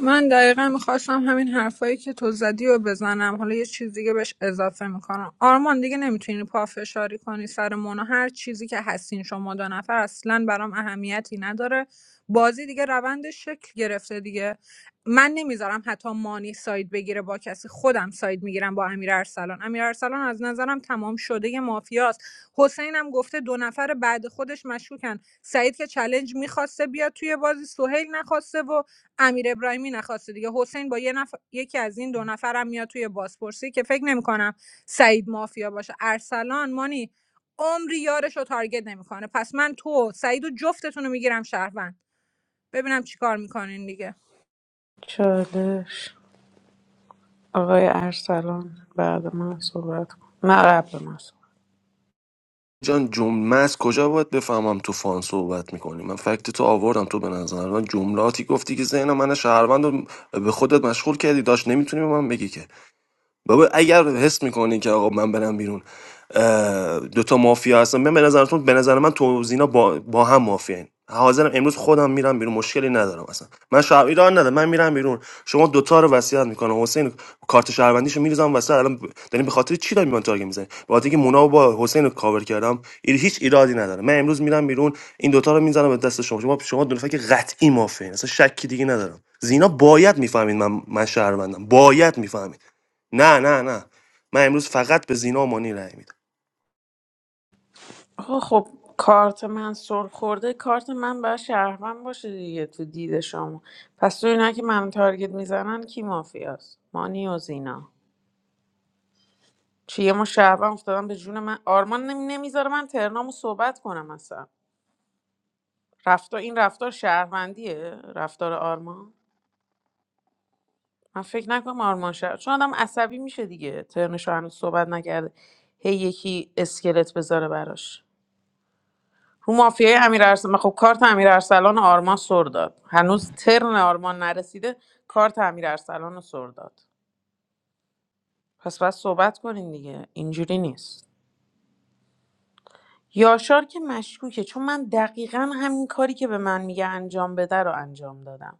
[SPEAKER 4] من دقیقا میخواستم همین حرفایی که تو زدی و بزنم حالا یه چیز دیگه بهش اضافه میکنم آرمان دیگه نمیتونی پافشاری کنی سر مونا هر چیزی که هستین شما دو نفر اصلا برام اهمیتی نداره بازی دیگه روندش شکل گرفته دیگه من نمیذارم حتی مانی ساید بگیره با کسی خودم ساید میگیرم با امیر ارسلان امیر ارسلان از نظرم تمام شده یه مافیاست حسین هم گفته دو نفر بعد خودش مشکوکن سعید که چلنج میخواسته بیاد توی بازی سهیل نخواسته و امیر ابراهیمی نخواسته دیگه حسین با یه نفر یکی از این دو نفرم میاد توی بازپرسی که فکر نمیکنم سعید مافیا باشه ارسلان مانی عمری یارش رو تارگت نمیکنه پس من تو سعید و جفتتون رو میگیرم شهروند ببینم چیکار میکنین دیگه
[SPEAKER 12] چالش آقای ارسلان بعد من صحبت کن نه قبل من صحبت.
[SPEAKER 13] جان جمله از کجا باید بفهمم تو فان صحبت میکنی من فکت تو آوردم تو به نظر من جملاتی گفتی که ذهن من شهروند رو به خودت مشغول کردی داشت نمیتونی به من بگی که بابا اگر حس میکنی که آقا من برم بیرون اه، دوتا مافیا هستن من به نظرتون به نظر من تو و زینا با, با هم مافیا حاضرم امروز خودم میرم بیرون مشکلی ندارم اصلا من شهر ایران ندارم من میرم بیرون شما دوتا رو وصیت میکنم حسین کارت شهروندیشو میریزم وسط الان ب- دارین به خاطر چی دارین من تارگت میزنین به خاطر اینکه مونا رو با حسین رو کاور کردم این هیچ ایرادی نداره من امروز میرم بیرون این دوتا رو میزنم به دست شما شما شما دو نفر که قطعی مافین اصلا شکی دیگه ندارم زینا باید میفهمید من من شهروندم باید میفهمید نه نه نه من امروز فقط به زینا و مانی رأی میدم
[SPEAKER 12] آقا خب کارت من سر خورده کارت من باید شهروند باشه دیگه تو دید شما پس تو اینا که من تارگت میزنن کی مافیاست مانی و زینا چیه ما شهروند افتادن به جون من آرمان نمی نمیذاره من ترنامو صحبت کنم اصلا رفتار این رفتار شهروندیه رفتار آرمان من فکر نکنم آرمان شهر چون آدم عصبی میشه دیگه ترنشو هنوز صحبت نکرده هی یکی اسکلت بذاره براش رو مافیای امیر ارسلان خب کارت امیر ارسلان و آرمان سر داد هنوز ترن آرمان نرسیده کارت امیر ارسلان رو سر داد پس باید صحبت کنین دیگه اینجوری نیست یاشار که مشکوکه چون من دقیقا همین کاری که به من میگه انجام بده رو انجام دادم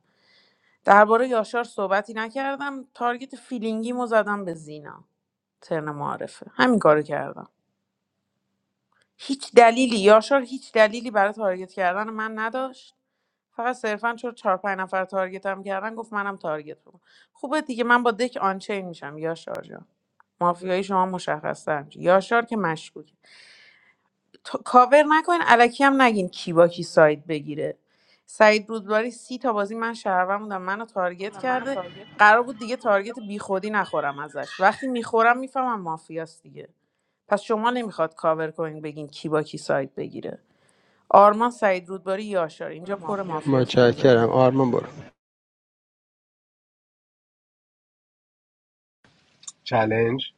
[SPEAKER 12] درباره یاشار صحبتی نکردم تارگت فیلینگیمو زدم به زینا ترن معرفه همین کارو کردم هیچ دلیلی یاشار هیچ دلیلی برای تارگت کردن من نداشت فقط صرفا چون چهار پنج نفر تارگتم کردن گفت منم تارگت بکن خوبه دیگه من با دک آنچین میشم یاشار جان مافیایی شما مشخص یاشار که مشکوک تا- کاور نکنین الکی هم نگین کی با کی ساید بگیره سعید رودباری سی تا بازی من شهروند بودم منو تارگت کرده قرار بود دیگه تارگت بیخودی نخورم ازش وقتی میخورم میفهمم مافیاست دیگه پس شما نمیخواد کاور کنین بگین کی با کی ساید بگیره آرمان سعید رودباری یاشار اینجا پر مافیاست تو
[SPEAKER 16] متشکرم
[SPEAKER 12] ذهنم
[SPEAKER 16] آرمان برو
[SPEAKER 18] چلنج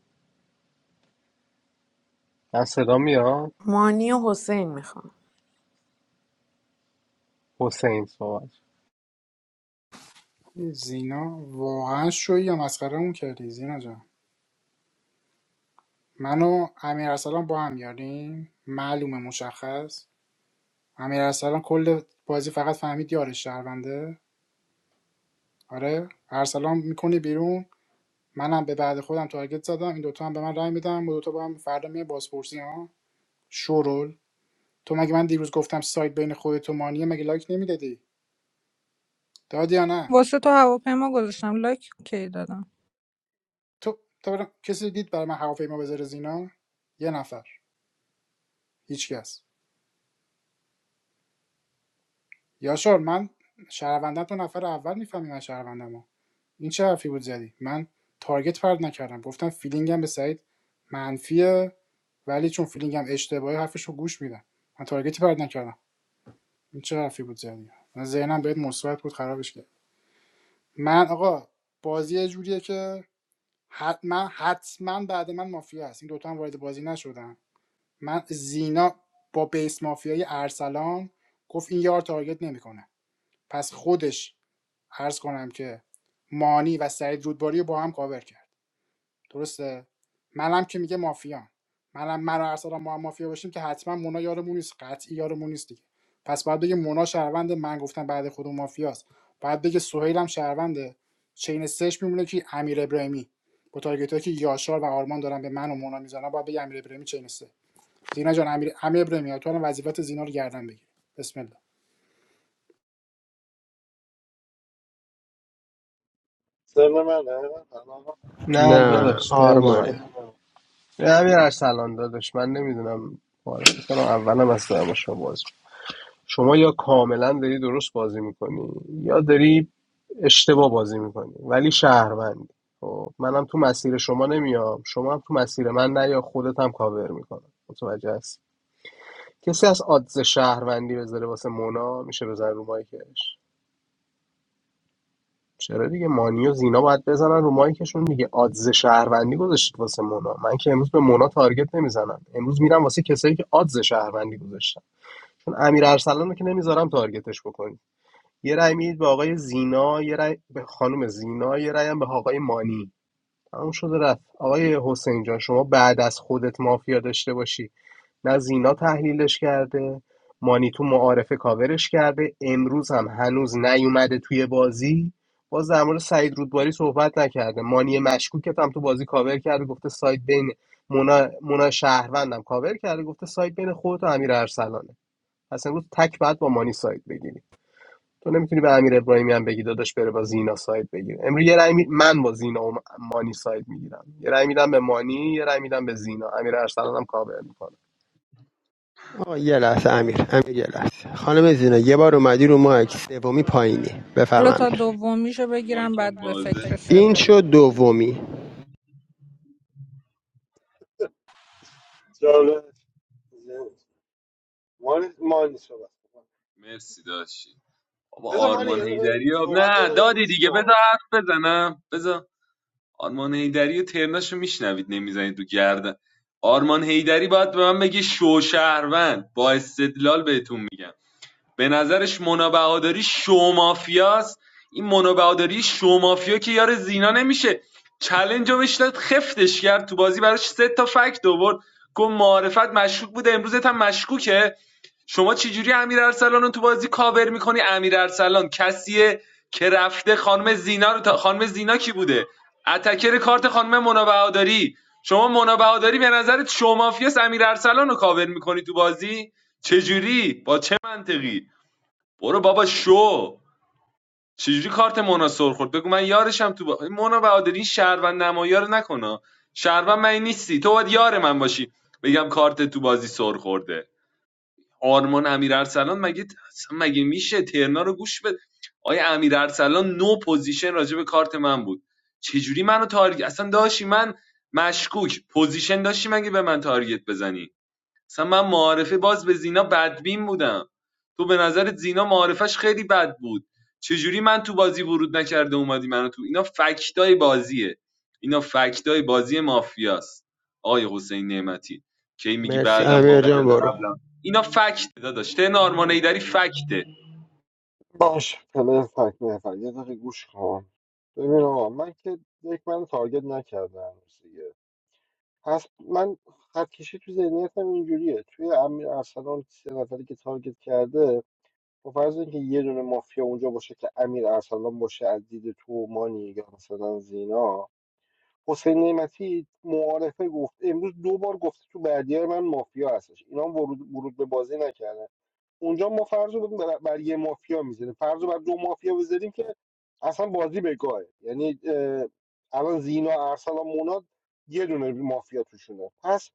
[SPEAKER 18] من صدا میاد
[SPEAKER 12] مانی و حسین میخوان
[SPEAKER 18] حسین صحبت
[SPEAKER 2] بف- زینا واقعا شوی یا مسخرمون کردی زینا جان من و امیر ارسلان با هم یاریم معلومه مشخص امیرارسلان کل بازی فقط فهمید یارش شهرونده آره ارسلان میکنه بیرون منم به بعد خودم تارگت زدم این دوتا هم به من رای میدم و دوتا با هم فردا میه بازپرسی ها شورول تو مگه من دیروز گفتم سایت بین خودت و مانیه مگه لایک نمیدادی دادی یا نه
[SPEAKER 4] واسه تو هواپیما گذاشتم لایک کی دادم
[SPEAKER 2] تو تو برا- کسی دید برای من هواپیما بذاره زینا یه نفر هیچکس یاشار من شهروندم تو نفر اول میفهمی من شهروندمو این چه حرفی بود زدی من تارگت پرد نکردم گفتم فیلینگم به سعید منفیه ولی چون فیلینگم اشتباهه حرفشو گوش میدم من تارگتی پرد نکردم این چه حرفی بود زدی من ذهنم بهت مثبت بود خرابش کرد من آقا بازی یه جوریه که حتما حتما بعد من مافیا هست این دوتا هم وارد بازی نشدن من زینا با بیس مافیای ارسلان گفت این یار تارگت نمیکنه پس خودش عرض کنم که مانی و سعید رودباری رو با هم کاور کرد درسته منم که میگه مافیا منم مرا و ارسلان ما هم مافیا باشیم که حتما مونا یارمون نیست قطعی یارمون نیست دیگه پس باید بگه مونا شهروند من گفتم بعد خودم مافیاست باید بگه سهیل هم شهرونده چین سش میمونه که امیر ابراهیمی با تارگت که یاشار و آرمان دارن به من و مونا میزنن باید بگه امیر ابراهیمی چین سه زینا جان امیر امیر ابراهیمی تو الان وظیفت زینا رو گردن بگیر بسم الله
[SPEAKER 5] سر من
[SPEAKER 18] نه
[SPEAKER 16] نه
[SPEAKER 18] داداش فر
[SPEAKER 16] آرمانه
[SPEAKER 18] یه امیر ارسلان داداش من نمیدونم معرفی کنم اولم از دارم شما بازی شما یا کاملا داری درست بازی میکنی یا داری اشتباه بازی میکنی ولی شهروندی خب منم تو مسیر شما نمیام شما هم تو مسیر من نه یا خودت هم کاور میکنم متوجه هست کسی از آدز شهروندی بذاره واسه مونا میشه بزن رو مایکش چرا دیگه مانی و زینا باید بزنن رو مایکشون دیگه آدز شهروندی گذاشتید واسه مونا من که امروز به مونا تارگت نمیزنم امروز میرم واسه کسایی که آدز شهروندی گذاشتن چون امیر ارسلان رو که نمیذارم تارگتش بکنید یه رأی میدید به آقای زینا یه رأی به خانم زینا یه رأی هم به آقای مانی تموم شده رفت آقای حسین جان شما بعد از خودت مافیا داشته باشی نه زینا تحلیلش کرده مانی تو معارفه کاورش کرده امروز هم هنوز نیومده توی بازی باز در مورد سعید رودباری صحبت نکرده مانی مشکوکت هم تو بازی کاور کرده گفته سایت بین مونا, مونا شهروندم کاور کرده گفته سایت بین خودت و امیر ارسلانه پس امروز تک بعد با مانی سایت بگیری تو نمیتونی به امیر ابراهیمی هم بگی داداش بره با زینا سایت بگیره امروز یه رای می- من با زینا و مانی سایت میگیرم یه رای میدم به مانی یه رای میدم به زینا امیر ارسلانم کاور میکنه
[SPEAKER 16] آقا یه لحظه امیر امیر یه لحظه خانم زینا یه بار اومدی رو مایک سومی پایینی بفرم
[SPEAKER 4] حالا تا
[SPEAKER 16] امیر
[SPEAKER 4] دومیشو
[SPEAKER 11] من
[SPEAKER 4] بگیرم
[SPEAKER 11] مایکم
[SPEAKER 4] بعد به
[SPEAKER 11] بازه
[SPEAKER 4] فکر
[SPEAKER 16] این
[SPEAKER 4] سوم
[SPEAKER 16] شد دومی
[SPEAKER 5] جالب مانی مانی صحبت کن.
[SPEAKER 11] مرسی داشی بابا
[SPEAKER 5] بذار مانی
[SPEAKER 11] آرمان
[SPEAKER 5] یه دقیقه
[SPEAKER 11] هیدری
[SPEAKER 5] صحبت یه
[SPEAKER 11] نه
[SPEAKER 5] دقیقه
[SPEAKER 11] دادی
[SPEAKER 5] گوش
[SPEAKER 11] دیگه
[SPEAKER 5] کن
[SPEAKER 11] بذار حرف بزنم بذار آرمان هیدری و ترناشو میشنوید نمیزنید تو گردن آرمان هیدری باید به من بگه شوشهروند با استدلال بهتون میگم به نظرش مونا بهاداری شومافیاست این مونا بهاداری شومافیا که یار زینا نمیشه چلنج رو بهش داد خفتش کرد تو بازی براش سه تا فکت آورد گفت معرفت مشکوک بوده امروزت هم مشکوکه شما چجوری امیر ارسلان رو تو بازی کاور میکنی امیر ارسلان کسیه که رفته خانم زینا رو تا... خانم زینا کی بوده اتکر کارت خانم مونا شما مونا به نظرت شومافیاست امیر ارسلان رو کاور میکنی تو بازی چجوری با چه منطقی برو بابا شو چجوری کارت مونا سر خورد بگو من یارشم تو با... مونا بهادری این شهروند نمایار رو نکنه شهروند من نیستی تو باید یار من باشی بگم کارت تو بازی سر خورده آرمان امیر ارسلان مگه اصلا مگه میشه ترنا رو گوش بده آیا امیر نو پوزیشن راجع به کارت من بود چجوری منو تارگت اصلا داشتی من مشکوک پوزیشن داشتی مگه به من تارگت بزنی مثلا من معارفه باز به زینا بدبین بودم تو به نظرت زینا معارفش خیلی بد بود چجوری من تو بازی ورود نکرده اومدی منو تو اینا فکتای بازیه اینا فکتای بازی مافیاست آقای حسین نعمتی کی میگی
[SPEAKER 16] مرسی
[SPEAKER 11] بعدم
[SPEAKER 16] امیر جان
[SPEAKER 11] مافیاست
[SPEAKER 16] برو
[SPEAKER 11] قبلم اینا فکت داداش تن آرمان ایدری فکته
[SPEAKER 5] باش پله فک نفر یه دقیقه گوش کن ببین آقا من که یک من تارگت نکردم هنوز دیگه پس من خط کشی تو ذهنیتم اینجوریه توی امیر ارسلان سه نفری که تارگت کرده با فرض اینکه یه دونه مافیا اونجا باشه که امیر ارسلان باشه از دید تو مانی یا مثلا زینا حسین نعمتی معارفه گفت امروز دو بار گفته تو بعدی من مافیا هستش اینا هم ورود ورود به بازی نکردن اونجا ما فرض رو بر, بر یه مافیا میزنیم فرض رو بر دو مافیا بذاریم که اصلا بازی به گاهه یعنی اه، الان زینا ارسلان مونا یه دونه مافیا توشونه پس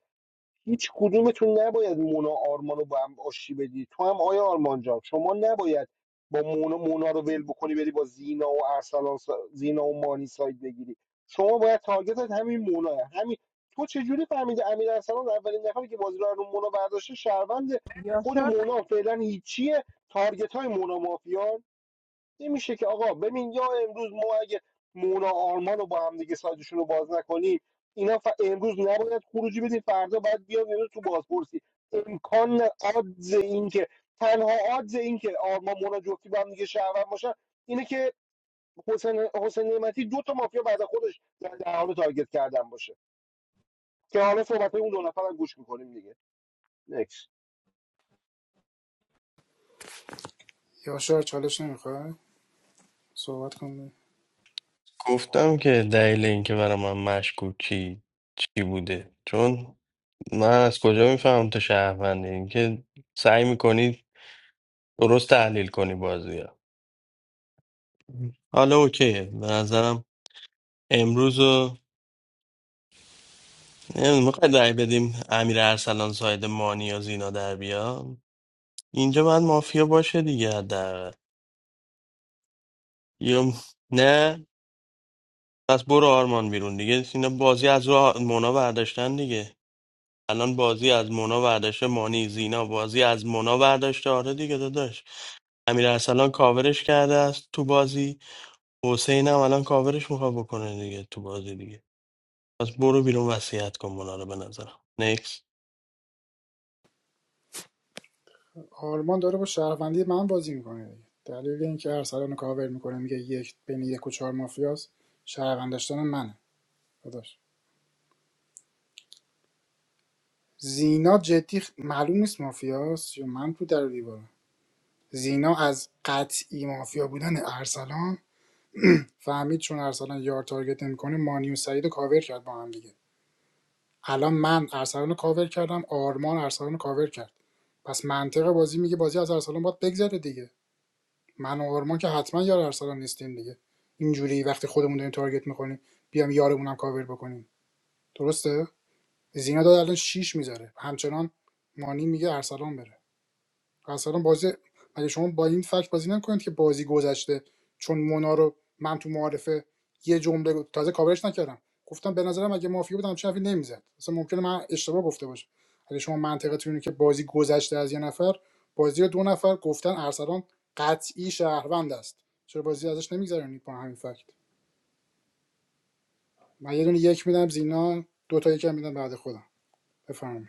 [SPEAKER 5] هیچ کدومتون نباید مونا آرمان رو با هم آشی بدی تو هم آیا آرمان جان شما نباید با مونا, مونا رو ول بکنی بری با زینا و ارسلان سا- زینا و مانی ساید بگیری شما باید تارگتت همین موناه همین تو چه جوری فهمیدی امیر ارسلان اولین نفری که بازی رو از رو مونا برداشته شهروند خود
[SPEAKER 12] یاشار
[SPEAKER 5] مونا فعلا هیچیه تارگت های مونا مافیا. نمیشه که آقا ببین یا امروز ما اگه مونا آرمان رو با هم دیگه سایدشون رو باز نکنیم اینا ف... امروز نباید خروجی بدیم فردا باید بیاد اینا تو بازپرسی امکان نه- آدز این که تنها آدز این که آرمان مونا جفتی با هم دیگه شهروند باشن اینه که حسین حسین نعمتی دو تا مافیا بعد از خودش در در حال تارگت کردن باشه که حالا صحبت اون دو نفرم گوش میکنیم دیگه نکس
[SPEAKER 2] یاشار چالش نمیخواد صحبت کن
[SPEAKER 6] گفتم که دلیل اینکه برای من مشکوکی چی بوده چون من از کجا میفهمم تو شهروندی اینکه سعی میکنی درست تحلیل کنی بازی حالا اوکیه به نظرم امروز رو میخوای رأی بدیم امیر ارسلان ساید مانی یا زینا در بیا اینجا باید مافیا باشه دیگه حداقل یا نه پس برو آرمان بیرون دیگه اینا بازی از رو آ- مونا برداشتن دیگه الان بازی از مونا برداشته مانی زینا بازی از مونا برداشته آره دیگه داداش امیر ارسلان کاورش کرده است تو بازی حسین هم الان کاورش میخواد بکنه دیگه تو بازی دیگه پس برو بیرون وصیت کن مونا رو به نظرم
[SPEAKER 2] آلمان داره با شهروندی من بازی میکنه دیگه دلیل اینکه ارسلان کاور میکنه میگه یک بین یک و چهار مافیاست شهروند داشتن منه داداش زینا جدی خ- معلوم نیست مافیاست یا من تو در و دیوارم زینا از قطعی مافیا بودن ارسلان فهمید چون ارسلان یار تارگت نمیکنه مانی و سعید رو کاور کرد با هم دیگه الان من ارسلان رو کاور کردم آرمان ارسلان رو کاور کرد پس منطق بازی میگه بازی از ارسلان باید بگذره دیگه من و آرمان که حتما یار ارسلان نیستیم دیگه اینجوری وقتی خودمون داریم تارگت میکنیم بیام یارمونم کاور بکنیم درسته زینا داد الان 6 میذاره همچنان مانی میگه ارسلان بره اصلا بازی اگه شما با این فکت بازی نکنید که بازی گذشته چون مونا رو من تو معارفه یه جمله تازه کاورش نکردم گفتم به نظرم اگه مافیا بودم چه حرفی نمیزد اصلا ممکنه من اشتباه گفته باشم اگه شما منطقتون اینه که بازی گذشته از یه نفر بازی رو دو نفر گفتن ارسلان قطعی شهروند است چرا بازی ازش نمیگذرونید با همین فکت من یه دونه یک میدم زینا دو تا یکم میدم بعد خودم بفرمایید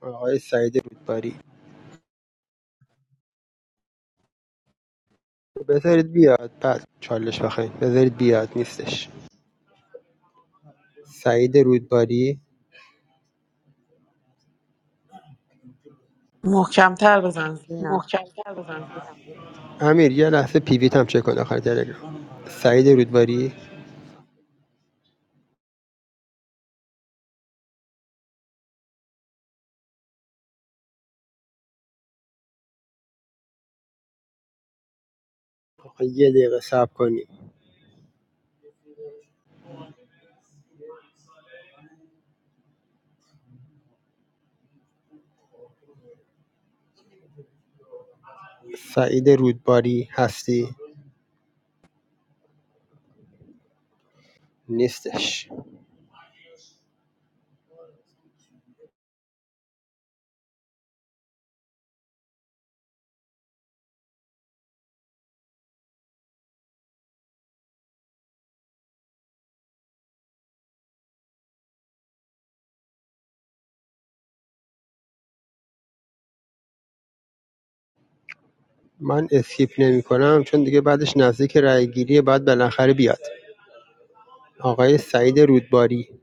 [SPEAKER 16] آقای سعید رودباری بذارید بیاد بعد چالش بخواین بذارید بیاد نیستش سعید رودباری
[SPEAKER 12] محکمتر بزن زینا
[SPEAKER 16] امیر یه لحظه پیویت هم چک کن آخر تلگرام سعید رودباری آقا یه دقیقه صبر کنیم سعید رودباری هستی؟ نیستش من اسکیپ نمیکنم چون دیگه بعدش نزدیک رای گیریه باید بالاخره بیاد آقای سعید رودباری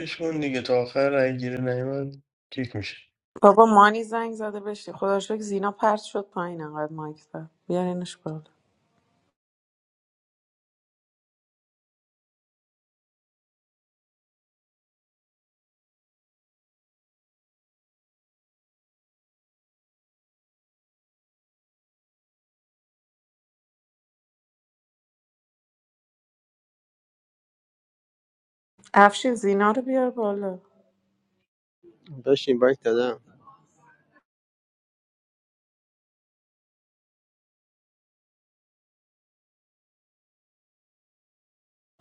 [SPEAKER 6] کشمون دیگه تا آخر رای گیری نیومد کیک میشه
[SPEAKER 12] بابا مانی زنگ زده بشی خدا رو شکر زینا پرت شد پایین انقدر مایک زد بیارینش بالا افشین زینا رو بیار بالا
[SPEAKER 16] داشت این دادم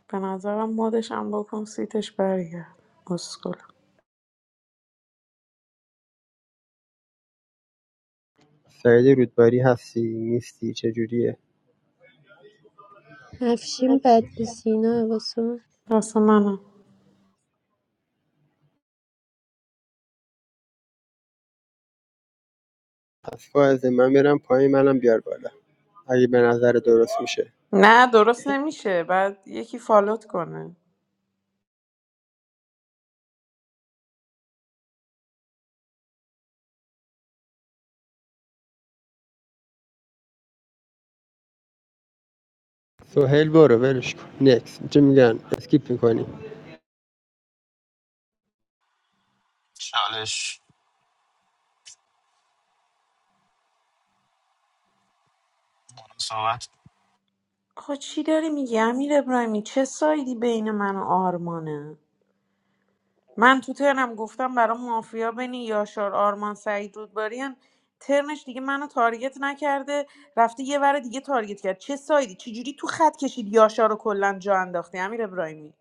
[SPEAKER 12] به نظرم مدش هم بکن سیتش برگرد اسکل
[SPEAKER 16] سعید رودباری هستی نیستی چجوریه
[SPEAKER 17] افشین بدل سینا واسه من
[SPEAKER 12] راست منم
[SPEAKER 16] پس فائزه من میرم پایین منم بیار بالا اگه به نظر درست میشه
[SPEAKER 12] نه درست نمیشه بعد یکی فالوت کنه
[SPEAKER 16] سهیل برو ولش کن نکس چه میگن اسکیپ میکنی
[SPEAKER 15] چالش من صحبت
[SPEAKER 12] آقا چی داری میگی امیر ابراهیمی چه سایدی بین من و آرمانه من تو ترنم گفتم برای مافیا بین یاشار آرمان سعید رودباری هن. ترنش دیگه منو تارگت نکرده رفته یه ور دیگه تارگت کرد چه سایدی چه جوری تو خط کشید یاشار رو کلا جا انداختی امیر ابراهیمی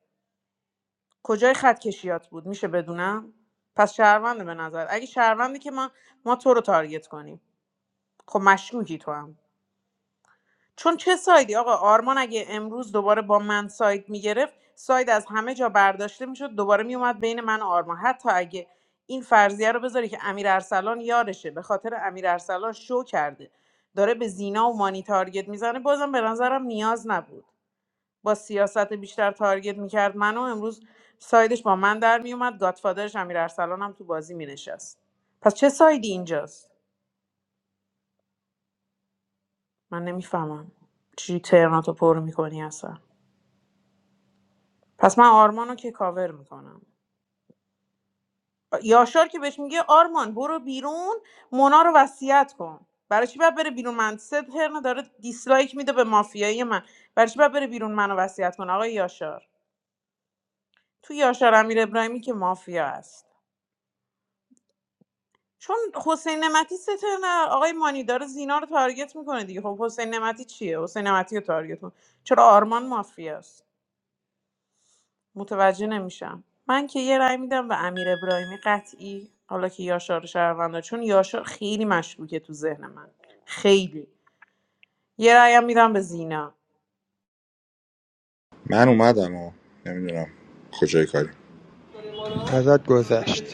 [SPEAKER 12] کجای خط کشیات بود میشه بدونم پس شهرونده به نظر اگه شهرونده که ما ما تو رو تارگت کنیم خب مشکوکی تو هم چون چه سایدی آقا آرمان اگه امروز دوباره با من ساید میگرفت ساید از همه جا برداشته میشد دوباره میومد بین من و آرمان حتی اگه این فرضیه رو بذاری که امیر ارسلان یارشه به خاطر امیر ارسلان شو کرده داره به زینا و مانی تارگت میزنه بازم به نظرم نیاز نبود با سیاست بیشتر تارگت میکرد منو امروز سایدش با من در میومد گادفادرش امیر ارسلان هم تو بازی مینشست پس چه سایدی اینجاست من نمیفهمم چی ترناتو پر میکنی اصلا پس من آرمانو که کاور میکنم یاشار که بهش میگه آرمان برو بیرون مونا رو وصیت کن برای چی باید بره بیرون من سه ترن داره دیسلایک میده به مافیایی من برای چی باید بره بیرون منو وصیت کن آقای یاشار تو یاشار امیر ابراهیمی که مافیا است چون حسین نمتی سه ترن آقای مانی داره زینا رو تارگت میکنه دیگه خب حسین نمتی چیه حسین نمتی رو تارگت کن چرا آرمان مافیاست متوجه نمیشم من که یه رأی میدم به امیر ابراهیمی قطعی حالا که یاشار شهروندا چون یاشار خیلی مشکوکه تو ذهن من خیلی یه رأیم میدم به زینا
[SPEAKER 1] من اومدم و نمیدونم کجای کاری
[SPEAKER 16] ازت گذشت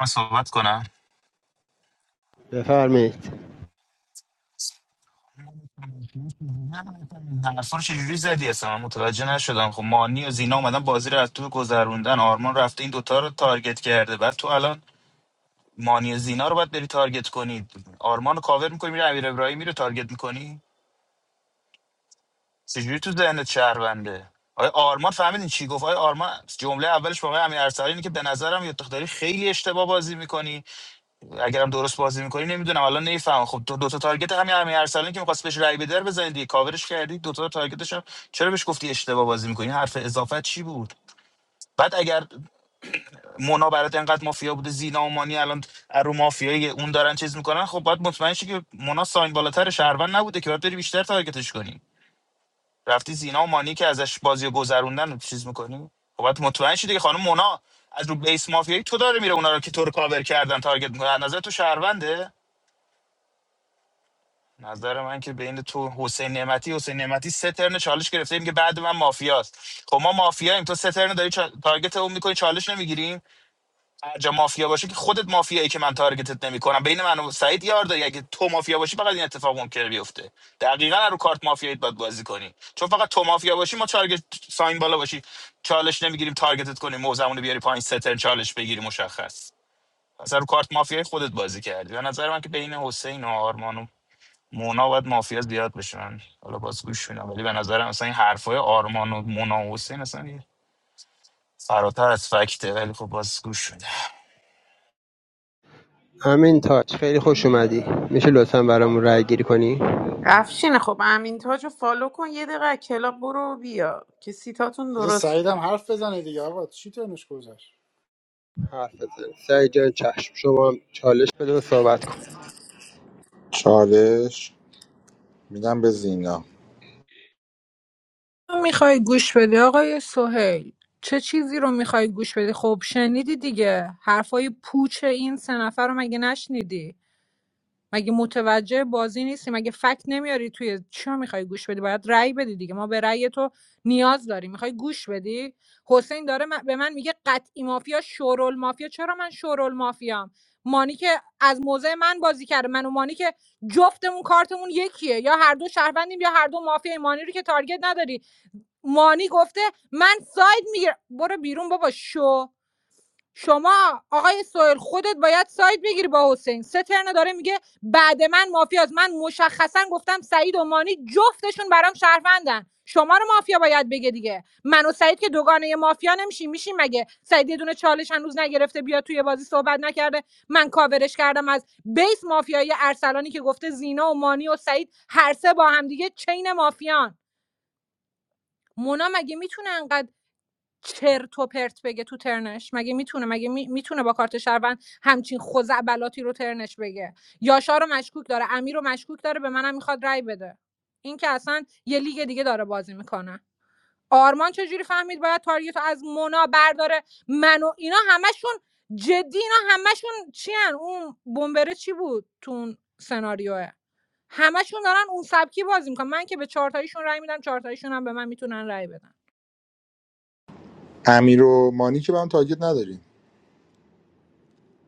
[SPEAKER 15] من صحبت کنم
[SPEAKER 16] بفرمایید
[SPEAKER 15] حرفا رو چجوری زدی اصلا من متوجه نشدم خب مانی و زینا اومدن بازی رو از تو گذروندن آرمان رفته این دوتا رو تارگت کرده بعد تو الان مانی زینا رو باید بری تارگت کنید آرمان رو کاور میکنی میره امیر ابراهیمی رو تارگت میکنی چجوری تو ذهنت شهرونده آیا آرمان فهمیدین چی گفت آیا آرمان جمله اولش واقعا امیر ارسلان اینه که به نظرم یا داری خیلی اشتباه بازی میکنی اگرم درست بازی میکنی نمیدونم الان نمیفهمم خب دو, دو تا تارگت همین امیر ارسلان که میخواست بهش رای بده رو بزنید دیگه کاورش کردی دو تا تارگتش هم چرا بهش گفتی اشتباه بازی میکنی حرف اضافه چی بود بعد اگر مونا برات انقدر مافیا بوده زینا و مانی الان رو مافیای اون دارن چیز میکنن خب باید مطمئن شی که مونا ساین بالاتر شهروند نبوده که باید بری بیشتر تارگتش کنی رفتی زینا و مانی که ازش بازی رو گذروندن رو چیز میکنی خب باید مطمئن شی دیگه خانم مونا از رو بیس مافیایی تو داره میره اونا رو که تو رو کاور کردن تارگت میکنه از نظر تو شهرونده نظر من که بین تو حسین نعمتی حسین نعمتی سه ترن چالش گرفته میگه بعد من مافیاست خب ما مافیاییم تو سه ترن داری چا- تارگت اون میکنی چالش نمیگیریم هر جا مافیا باشه که خودت مافیایی که من تارگتت نمیکنم بین من و سعید یار داری اگه تو مافیا باشی فقط این اتفاق ممکنه بیفته دقیقا رو کارت مافیایی باید بازی کنی چون فقط تو مافیا باشی ما تارگت ساین بالا باشی چالش نمیگیریم تارگتت کنیم موزمون رو بیاری پایین سترن چالش بگیری مشخص اصلا رو کارت مافیایی خودت بازی کردی به نظر من که بین حسین و آرمان و مونا باید مافیا زیاد بشن حالا باز گوش میدم ولی به نظرم مثلا این حرفای آرمان و مونا و حسین اصلا یه فراتر از فکته ولی خب باز گوش میدم
[SPEAKER 16] امین تاج خیلی خوش اومدی میشه لطفا برامون رای گیری کنی
[SPEAKER 12] افشین خب امین تاج رو فالو کن یه دقیقه از کلاب برو و بیا که سیتاتون
[SPEAKER 2] بذار
[SPEAKER 12] درست شه.
[SPEAKER 2] سعیدم حرف بزنه دیگه آقا چی ترنش گذشت
[SPEAKER 16] حرف بزن سعید جان چشم شما هم چالش بده و صحبت کن
[SPEAKER 1] چالش میدم به زینا
[SPEAKER 4] میخوای گوش بدی آقای سهیل چه چیزی رو میخوای گوش بدی خب شنیدی دیگه حرفای پوچ این سه نفر رو مگه نشنیدی مگه متوجه بازی نیستی مگه فکت نمیاری توی چیا میخوای گوش بدی باید رأی بدی دیگه ما به رأی تو نیاز داریم میخوای گوش بدی حسین داره م- به من میگه قطعی مافیا شورول مافیا چرا من شورول مافیام مانی که از موضع من بازی کرده من و مانی که جفتمون کارتمون یکیه یا هر دو شهروندیم یا هر دو مافیا مانی رو که تارگت نداری مانی گفته من ساید میگیرم برو بیرون بابا شو شما آقای سوئل خودت باید ساید بگیری با حسین سه ترنه داره میگه بعد من مافیاز من مشخصا گفتم سعید و مانی جفتشون برام شهروندن شما رو مافیا باید بگه دیگه من و سعید که دوگانه مافیا نمیشیم میشیم مگه سعید یه دونه چالش هنوز نگرفته بیا توی بازی صحبت نکرده من کاورش کردم از بیس مافیایی ارسلانی که گفته زینا و مانی و سعید هر سه با هم دیگه چین مافیان مونا مگه میتونه چرت و پرت بگه تو ترنش مگه میتونه مگه می- میتونه با کارت شهروند همچین خزعبلاتی رو ترنش بگه یاشا رو مشکوک داره امیر رو مشکوک داره به منم میخواد رای بده این که اصلا یه لیگ دیگه داره بازی میکنه آرمان چجوری فهمید باید تارگت رو از مونا برداره من و اینا همشون جدی اینا همشون چی هن؟ اون بمبره چی بود تو اون سناریوه همشون دارن اون سبکی بازی میکنن من که به چهارتاییشون رای میدم چهارتاییشون هم به من میتونن رای بدن
[SPEAKER 1] امیر و مانی که به هم تاگید نداریم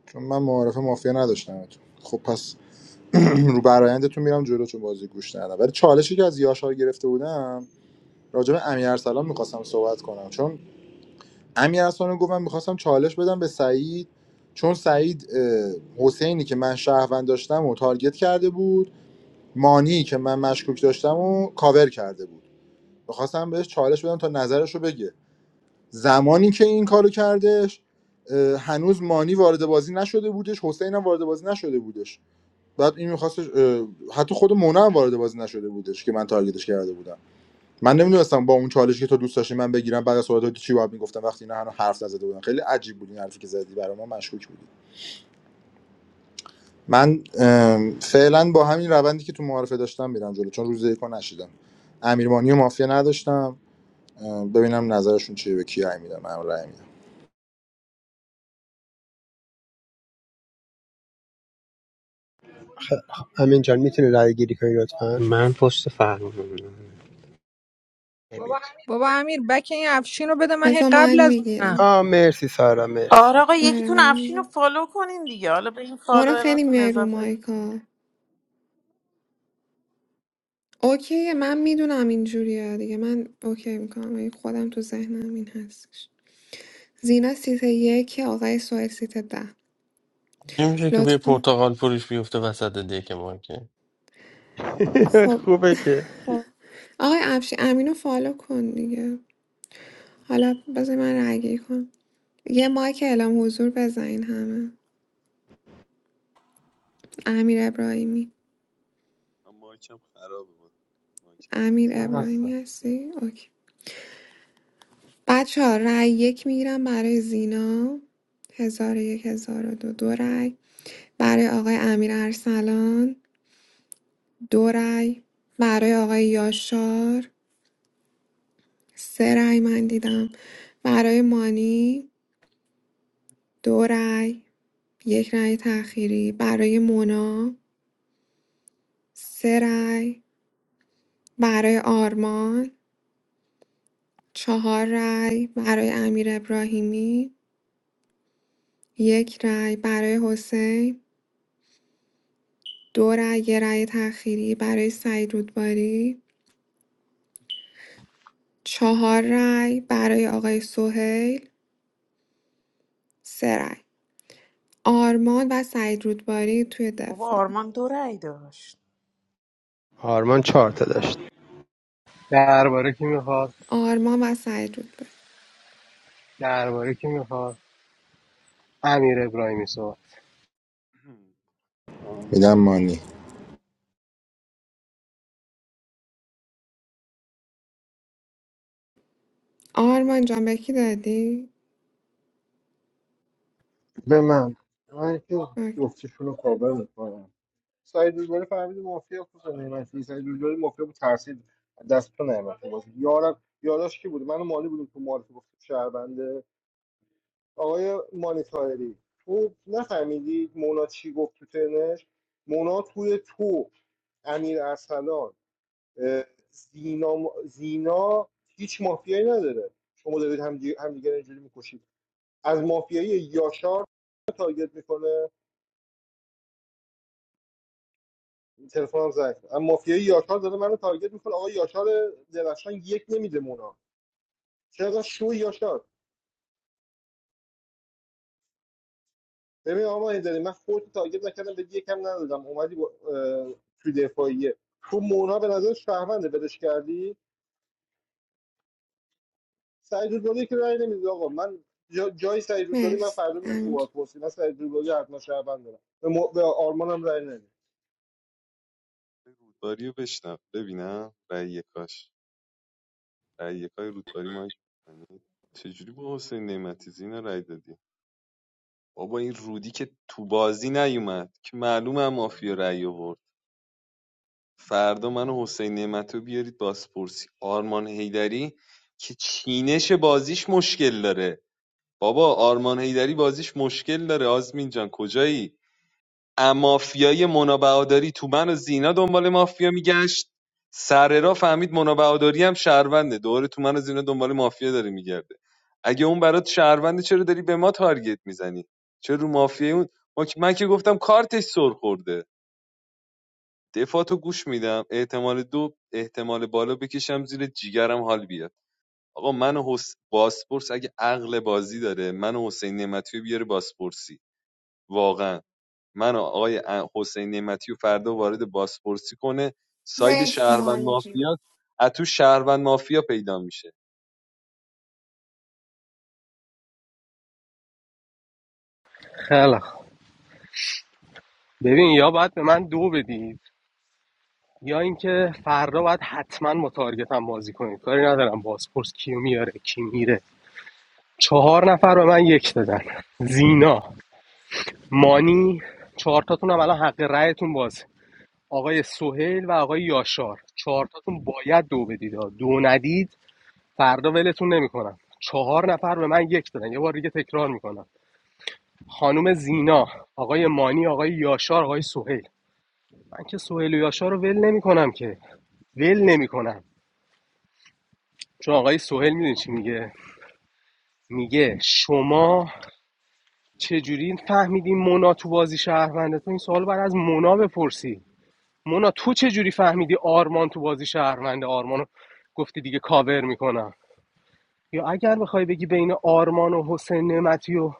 [SPEAKER 1] چون من معارف مافیا نداشتم خب پس رو برایندتون میرم جلو چون بازی گوش ندادم ولی چالشی که از یاشار گرفته بودم راجع به امیر ارسلان میخواستم صحبت کنم چون امیر اصلا گفت من میخواستم چالش بدم به سعید چون سعید اه، حسینی که من شهروند داشتم و تارگت کرده بود مانی که من مشکوک داشتم و کاور کرده بود میخواستم بهش چالش بدم تا نظرش رو بگه زمانی که این کارو کردش اه، هنوز مانی وارد بازی نشده بودش حسین هم وارد بازی نشده بودش بعد این میخواستش حتی خود مونا هم وارد بازی نشده بودش که من تارگتش کرده بودم من نمیدونستم با اون چالشی که تو دوست داشتی من بگیرم بعد از صحبت تو چی باید میگفتم وقتی اینا هنوز حرف نزده بودن خیلی عجیب بود این حرفی که زدی برای ما مشکوک بودی من ام، فعلا با همین روندی که تو معارفه داشتم میرم جلو چون روز یکو نشیدم امیرمانی و مافیا نداشتم ام، ببینم نظرشون چیه به کی رأی میدم من رأی میدم
[SPEAKER 16] امین جان میتونی رای گیری کنی لطفا
[SPEAKER 19] Man poste far.
[SPEAKER 4] بابا امیر بک این افشین رو بده من هی
[SPEAKER 20] بذار من
[SPEAKER 4] قبل از اونم
[SPEAKER 20] میگیرم
[SPEAKER 16] آ مرسی سارا مرسی
[SPEAKER 12] آره آقا
[SPEAKER 20] آره
[SPEAKER 12] یکیتون
[SPEAKER 20] من
[SPEAKER 12] افشین رو
[SPEAKER 20] میگیرم
[SPEAKER 12] فالو کنین دیگه حالا به این
[SPEAKER 20] مورا خیلی
[SPEAKER 12] فالووراتون
[SPEAKER 20] میای رو
[SPEAKER 12] اضافه
[SPEAKER 20] مایکا اوکیه من میدونم اینجوریه دیگه من اوکی میکنم ولی خودم تو ذهنم این هستش زینا سیت یک آقای سوهل سیت ده
[SPEAKER 6] نمیشه که بوی
[SPEAKER 20] لطفا
[SPEAKER 6] پرتغال فروش بیفته وسط دیگه ما که
[SPEAKER 20] خب
[SPEAKER 16] خوبه که
[SPEAKER 20] آقای افشی امینو فالو کن دیگه حالا بذار من رگی کنم یه مایک اعلام حضور بزنین همه امیر ابراهیمی
[SPEAKER 11] من مایکم خرابه با مایکم
[SPEAKER 20] امیر
[SPEAKER 11] باز
[SPEAKER 5] من
[SPEAKER 20] ابراهیمی
[SPEAKER 5] هستم
[SPEAKER 20] هستی؟ اوکی بچه ها رأی یک میگیرم برای زینا هزار و یک هزار و دو دو رأی برای آقای امیر ارسلان دو رأی برای آقای یاشار سه رأی من دیدم برای مانی دو رأی یک رأی تأخیری برای مونا سه رأی برای آرمان چهار رأی برای امیر ابراهیمی یک رأی برای حسین دو رأی یه رأی تأخیری برای سعید رودباری چهار رأی برای آقای سهیل سه رأی آرمان و سعید رودباری توی
[SPEAKER 12] بابا
[SPEAKER 20] دفاع
[SPEAKER 12] آرمان دو رأی داشت
[SPEAKER 16] آرمان چهار تا داشت
[SPEAKER 18] درباره کی میخواد
[SPEAKER 20] آرمان و سعید رودباری
[SPEAKER 18] درباره کی میخواد امیر ابراهیمی صحبت
[SPEAKER 1] میدم مانی
[SPEAKER 20] آرمان جان به کی دادی؟
[SPEAKER 5] به من به من که
[SPEAKER 20] اوکی.
[SPEAKER 5] جفتشون رو کابل سعید رودباری فهمید مافیا خود نعمتی سعید رودباری مافیا بود ترسید دست تو نعمتی بازی یارم یاراش کی بود من و مالی بودیم تو معرفی گفت شهربنده آقای مالی طاهری تو نفهمیدی مونا چی گفت تو ترنش مونا توی تو امیر ارسلان اه، زینا زینا هیچ مافیایی نداره شما دارید هم همدیگه رو اینجوری میکشید از مافیایی یاشار تارگت میکنه تلفنم زنگ خورد. اما مافیای یاشار داره منو تارگت میکنه آقا یاشار درخشان یک نمیده مونا چرا شو یاشار ببین آقا این داری من خودت تارگت نکردم به یکم ندادم اومدی با اه، توی دفاعیه تو مونا به نظر شهرونده بدش کردی سعید رودباری که رأی نمیده آقا من جا جای سعید رودباری من
[SPEAKER 20] مرسی
[SPEAKER 5] فردا میام تو
[SPEAKER 20] امیر.
[SPEAKER 5] بازپرسی من سعید رودباری حتما شهروند دارم به, م... به آرمانم رأی نمیده
[SPEAKER 11] من رودباری رو بشنم ببینم رأی کاش رأیکای رودباری مایک چجوری با حسین نعمتی زینا رأی دادی بابا این رودی که تو بازی نیومد که معلومه هم مافیا رأی آورد فردا من و حسین نعمتی رو بیارید بازپرسی آرمان هیدری که چینش بازیش مشکل داره بابا آرمان هیدری بازیش مشکل داره آزمین جان کجایی مافیای مونا بهادری تو من و زینا دنبال مافیا میگشت سر را فهمید مونا بهادری هم شهرونده دوره تو من و زینا دنبال مافیا داره میگرده اگه اون برات شهرونده چرا داری به ما تارگت میزنی چرا رو مافیای اون ما که- من که گفتم کارتش سر خورده دفاعتو گوش میدم احتمال دو احتمال بالا بکشم زیر جیگرم حال بیاد آقا من و حس... باسپورس اگه عقل بازی داره من و حسین نعمتی رو بیاره باسپورسی واقعا من و آقای حسین نعمتی و فردا وارد بازپرسی کنه ساید
[SPEAKER 20] مرسی
[SPEAKER 11] شهروند
[SPEAKER 20] مالی جون
[SPEAKER 11] مافیا از تو شهروند مافیا پیدا میشه
[SPEAKER 18] خیلی خوب. ببین یا باید به من دو بدید یا اینکه فردا باید حتما با تارگتم بازی کنید کاری ندارم بازپرس کیو میاره کی میره چهار نفر به من یک دادن زینا مانی چهارتاتون هم الان حق رأیتون بازه آقای سهیل و آقای یاشار چهارتاتون باید دو بدید دو ندید فردا ولتون نمیکنم چهار نفر به من یک دادن یه بار دیگه تکرار میکنم خانم زینا آقای مانی آقای یاشار آقای سهیل من که سهیل و یاشار رو ول نمیکنم که ول نمیکنم چون آقای سهیل میدونی چی میگه میگه شما چجوری فهمیدی مونا تو بازی شهرونده تو این سوال بعد از مونا بپرسی مونا تو چجوری فهمیدی آرمان تو بازی شهرونده آرمانو گفتی دیگه کاور میکنم یا اگر بخوای بگی بین آرمان و حسین نعمتی و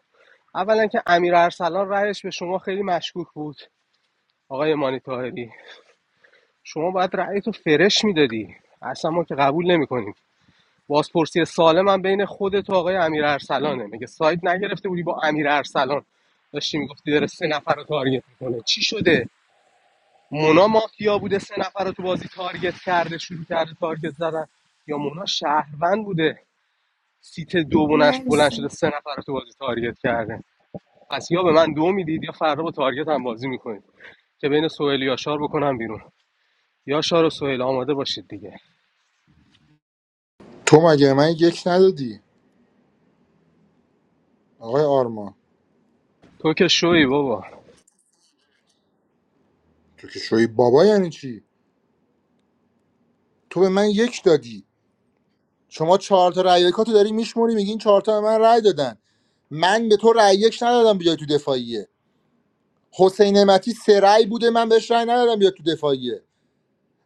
[SPEAKER 18] اولا که امیر ارسلان رأیش به شما خیلی مشکوک بود آقای مانی طاهری شما باید رأی تو فرش میدادی اصلا ما که قبول نمیکنیم بازپرسی سالم هم بین خودت و آقای امیر ارسلانه میگه سایت نگرفته بودی با امیر ارسلان داشتی میگفتی داره سه نفر رو تارگت میکنه چی شده مونا مافیا بوده سه نفر رو تو بازی تارگت کرده شروع کرده تارگت زدن یا مونا شهروند بوده سیت دو بلنش بلند شده
[SPEAKER 20] مرسی
[SPEAKER 18] سه نفر رو تو بازی تارگت کرده پس یا به من دو میدید یا فردا با تارگت هم بازی میکنید که بین سهیل و یاشار بکنم بیرون یاشار و سهیل آماده باشید دیگه
[SPEAKER 1] تو مگه به من یک ندادی آقای آرما
[SPEAKER 18] تو که شوی بابا
[SPEAKER 1] تو که شوی بابا یعنی چی تو به من یک دادی شما چهار تا رأی یکاتو داری میشموری میگی این چهار تا به من رأی دادن من به تو رأی یک ندادم بیای تو دفاعیه حسین نعمتی سه رأی بوده من بهش رأی ندادم بیاد تو دفاعیه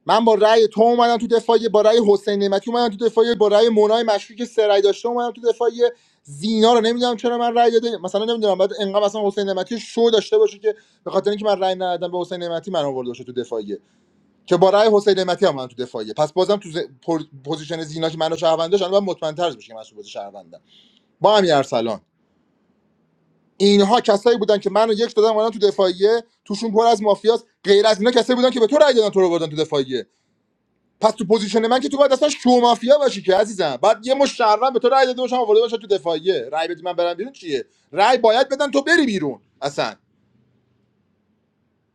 [SPEAKER 1] من با رأی تو اومدم تو دفاعیه با رأی حسین نعمتی اومدم تو دفاعیه با رأی مونای مشروعی که سه رأی داشته اومدم تو دفاعیه زینا رو نمیدونم چرا من رأی داده مثلا نمیدونم بعد انقدر مثلا حسین نعمتی شو داشته باشه که به خاطر اینکه من رأی ندادم به حسین نعمتی من آورده باشه تو دفاعیه که با رأی حسین نعمتی هم من تو دفاعیه پس بازم تو ز... پر- پوزیشن زینا که منو شهروند داشت الان باید مطمئن‌تر بشه که من تو بازی شهروندم با امیر ارسلان اینها کسایی بودن که منو یک دادن اومدن تو دفاعیه توشون پر از مافیاست غیر از اینا کسایی بودن که به تو رای دادن تو رو بردن تو دفاعیه پس تو پوزیشن من که تو باید اصلا شو مافیا باشی که عزیزم بعد یه مشرم به تو رای داده باشم آورده باشم تو دفاعیه رای بدی من برم بیرون چیه رای باید بدن تو بری بیرون اصلا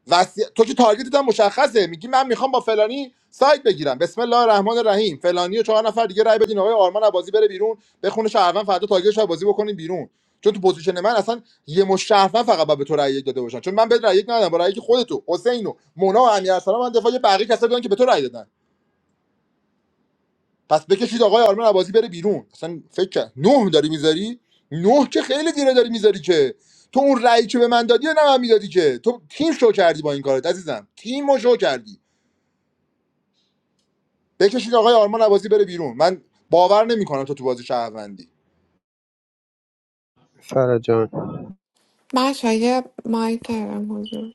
[SPEAKER 1] وسی... تو که تارگتت هم مشخصه میگی من میخوام با فلانی سایت بگیرم بسم الله الرحمن الرحیم فلانی و چهار نفر دیگه رای بدین آقای آرمان از بازی بره بیرون بخونه شهروند فردا تارگتش رو از بازی بکنین بیرون چون تو پوزیشن من اصلا یه مش شهروند فقط باید به تو رای یک داده باشن چون من به رای یک ندادم با رای یک خودتو حسین و مونا و امیر ارسلان من دفاع یه بقیه کسایی بودن که به تو رای دادن پس بکشید آقای آرمان عباسی بره بیرون اصلا فکر کرد نه داری میذاری نه که خیلی دیره داری میذاری که تو اون رأی که به من دادی و نه من میدادی که تو تیم شو کردی با این کارت عزیزم تیم رو شو کردی بکشید آقای آرمان عباسی بره بیرون من باور نمیکنم تو تو بازی شهروندی
[SPEAKER 16] سارا جان
[SPEAKER 20] بچه یه مایک کردم حضور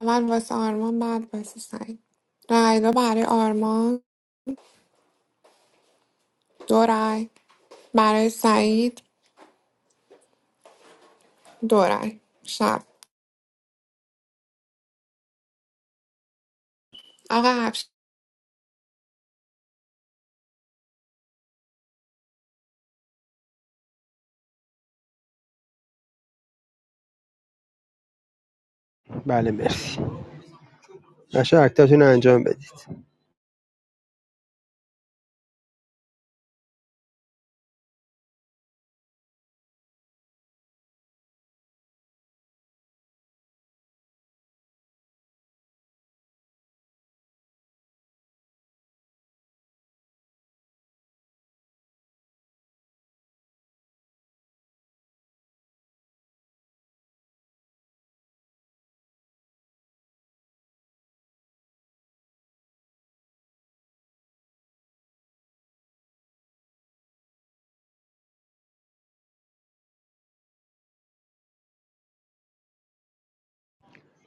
[SPEAKER 20] اول واسه آرمان بعد واسه سعید رای دو برای آرمان دو رای برای سعید دو رای شب آقا
[SPEAKER 16] بله مرسی نشه اکتاتون رو انجام بدید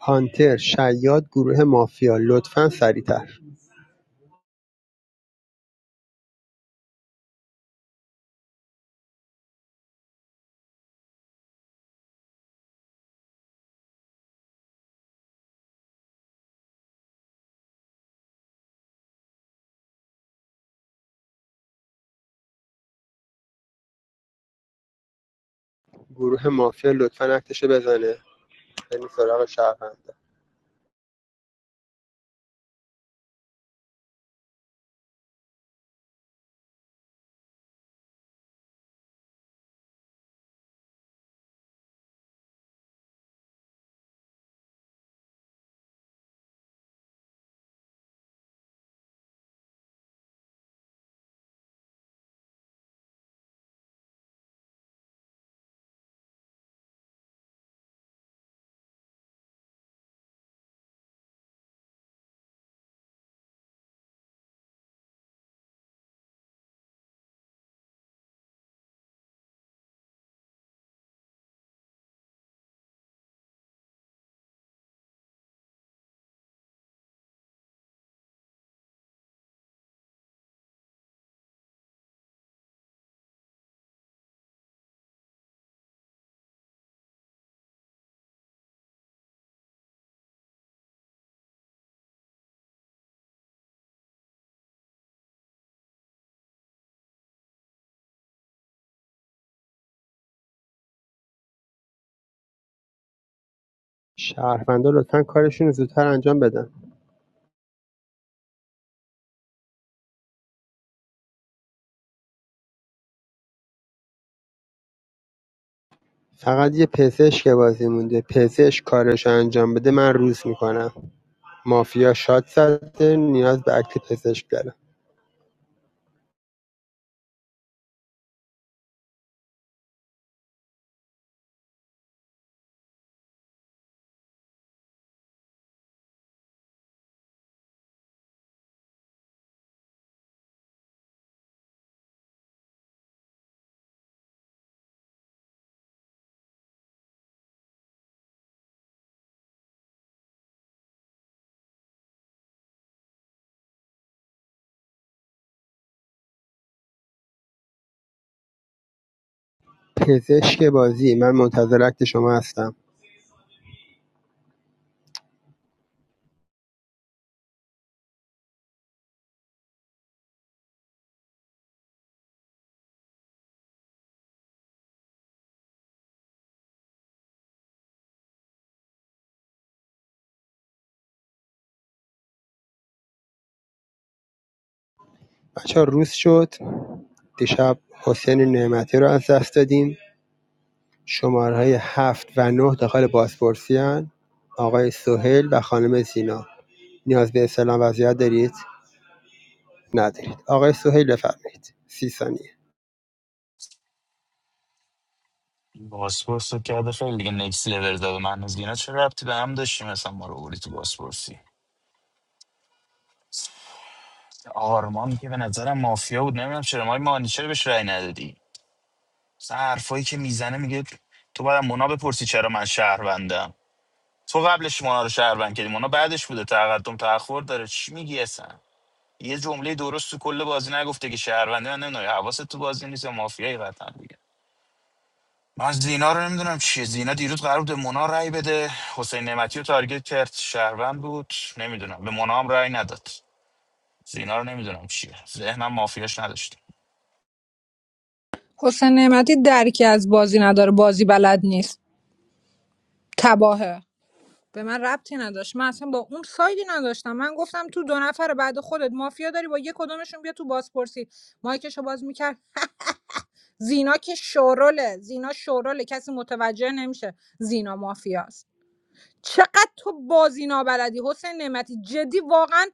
[SPEAKER 16] هانتر شیاد گروه مافیا لطفا سریعتر گروه مافیا لطفا اکتشو بزنه بریم سراغ شهروندا شهروندا لطفا کارشون رو زودتر انجام بدن فقط یه پزشک بازی مونده پزشک کارشو انجام بده من روز میکنم مافیا شات زده نیاز به اکت پزشک داره پزشک بازی من منتظر اکت شما هستم بچه ها روز شد دیشب حسین نعمتی رو از دست دادیم شماره های هفت و نه داخل بازپرسی هن. آقای سهیل و خانم زینا نیاز به اسلام وضعیت دارید؟ ندارید آقای سهیل بفرمایید سی ثانیه
[SPEAKER 15] باسپورس رو کرده خیلی دیگه نکس لول داد من از اینا چه ربطی به هم داشتیم مثلا ما رو بردی تو باسپورسی آرمان که به نظرم مافیا بود نمیدونم چرا ما مانی چرا بهش رأی ندادی مثلا حرفایی که میزنه میگه تو باید مونا بپرسی چرا من شهروندم تو قبلش مونا رو شهروند کردی مونا بعدش بوده تقدم تاخور داره چی میگی اصلا یه جمله درست تو کل بازی نگفته که شهرونده من نمیدونم حواست تو بازی نیست یا مافیایی قطعا دیگه. من زینا رو نمیدونم چیه زینا دیروز قرار بود به مونا رأی بده حسین نعمتی رو تارگت کرد شهروند بود نمیدونم به مونا هم رأی نداد زینا رو نمیدونم چیه ذهنم مافیاش نداشت
[SPEAKER 4] حسین نعمتی درکی از بازی نداره بازی بلد نیست تباهه به من ربطی نداشت من اصلا با اون سایدی نداشتم من گفتم تو دو نفر بعد خودت مافیا داری با یک کدومشون بیا تو بازپرسی مایکشو باز میکرد زینا که شوروله زینا شوروله کسی متوجه نمیشه زینا مافیاست چقدر تو بازی نابلدی حسین نعمتی جدی واقعا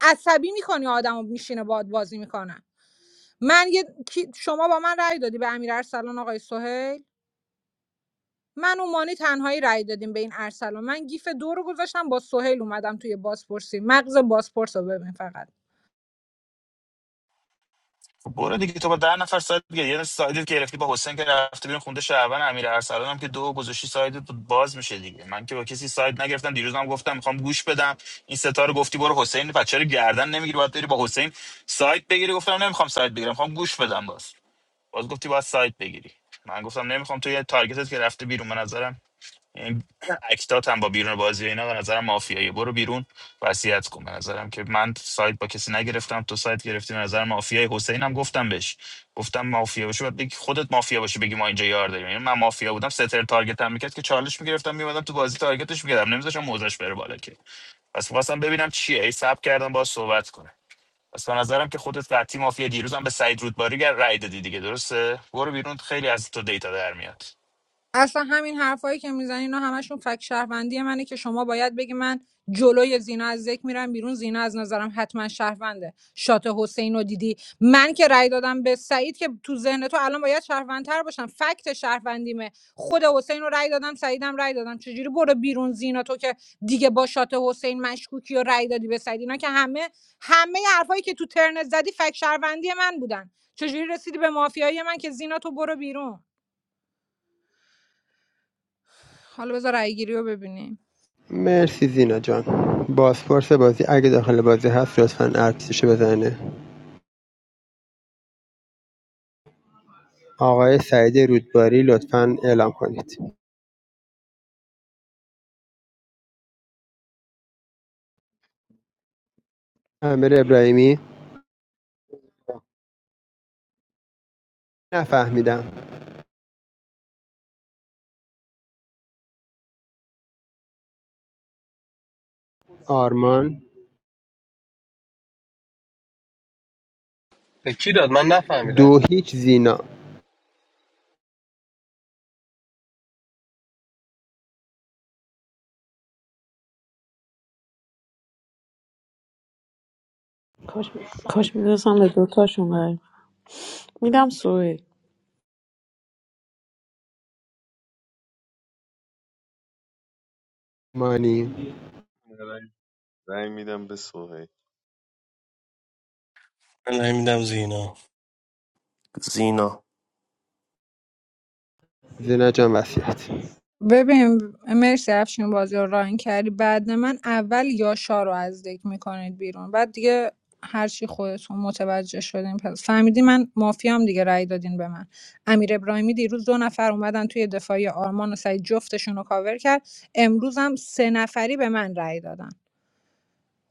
[SPEAKER 4] عصبی میکنی آدمو میشینه باد بازی میکنه من یه کی- شما با من رأی دادی به امیر ارسلان آقای سهیل من و مانی تنهایی رأی دادیم به این ارسلان من گیف دو رو گذاشتم با سهیل اومدم توی بازپرسی مغز بازپرس رو ببین فقط
[SPEAKER 15] خب برو دیگه تو با ده نفر ساید دیگه یه سایدی که گرفتی با حسین که رفته بیرون خونده شهروند امیر ارسلان هم که دو گذاشتی ساید باز میشه دیگه من که با کسی ساید نگرفتم دیروزم گفتم میخوام گوش بدم این ستا رو گفتی برو حسین بچه رو گردن نمیگیری باید بری با حسین ساید بگیری گفتم نمیخوام ساید بگیرم میخوام گوش بدم باز باز گفتی باید سایت بگیری من گفتم نمیخوام تو یه تارگتت که رفته بیرون به نظرم این اکتات هم با بیرون بازی و اینا به نظرم مافیایی برو بیرون وصیت کن به نظرم که من سایت با کسی نگرفتم تو سایت گرفتی به نظر مافیای حسین هم گفتم بهش گفتم مافیا باشه بعد بگی خودت مافیا باشه بگی ما اینجا یار داریم یعنی من مافیا بودم ستر تارگت هم میکرد که چالش میگرفتم میومدم تو بازی تارگتش میکردم نمیذاشم موزش بره بالا که پس خواستم ببینم چیه ای سب کردم با صحبت کنه پس به نظرم که خودت قطعی مافیا دیروز هم به سعید رودباری گر- رأی دادی دیگه درسته برو بیرون خیلی از تو دیتا در میاد
[SPEAKER 4] اصلا همین حرفایی که میزنین اینا همشون فک شهروندی منه که شما باید بگی من جلوی زینا از ذک میرم بیرون زینا از نظرم حتما شهرونده شات حسین رو دیدی من که رأی دادم به سعید که تو ذهن تو الان باید شهروندتر باشم فکت شهروندیمه خود حسین رو رأی دادم سعیدم رأی دادم چجوری برو بیرون زینا تو که دیگه با شات حسین مشکوکی و رأی دادی به سعید اینا که همه همه حرفایی که تو ترنت زدی فک شهروندی من بودن چجوری رسیدی به مافیایی من که زینا تو برو بیرون حالا بذار رای گیری رو ببینیم
[SPEAKER 16] مرسی زینا جان بازپرس بازی اگه داخل بازی هست لطفا ارتششو بزنه آقای سعید رودباری لطفا اعلام کنید امیر ابراهیمی نفهمیدم آرمان
[SPEAKER 18] به کی داد من نفهمیدم
[SPEAKER 16] دو هیچ زینا
[SPEAKER 12] کاش میدونستم به دوتاشون رأی میدم سوهیل
[SPEAKER 16] مانی
[SPEAKER 11] رنگ رنگ میدم به سوهی
[SPEAKER 6] من نمیدم زینا
[SPEAKER 13] زینا
[SPEAKER 16] زینا جان وسیعت
[SPEAKER 4] ببین مرسی افشین بازی رو ران کردی بعد من اول یاشا رو از دک میکنید بیرون بعد دیگه هرچی خودتون متوجه شدین پس فهمیدی من مافیام دیگه رأی دادین به من امیر ابراهیمی دیروز دو نفر اومدن توی دفاعی آرمان و سعید جفتشون رو کاور کرد امروز هم سه نفری به من رأی دادن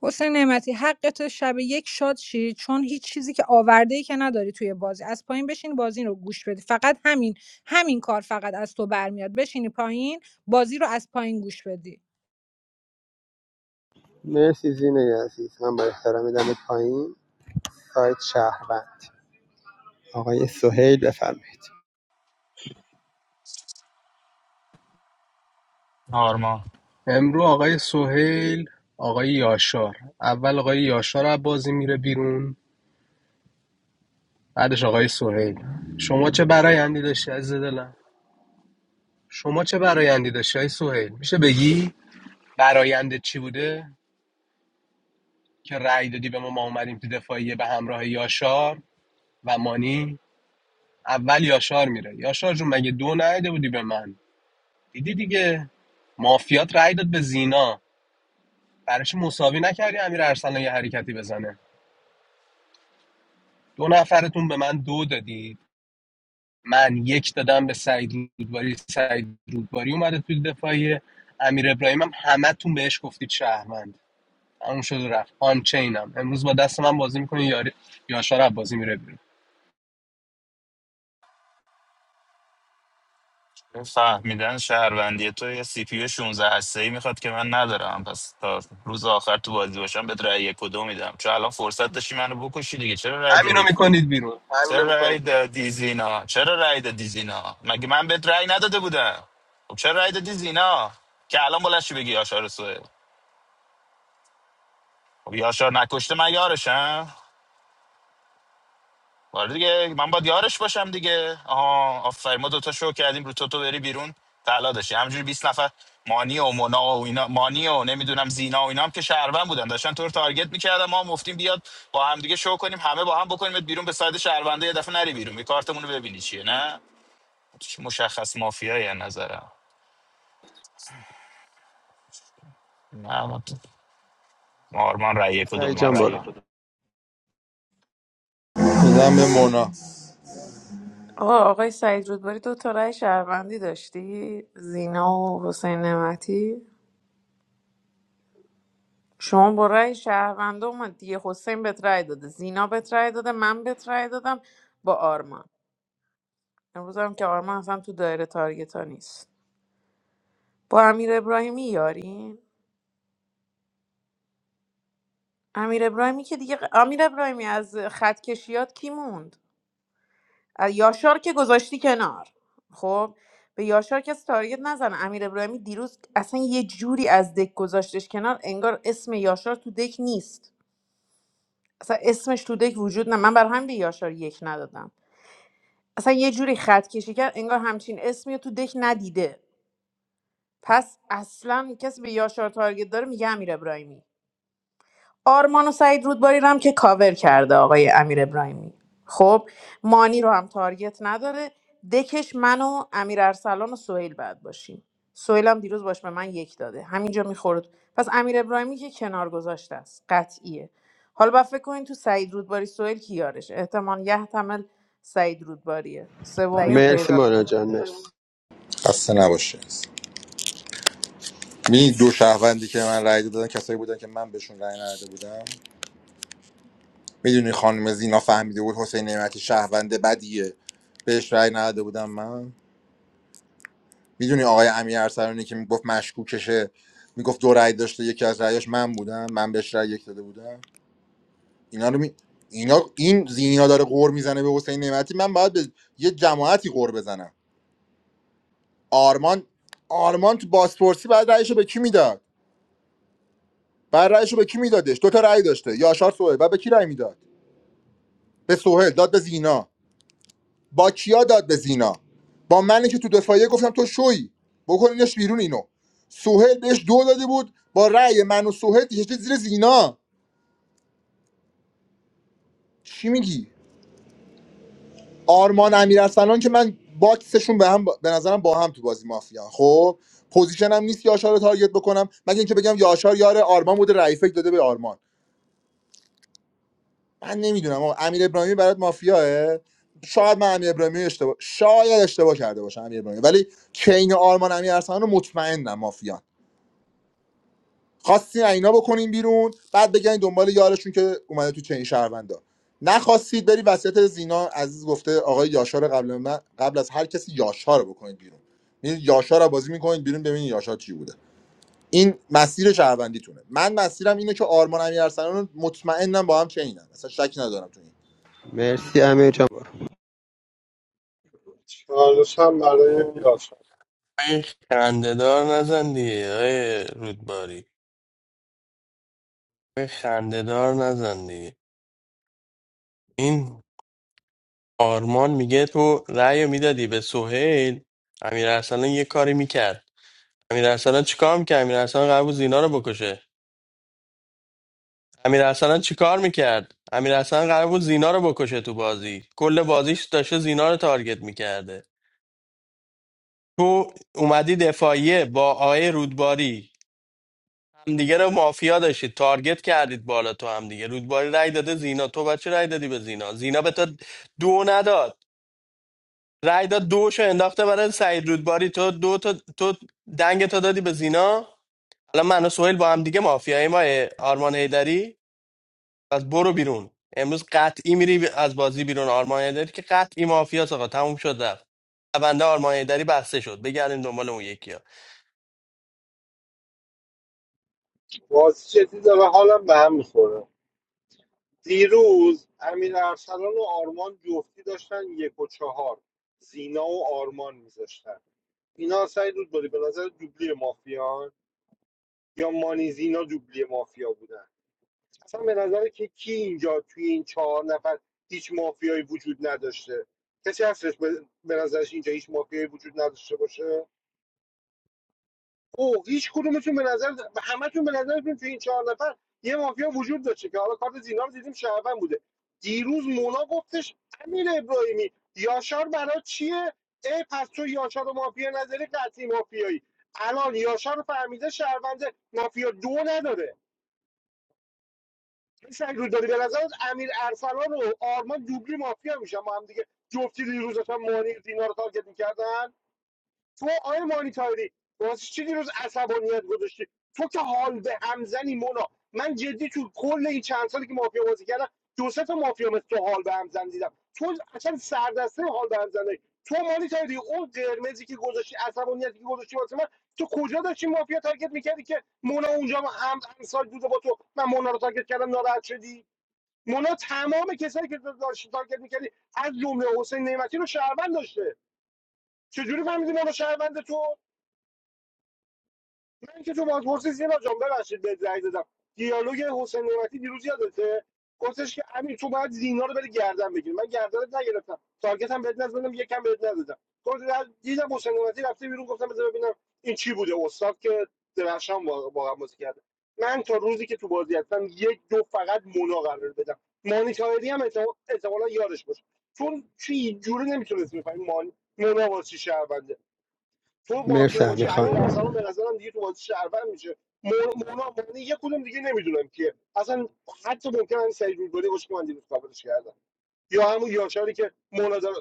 [SPEAKER 4] حسین نعمتی حقت شب یک شاد شی چون هیچ چیزی که آورده ای که نداری توی بازی از پایین بشین بازی رو گوش بدی فقط همین همین کار فقط از تو برمیاد بشینی پایین بازی رو از پایین گوش بدی
[SPEAKER 16] مرسی زینا عزیز من با احترام دمت پایین سایت شهروند آقای سهیل بفرمایید
[SPEAKER 15] آرما
[SPEAKER 18] امرو آقای سهیل آقای یاشار اول آقای یاشار از بازی میره بیرون بعدش آقای سهیل شما چه برایندی داشتی عزیز دلم شما چه برایندی داشتی آقای سهیل میشه بگی براینده چی بوده که رأی دادی به ما ما اومدیم تو دفاعیه به همراه یاشار و مانی اول یاشار میره یاشار جون مگه دو نیده بودی به من دیدی دیگه مافیات رأی داد به زینا براش مساوی نکردی امیر ارسلان یه حرکتی بزنه دو نفرتون به من دو دادید من یک دادم به سعید رودباری سعید رودباری اومده توی دفاعی امیر ابراهیم هم همه تون بهش گفتید شهروند همون شد و رفت آن امروز با دست من بازی میکنی یاری یاشار از بازی میره بیرون
[SPEAKER 15] فهمیدن شهروندی تو یه سی پی یو 16 هسته ای میخواد که من ندارم پس تا روز آخر تو بازی باشم بهت رأی کدو میدم چون الان فرصت داشتی منو بکشی دیگه چرا رأی
[SPEAKER 18] همینو
[SPEAKER 15] دادی خب
[SPEAKER 18] میکنید بیرون
[SPEAKER 15] چرا
[SPEAKER 18] همینو
[SPEAKER 15] رأی
[SPEAKER 18] میکنید بیرون
[SPEAKER 15] دادی زینا چرا رأی دادی زینا مگه من بهت رأی نداده بودم خب چرا رأی دادی زینا که الان بلشی بگی یاشار سوه خب یاشار نکشته من یارشم آره دیگه من باید یارش باشم دیگه آها آفرین ما دوتا شو کردیم رو تو تو بری بیرون طلا داشتی همجوری 20 نفر مانی و مونا و اینا مانی و نمیدونم زینا و اینا هم که شهروند بودن داشتن تو رو تارگت میکردن ما هم گفتیم بیاد با هم دیگه شو کنیم همه با هم بکنیم بیرون به ساید شهرونده یه دفعه نری بیرون یه کارتمون رو ببینی چیه نه چی مشخص مافیایی از نظرم نه من آرمان رأی یک و دو
[SPEAKER 16] سعید
[SPEAKER 15] میدم
[SPEAKER 16] آرمان جان رأی برو
[SPEAKER 15] فقط
[SPEAKER 16] خود
[SPEAKER 1] میدم به مونا
[SPEAKER 12] آقا آقای سعید رودباری دو تا رأی شهروندی داشتی زینا و حسین نعمتی شما با رأی شهروند اومد دیگه حسین بهت رأی داده زینا بهت رأی داده من بهت رأی دادم با آرمان امروز هم که آرمان اصلا تو دایره تارگتا نیست با امیر ابراهیمی یارین امیر ابراهیمی که دیگه امیر ابراهیمی از خط کشیات کی موند یاشار که گذاشتی کنار خب به یاشار کسی تارگت نزن امیر ابراهیمی دیروز اصلا یه جوری از دک گذاشتش کنار انگار اسم یاشار تو دک نیست اصلا اسمش تو دک وجود نه من بر همین به یاشار یک ندادم اصلا یه جوری خط کشی کرد انگار همچین اسمی رو تو دک ندیده پس اصلا کسی به یاشار تارگت داره میگه امیر ابراهیمی آرمان و سعید رودباری رو هم که کاور کرده آقای امیر ابراهیمی خب مانی رو هم تارگت نداره دکش من و امیر ارسلان و سهیل بعد باشیم سهیل هم دیروز باش به من یک داده همینجا میخورد پس امیر ابراهیمی که کنار گذاشته است قطعیه حالا با فکر کنین تو سعید رودباری سهیل کی یارش احتمال یحتمل سعید رودباریه سومی رو
[SPEAKER 16] مرسی
[SPEAKER 12] پیدا
[SPEAKER 16] مولانا
[SPEAKER 12] کنیم
[SPEAKER 16] جان مرسی
[SPEAKER 1] خسته نباشه می دو شهروندی که به من رأی دادن کسایی بودن که من بهشون رأی نداده بودم میدونی خانم زینا فهمیده بود حسین نعمتی شهروند بدیه بهش رأی نداده بودم من میدونی آقای امیر ارسلانی که میگفت مشکوکشه میگفت دو رأی داشته یکی از رأیاش من بودم من بهش رأی یک داده بودم اینا رو می... اینا این زینا داره قور میزنه به حسین نعمتی من باید به یه جماعتی قور بزنم آرمان آرمان تو بازپرسی بعد رأیشو به کی میداد بعد رأیشو به کی میدادش دو تا رأی داشته یاشار سوهل بعد به کی رأی میداد به سوهل داد به زینا با کیا داد به زینا با منی که تو دفاعیه گفتم تو شوی بکنینش بیرون اینو سوهل بهش دو داده بود با رأی من و سوهل کشید زیر زینا چی میگی آرمان امیرارسلان که من باکسشون به هم به نظرم با هم تو بازی مافیا خب پوزیشنم نیست یاشار رو تارگت بکنم مگه اینکه بگم یاشار یار آرمان بوده رأی فکر داده به آرمان من نمیدونم آقا. امیر ابراهیمی برات مافیاه شاید من امیر ابراهیمی اشتباه شاید اشتباه کرده باشم امیر ابراهیمی ولی چین آرمان امیر رو مطمئنم مافیان خواستین از اینا بکنین بیرون بعد بگین دنبال یارشون که اومده تو چین شهروندا نخواستید بری وسط زینا عزیز گفته آقای یاشار قبل من قبل از هر کسی یاشار رو بکنید بیرون میرید یاشار رو بازی میکنید بیرون ببینید یاشار چی بوده این مسیر شهروندیتونه من مسیرم اینه که آرمان امیرحسنان مطمئنم با هم چینم اصلا شکی ندارم تو این
[SPEAKER 16] مرسی امیر جان برو
[SPEAKER 5] چالشم برای یاشار
[SPEAKER 6] ای خندهدار نزن دیگه آقای رودباری ای خندهدار نزن دیگه این آرمان میگه تو رأی میدادی به سهیل امیر ارسلان یه کاری میکرد امیر ارسلان چیکار میکرد امیر ارسلان قرار بود زینا رو بکشه امیر ارسلان چیکار میکرد امیر ارسلان قرار بود زینا رو بکشه تو بازی کل بازیش داشته زینا رو تارگت میکرده تو اومدی دفاعیه با آقای رودباری همدیگه رو مافیا داشتید تارگت کردید بالا تو همدیگه رودباری رای داده زینا تو بچه رای دادی به زینا زینا به تو دو نداد رای داد دوشو انداخته برای سعید رودباری تو دو تا تو دنگ تو دادی به زینا الان من و سهیل با همدیگه مافیای ما آرمان هیدری پس برو بیرون امروز قطعی میری از بازی بیرون آرمان هیدری که قطعی مافیا آقا تموم شد رفت پرونده آرمان هیدری بسته شد بگردین دنبال اون یکی
[SPEAKER 5] بازی جدی داره حالم به هم میخوره دیروز امیر ارسلان و آرمان جفتی داشتن یک و چهار زینا و آرمان میذاشتن اینا سعی رود باری به نظر دوبلی مافیان یا مانی زینا دوبلی مافیا بودن اصلا به نظر که کی اینجا توی این چهار نفر هیچ مافیایی وجود نداشته کسی هستش به به نظرش اینجا هیچ مافیایی وجود نداشته باشه او هیچ کدومتون به نظر همتون به نظرتون تو این چهار نفر یه مافیا وجود داشته که حالا کارت زینا رو دیدیم شهروند بوده دیروز مونا گفتش امیر ابراهیمی یاشار برای چیه ای پس تو یاشار و مافیا نظری قطعی مافیایی الان یاشار رو فهمیده شهروند مافیا دو نداره این سگ رو داری به نظرت امیر ارسلان و آرمان دوبلی مافیا میشن با هم دیگه جفتی دیروز داشتن مانی و دینا رو تارگت میکردن تو آی مانیتاری واسه چی دیروز عصبانیت گذاشتی تو که حال به همزنی مونا من جدی تو کل این چند سالی که مافیا بازی کردم دو سه تا مافیا مثل تو حال به همزن دیدم تو اصلا سردسته حال به همزنی تو مانیتاری اون قرمزی که گذاشتی عصبانیتی که گذاشتی واسه من تو کجا داشتی مافیا تارگت میکردی که مونا اونجا هم هم همسال بوده با تو من مونا رو تارگت کردم ناراحت شدی مونا تمام کسایی که داشتی تارگت میکردی از جمله حسین نعمتی رو شهروند داشته چجوری فهمیدی مونا شهروند تو من که تو بازپرسی سینا جان ببخشید بهت زنگ زدم دیالوگ حسین نعمتی دیروز یادته گفتش که امیر تو باید زینا رو بری گردن بگیری من گردنت نگرفتم تارگت هم بهت نزدم یکم بهت نزدم گفت دیدم حسین نعمتی رفته بیرون گفتم بذار ببینم این چی بوده استاد که درخشان واقع- واقعا بازی کرده من تا روزی که تو بازی هستم یک دو فقط مونا قرار بدم مانی تایری هم احتمال- احتمالا یادش باشه چون چی جوری نمیتونست میفهمی مانی مونا واسه چی شهرونده. تو
[SPEAKER 16] مرسی
[SPEAKER 5] مافیا
[SPEAKER 16] امیر
[SPEAKER 5] باشی امیر
[SPEAKER 16] خان
[SPEAKER 5] ارسلان به نظرم دیگه تو بازی شهروند میشه مو- مونا معنی یه کدوم دیگه نمیدونم که اصلا حتی ممکن هم سعید رودباری باشه که من دیروز قابلش کردم یا همون یاشاری که مونا داره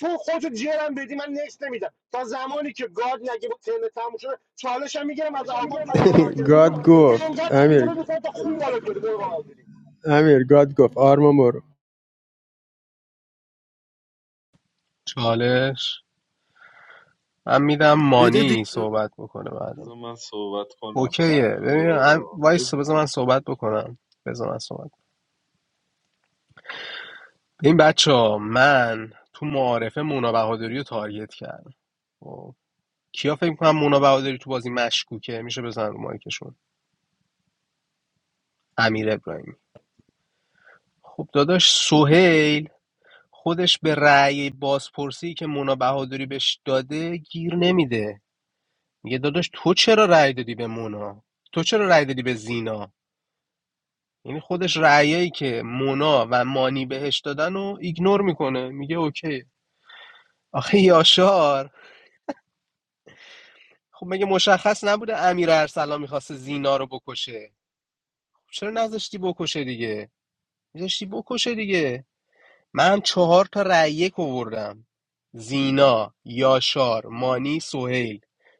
[SPEAKER 5] تو خودتو جرم بدی من نکس نمیدم تا زمانی که گارد نگه با تن تموم شده چالش هم میگیرم از آلمان دوباره تارگت میکنم
[SPEAKER 16] گاد گفت
[SPEAKER 5] اینقدر تارگت
[SPEAKER 16] امیر
[SPEAKER 5] میکنم تا خون بالا بیاری برو با آدری.
[SPEAKER 16] امیر گاد گفت آرما برو
[SPEAKER 18] چالش من میدم
[SPEAKER 13] بده دیگه
[SPEAKER 18] مانی صحبت بکنه بعدم
[SPEAKER 11] بذار من صحبت کنم بس
[SPEAKER 18] اوکیه ببین هم-
[SPEAKER 11] بابا
[SPEAKER 18] وایس
[SPEAKER 11] بذار
[SPEAKER 18] بذار من صحبت بکنم بذار من صحبت این بچه ها من تو معارفه مونا بهادری رو تارگت کردم خب. کیا فکر کنم مونا بهادری تو بازی مشکوکه میشه بزن رو مایکشون امیر ابراهیمی خب داداش سهیل خودش به رأی بازپرسی که مونا بهادری بهش داده گیر نمیده میگه داداش تو چرا رأی دادی به مونا تو چرا رأی دادی به زینا یعنی خودش رأیایی که مونا و مانی بهش دادن رو ایگنور میکنه میگه اوکی آخه یاشار خب مگه مشخص نبوده امیر ارسلان میخواسته زینا رو بکشه خب چرا نذاشتی بکشه دیگه میذاشتی بکشه دیگه من هم چهار تا رأی یک آوردم زینا یاشار مانی سهیل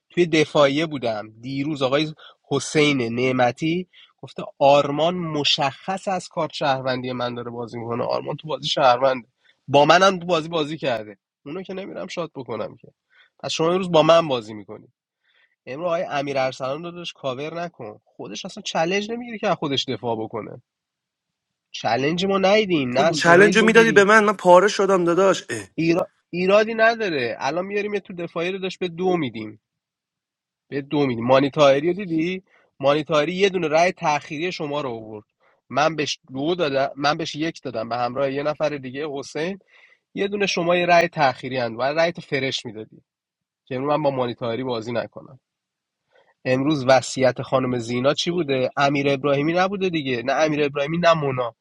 [SPEAKER 18] توی دفاعیه بودم دیروز آقای حسین نعمتی گفته آرمان مشخص از کارت شهروندی من داره بازی میکنه آرمان تو بازی شهرونده با منم تو بازی بازی کرده اونو که نمیرم شاد بکنم که پس شما امروز با من بازی میکنی امرو آقای امیر ارسلان رو داداش کاور نکن خودش اصلا چالش نمیگیره که از خودش دفاع بکنه چلنج ما ندیدیم نه
[SPEAKER 13] چلنج
[SPEAKER 18] سهیل
[SPEAKER 13] رو میدادی به
[SPEAKER 18] بگیری
[SPEAKER 13] من من پاره شدم داداش اه.
[SPEAKER 18] ایرا... ایرادی نداره الان میاریم یه تو دفاعی رو داشت به دو میدیم به دو میدیم مانیتاری رو دیدی مانیتاری یه دونه رأی تأخیری شما رو آورد من بهش دو دادم من بهش یک دادم به همراه یه نفر دیگه حسین یه دونه شما یه رأی تأخیری اند و رأی تو فرش میدادی که امروز من با مانیتاری بازی نکنم امروز وصیت خانم زینا
[SPEAKER 11] من
[SPEAKER 18] چی
[SPEAKER 11] صحبت
[SPEAKER 18] بوده امیر ابراهیمی نبوده دیگه نه امیر ابراهیمی نه مونا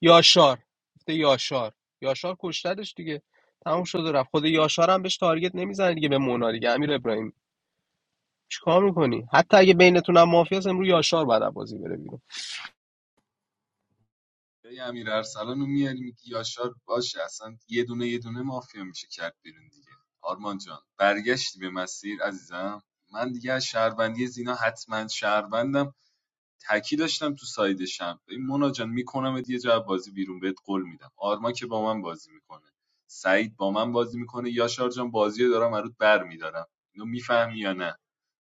[SPEAKER 18] یاشار گفته یاشار یاشار کشتدش دیگه تموم شده رفت خود یاشار هم بهش تارگت نمیزنه دیگه به مونا دیگه امیر ابراهیمی چیکار میکنی حتی اگه بینتون هم مافیا هست امروز یاشار بعد از بازی بره بیرون
[SPEAKER 11] به امیر ارسلان رو میاری میگی یاشار باشه اصلا یه دونه یه دونه مافیا میشه کرد بیرون دیگه آرمان جان برگشتی به مسیر عزیزم من دیگه از شهروندی زینا حتما شهروندم تکی داشتم تو سایدشم این مونا جان میکنم یه جا از بازی بیرون بهت قول میدم آرما که با من بازی میکنه سعید با من بازی میکنه یاشار جان بازی رو دارم برات بر میدارم اینو میفهمی یا نه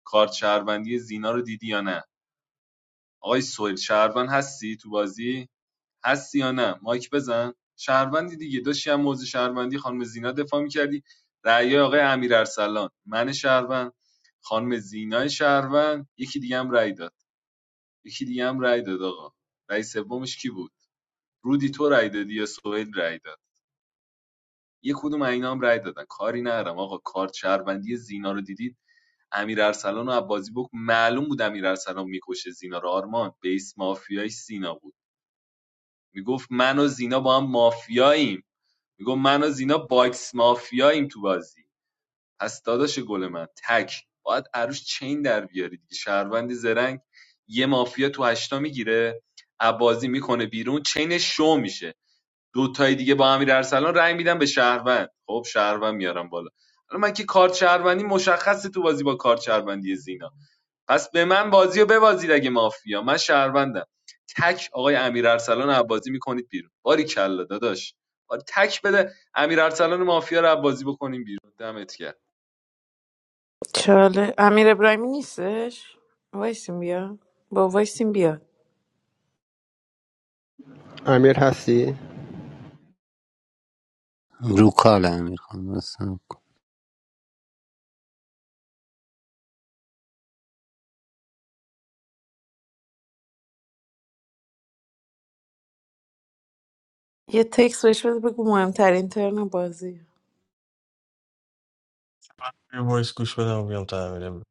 [SPEAKER 11] کارت شهروندی زینا رو دیدی یا نه آقای سویل شهروند هستی تو بازی هستی یا نه مایک بزن شهروندی دیگه داشتی هم موضوع شهروندی خانم زینا دفاع میکردی رأی آقای امیر ارسلان من شهروند خانم زینای شهروند یکی دیگه هم رأی داد یکی دیگه هم رأی داد آقا رأی سومش کی بود رودی تو رای دادی یا سهیل رای داد یه کدوم از اینا هم رأی دادن کاری ندارم آقا کارت شهروندی زینا رو دیدید امیر ارسلان و عبازی بک معلوم بود امیر ارسلان میکشه زینا رو آرمان بیس مافیای سینا بود میگفت من و زینا با هم مافیاییم میگفت من و زینا باکس مافیاییم تو بازی پس داداش گل من تک باید عروش چین در بیاری دیگه شهروندی زرنگ یه مافیا تو هشتا میگیره عبازی میکنه بیرون چین شو میشه دو تای دیگه با امیر ارسلان رأی میدن به شهروند خب شهروند میارم بالا حالا من که کارت شهروندی مشخصه تو بازی با کارت شهروندی زینا پس به من بازیو رو ببازید اگه مافیا من شهروندم تک آقای امیر ارسلان رو عبازی میکنید بیرون باری کلا داداش آره، تک بده امیر ارسلان مافیا رو عبازی بکنیم بیرون دمت گرم
[SPEAKER 12] چاله امیر ابراهیمی نیستش وایسیم بیا با وایسیم بیاد
[SPEAKER 16] امیر هستی
[SPEAKER 19] Ruka le Amir Khan.
[SPEAKER 12] یه تکس بهش بده بگو مهمترین ترن بازی
[SPEAKER 6] یه وایس گوش بدم بیام تعمیرم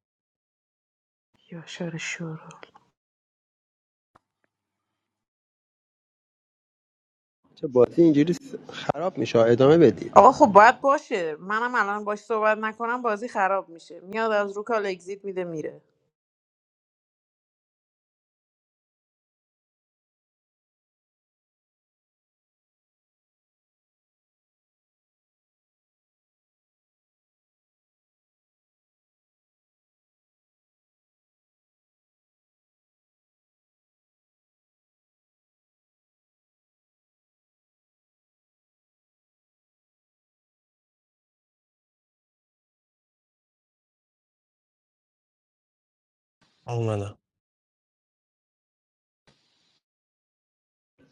[SPEAKER 12] یا شر شور
[SPEAKER 16] چه بازی اینجوری س- خراب میشه ادامه بدید
[SPEAKER 12] آقا خب باید باشه منم الان باش صحبت نکنم بازی خراب میشه میاد از رو کال اگزیت میده میره
[SPEAKER 6] اومدم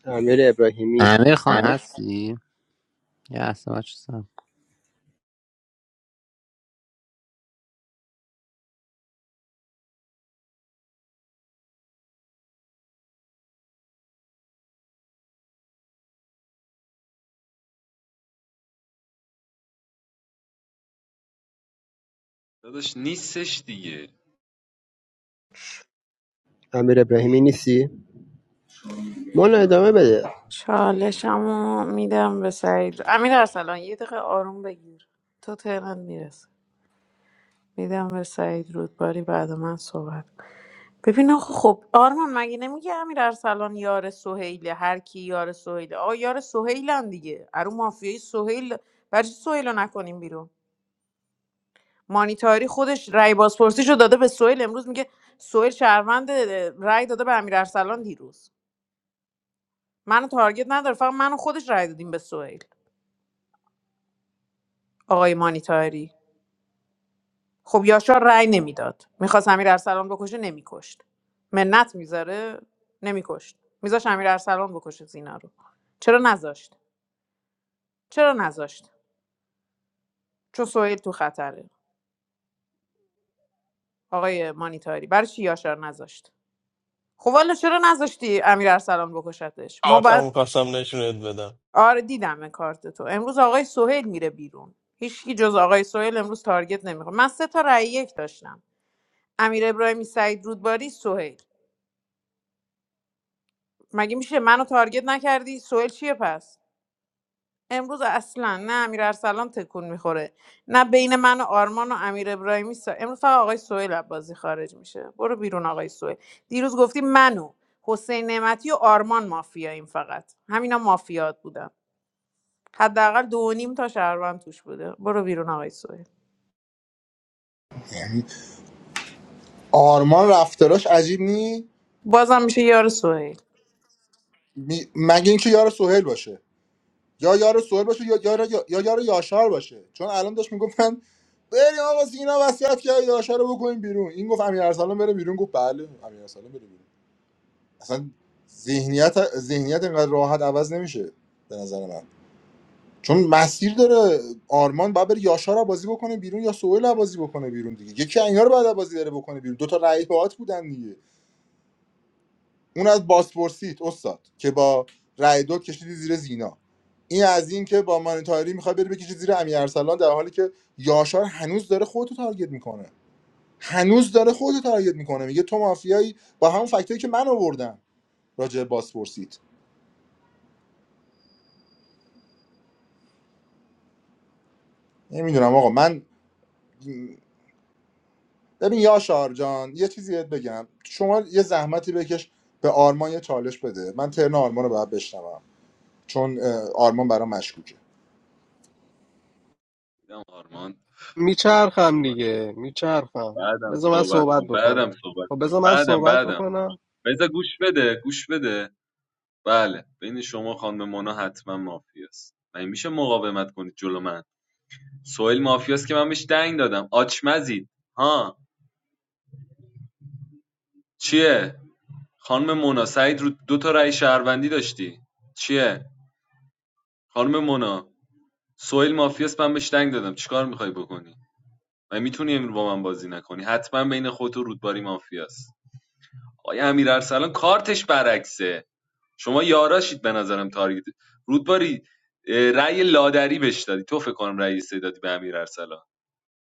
[SPEAKER 16] امیر ابراهیمی
[SPEAKER 19] Amir Khan, how's he? Yes, watch this.
[SPEAKER 11] داداش نیستش دیگه
[SPEAKER 16] امیر ابراهیمی نیستی مونا ادامه بده
[SPEAKER 12] چالشمو میدم به سعید امیر ارسلان یه دقیقه آروم بگیر تو ترنت میرسه میدم به سعید رودباری بعد من صحبت کن. ببین آخه خب آرمان مگه نمیگه امیر ارسلان یار سهیله هر کی یار سهیله آقا یار سهیلن دیگه ارو مافیای سهیل برای چی سهیل رو نکنیم بیرون مانیتاری خودش رأی بازپرسیشو داده به سویل امروز میگه سویل شهروند رأی داده به امیر ارسلان دیروز منو تارگت نداره فقط منو خودش رأی دادیم به سویل آقای مانیتاری خب یاشار رأی نمیداد میخواست امیر ارسلان بکشه نمیکشت منت میذاره نمیکشت میذاش امیر ارسلان بکشه زینا رو چرا نذاشت چرا نذاشت چون سویل تو خطره آقای مانیتاری برای چی یاشار نذاشت خب والا چرا نذاشتی امیر ارسلان بکشتش ما
[SPEAKER 6] کارتم
[SPEAKER 12] باید
[SPEAKER 6] میخواستم نشونت بدم
[SPEAKER 12] آره دیدم کارت تو امروز آقای سهیل میره بیرون هیچکی جز آقای سهیل امروز تارگت نمیخوره من سه تا رأی یک داشتم امیر ابراهیمی سعید رودباری سهیل مگه میشه منو تارگت نکردی سهیل چیه پس امروز اصلا نه امیر ارسلان تکون میخوره نه بین من و آرمان و امیر ابراهیمی سا... امروز فقط آقای سهیل از بازی خارج میشه برو بیرون آقای سهیل دیروز گفتی منو حسین نعمتی و آرمان مافیاییم فقط همینا مافیات بودن حداقل دو و نیم تا شهروند توش بوده برو بیرون آقای سوهیل
[SPEAKER 1] یعنی آرمان رفتاراش عجیب نی
[SPEAKER 12] بازم میشه یار سوهیل
[SPEAKER 1] می- مگه اینکه یار سهیل باشه یا یار سوهل باشه یا یار یا یا یار یاشار باشه چون الان داشت میگفت من بریم آقا سینا وصیت کرد یاشار رو بکنیم بیرون این گفت امیر ارسلان بره بیرون گفت بله امیر ارسلان بره بیرون اصلا ذهنیت ذهنیت اینقدر راحت عوض نمیشه به نظر من چون مسیر داره آرمان باید بره یاشار رو بازی بکنه بیرون یا سوهل رو بازی بکنه بیرون دیگه یکی اینا رو بعد بازی داره بکنه بیرون دو تا رقیب باهات بودن دیگه. اون از بازپرسیت استاد که با رای دو کشیدی زیر زینا این از این که با مانیتاری میخوای بری بکشی زیر امیر ارسلان در حالی که یاشار هنوز داره خودتو تارگت میکنه هنوز داره خودتو تارگت میکنه میگه تو مافیایی با همون فکتایی که من آوردم راجع به بازپرسیت نمیدونم آقا من ببین یاشار جان یه چیزی بهت بگم شما یه زحمتی بکش به آرمان یه چالش بده من ترن آرمان رو باید بشنوم چون اه، آرمان برام مشکوکه
[SPEAKER 11] دیدم آرمان بعدم
[SPEAKER 18] میچرخم
[SPEAKER 11] صحبت کن.
[SPEAKER 18] دیگه میچرخم
[SPEAKER 11] بعدم
[SPEAKER 18] بذار من
[SPEAKER 11] صحبت
[SPEAKER 18] صحبت
[SPEAKER 11] کن بعدم
[SPEAKER 18] بکنم
[SPEAKER 11] صحبت
[SPEAKER 18] خب
[SPEAKER 11] کن
[SPEAKER 18] بذار من
[SPEAKER 11] بعدم
[SPEAKER 18] صحبت
[SPEAKER 11] بعدم
[SPEAKER 18] بکنم
[SPEAKER 11] بذار گوش بده گوش بده بله بین شما خانم مونا حتما مافیاست من میشه مقاومت کنید جلو من سوئیل مافیاست که من بهش دنگ دادم آچمزید ها چیه خانم مونا سعید رو دو تا رأی شهروندی داشتی چیه خانم مونا سوئیل مافیاست من بهش دنگ دادم چیکار میخوای بکنی و میتونی امروز با من بازی نکنی حتما بین خودت و رودباری مافیاست آقای امیر ارسلان کارتش برعکسه شما یاراشید به نظرم تارگت رودباری اه، رأی لادری بهش دادی تو فکر کنم رأی سه دادی به امیر ارسلان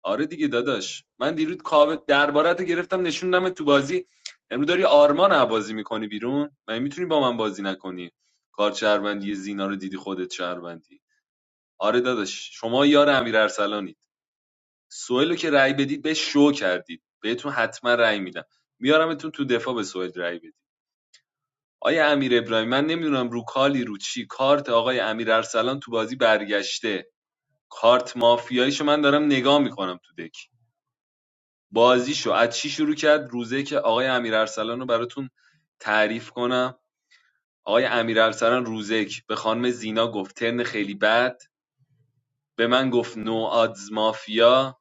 [SPEAKER 11] آره دیگه داداش من دیروز کاوه دربارت رو گرفتم نشوندم تو بازی امروز داری آرمان رو بازی میکنی بیرون من میتونی با من بازی نکنی کار شهروندی زینا رو دیدی خودت شهروندی آره داداش شما یار امیر سوئیل رو که رأی بدید به شو کردید بهتون حتما رأی میدم میارمتون تو دفاع به سوئیل رأی بدید آیا امیر ابراهیم من نمیدونم رو کالی رو چی کارت آقای امیر ارسلان تو بازی برگشته کارت مافیاییشو من دارم نگاه میکنم تو دک بازیشو از چی شروع کرد روزه که آقای امیر ارسلان رو براتون تعریف کنم آقای امیر ارسلان روزک به خانم زینا گفت ترن خیلی بد به من گفت نو آدز مافیا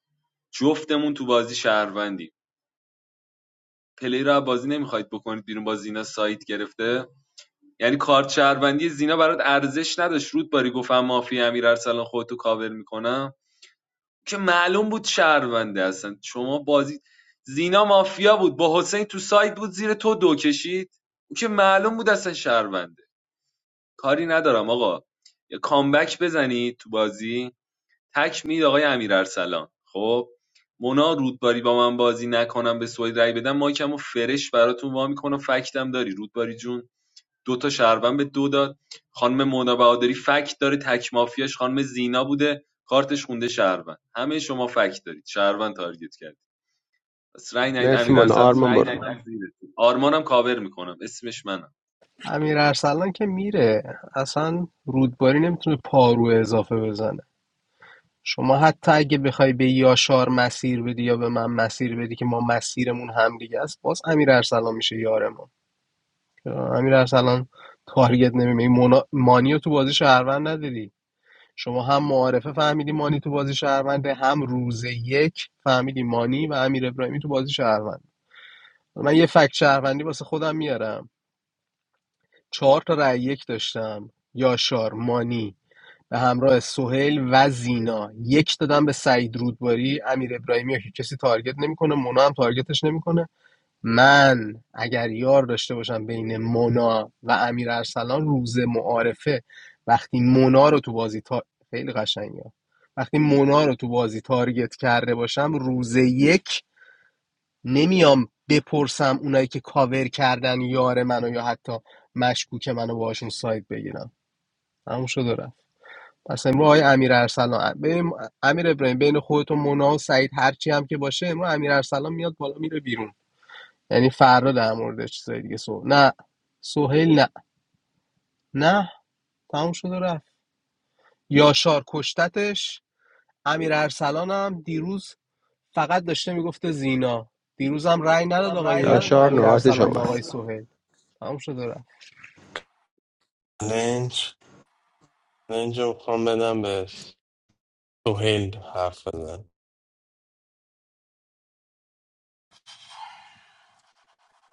[SPEAKER 11] جفتمون تو بازی شهروندی پلی رو بازی نمیخواید بکنید بیرون با زینا سایت گرفته یعنی کارت شهروندی زینا برات ارزش نداشت رود باری گفتم مافیا امیر ارسلان خودتو کاور میکنم که معلوم بود شهرونده اصلا شما بازی زینا مافیا بود با حسین تو سایت بود زیر تو دو کشید که معلوم بود اصلا شهرونده کاری ندارم آقا یه کامبک بزنید تو بازی تک میدید آقای امیرارسلان خب مونا رودباری با من بازی نکنم به سوید رای بدم مایکمو فرش براتون وا میکنم فکتم داری رودباری جون دو تا شهروند به دو داد خانم مونا بهادری فکت داره تک مافیاش خانم زینا بوده کارتش خونده شهروند همه شما فکت دارید شهروند تارگت کردید پس رای ندید
[SPEAKER 16] مرسی مونا
[SPEAKER 11] امیرارسلان
[SPEAKER 16] آرما برو
[SPEAKER 11] میکشونم زیرتون آرمانم کاور میکنم اسمش منم
[SPEAKER 18] امیر ارسلان که میره اصلا رودباری نمیتونه پارو اضافه بزنه شما حتی اگه بخوای به یاشار مسیر بدی یا به من مسیر بدی که ما مسیرمون همدیگه است باز امیر ارسلان میشه یارمون چرا امیر ارسلان تارگت نمیمه مونا... مانی تو بازی شهروند ندیدی شما هم معارفه فهمیدی مانی تو بازی شهرونده هم روز یک فهمیدی مانی و امیر ابراهیمی تو بازی شهروند من یه فکت شهروندی واسه خودم میارم چهار تا رأی یک داشتم یاشار مانی به همراه سهیل و زینا یک دادم به سعید رودباری امیر ابراهیمی رو که کسی تارگت نمیکنه مونا هم تارگتش نمیکنه من اگر یار داشته باشم بین مونا و امیر ارسلان روز معارفه وقتی مونا رو تو بازی تا... خیلی قشنگه وقتی مونا رو تو بازی تارگت کرده باشم روز یک نمیام بپرسم اونایی که کاور کردن یار منو یا حتی مشکوک منو باشون سایت بگیرم تموم شد پس امروز آقای امیر ارسلان ببین امیر ابراهیم بین خودت و مونا و سعید هرچی هم که باشه امروز امیر ارسلان میاد بالا میره بیرون یعنی فردا در مورد چیزای دیگه سو نه سهیل نه نه تموم شده رفت یاشار کشتتش امیر ارسلان هم دیروز فقط داشته میگفته زینا دیروز هم رأی نداد آقای
[SPEAKER 16] یاشار
[SPEAKER 18] امیر
[SPEAKER 16] نوبت
[SPEAKER 18] ارسلان به آقای
[SPEAKER 16] شماست
[SPEAKER 18] سهیل تموم شده رفت
[SPEAKER 6] لنج لنج رو میخوام بدم به سوهیل حرف بزن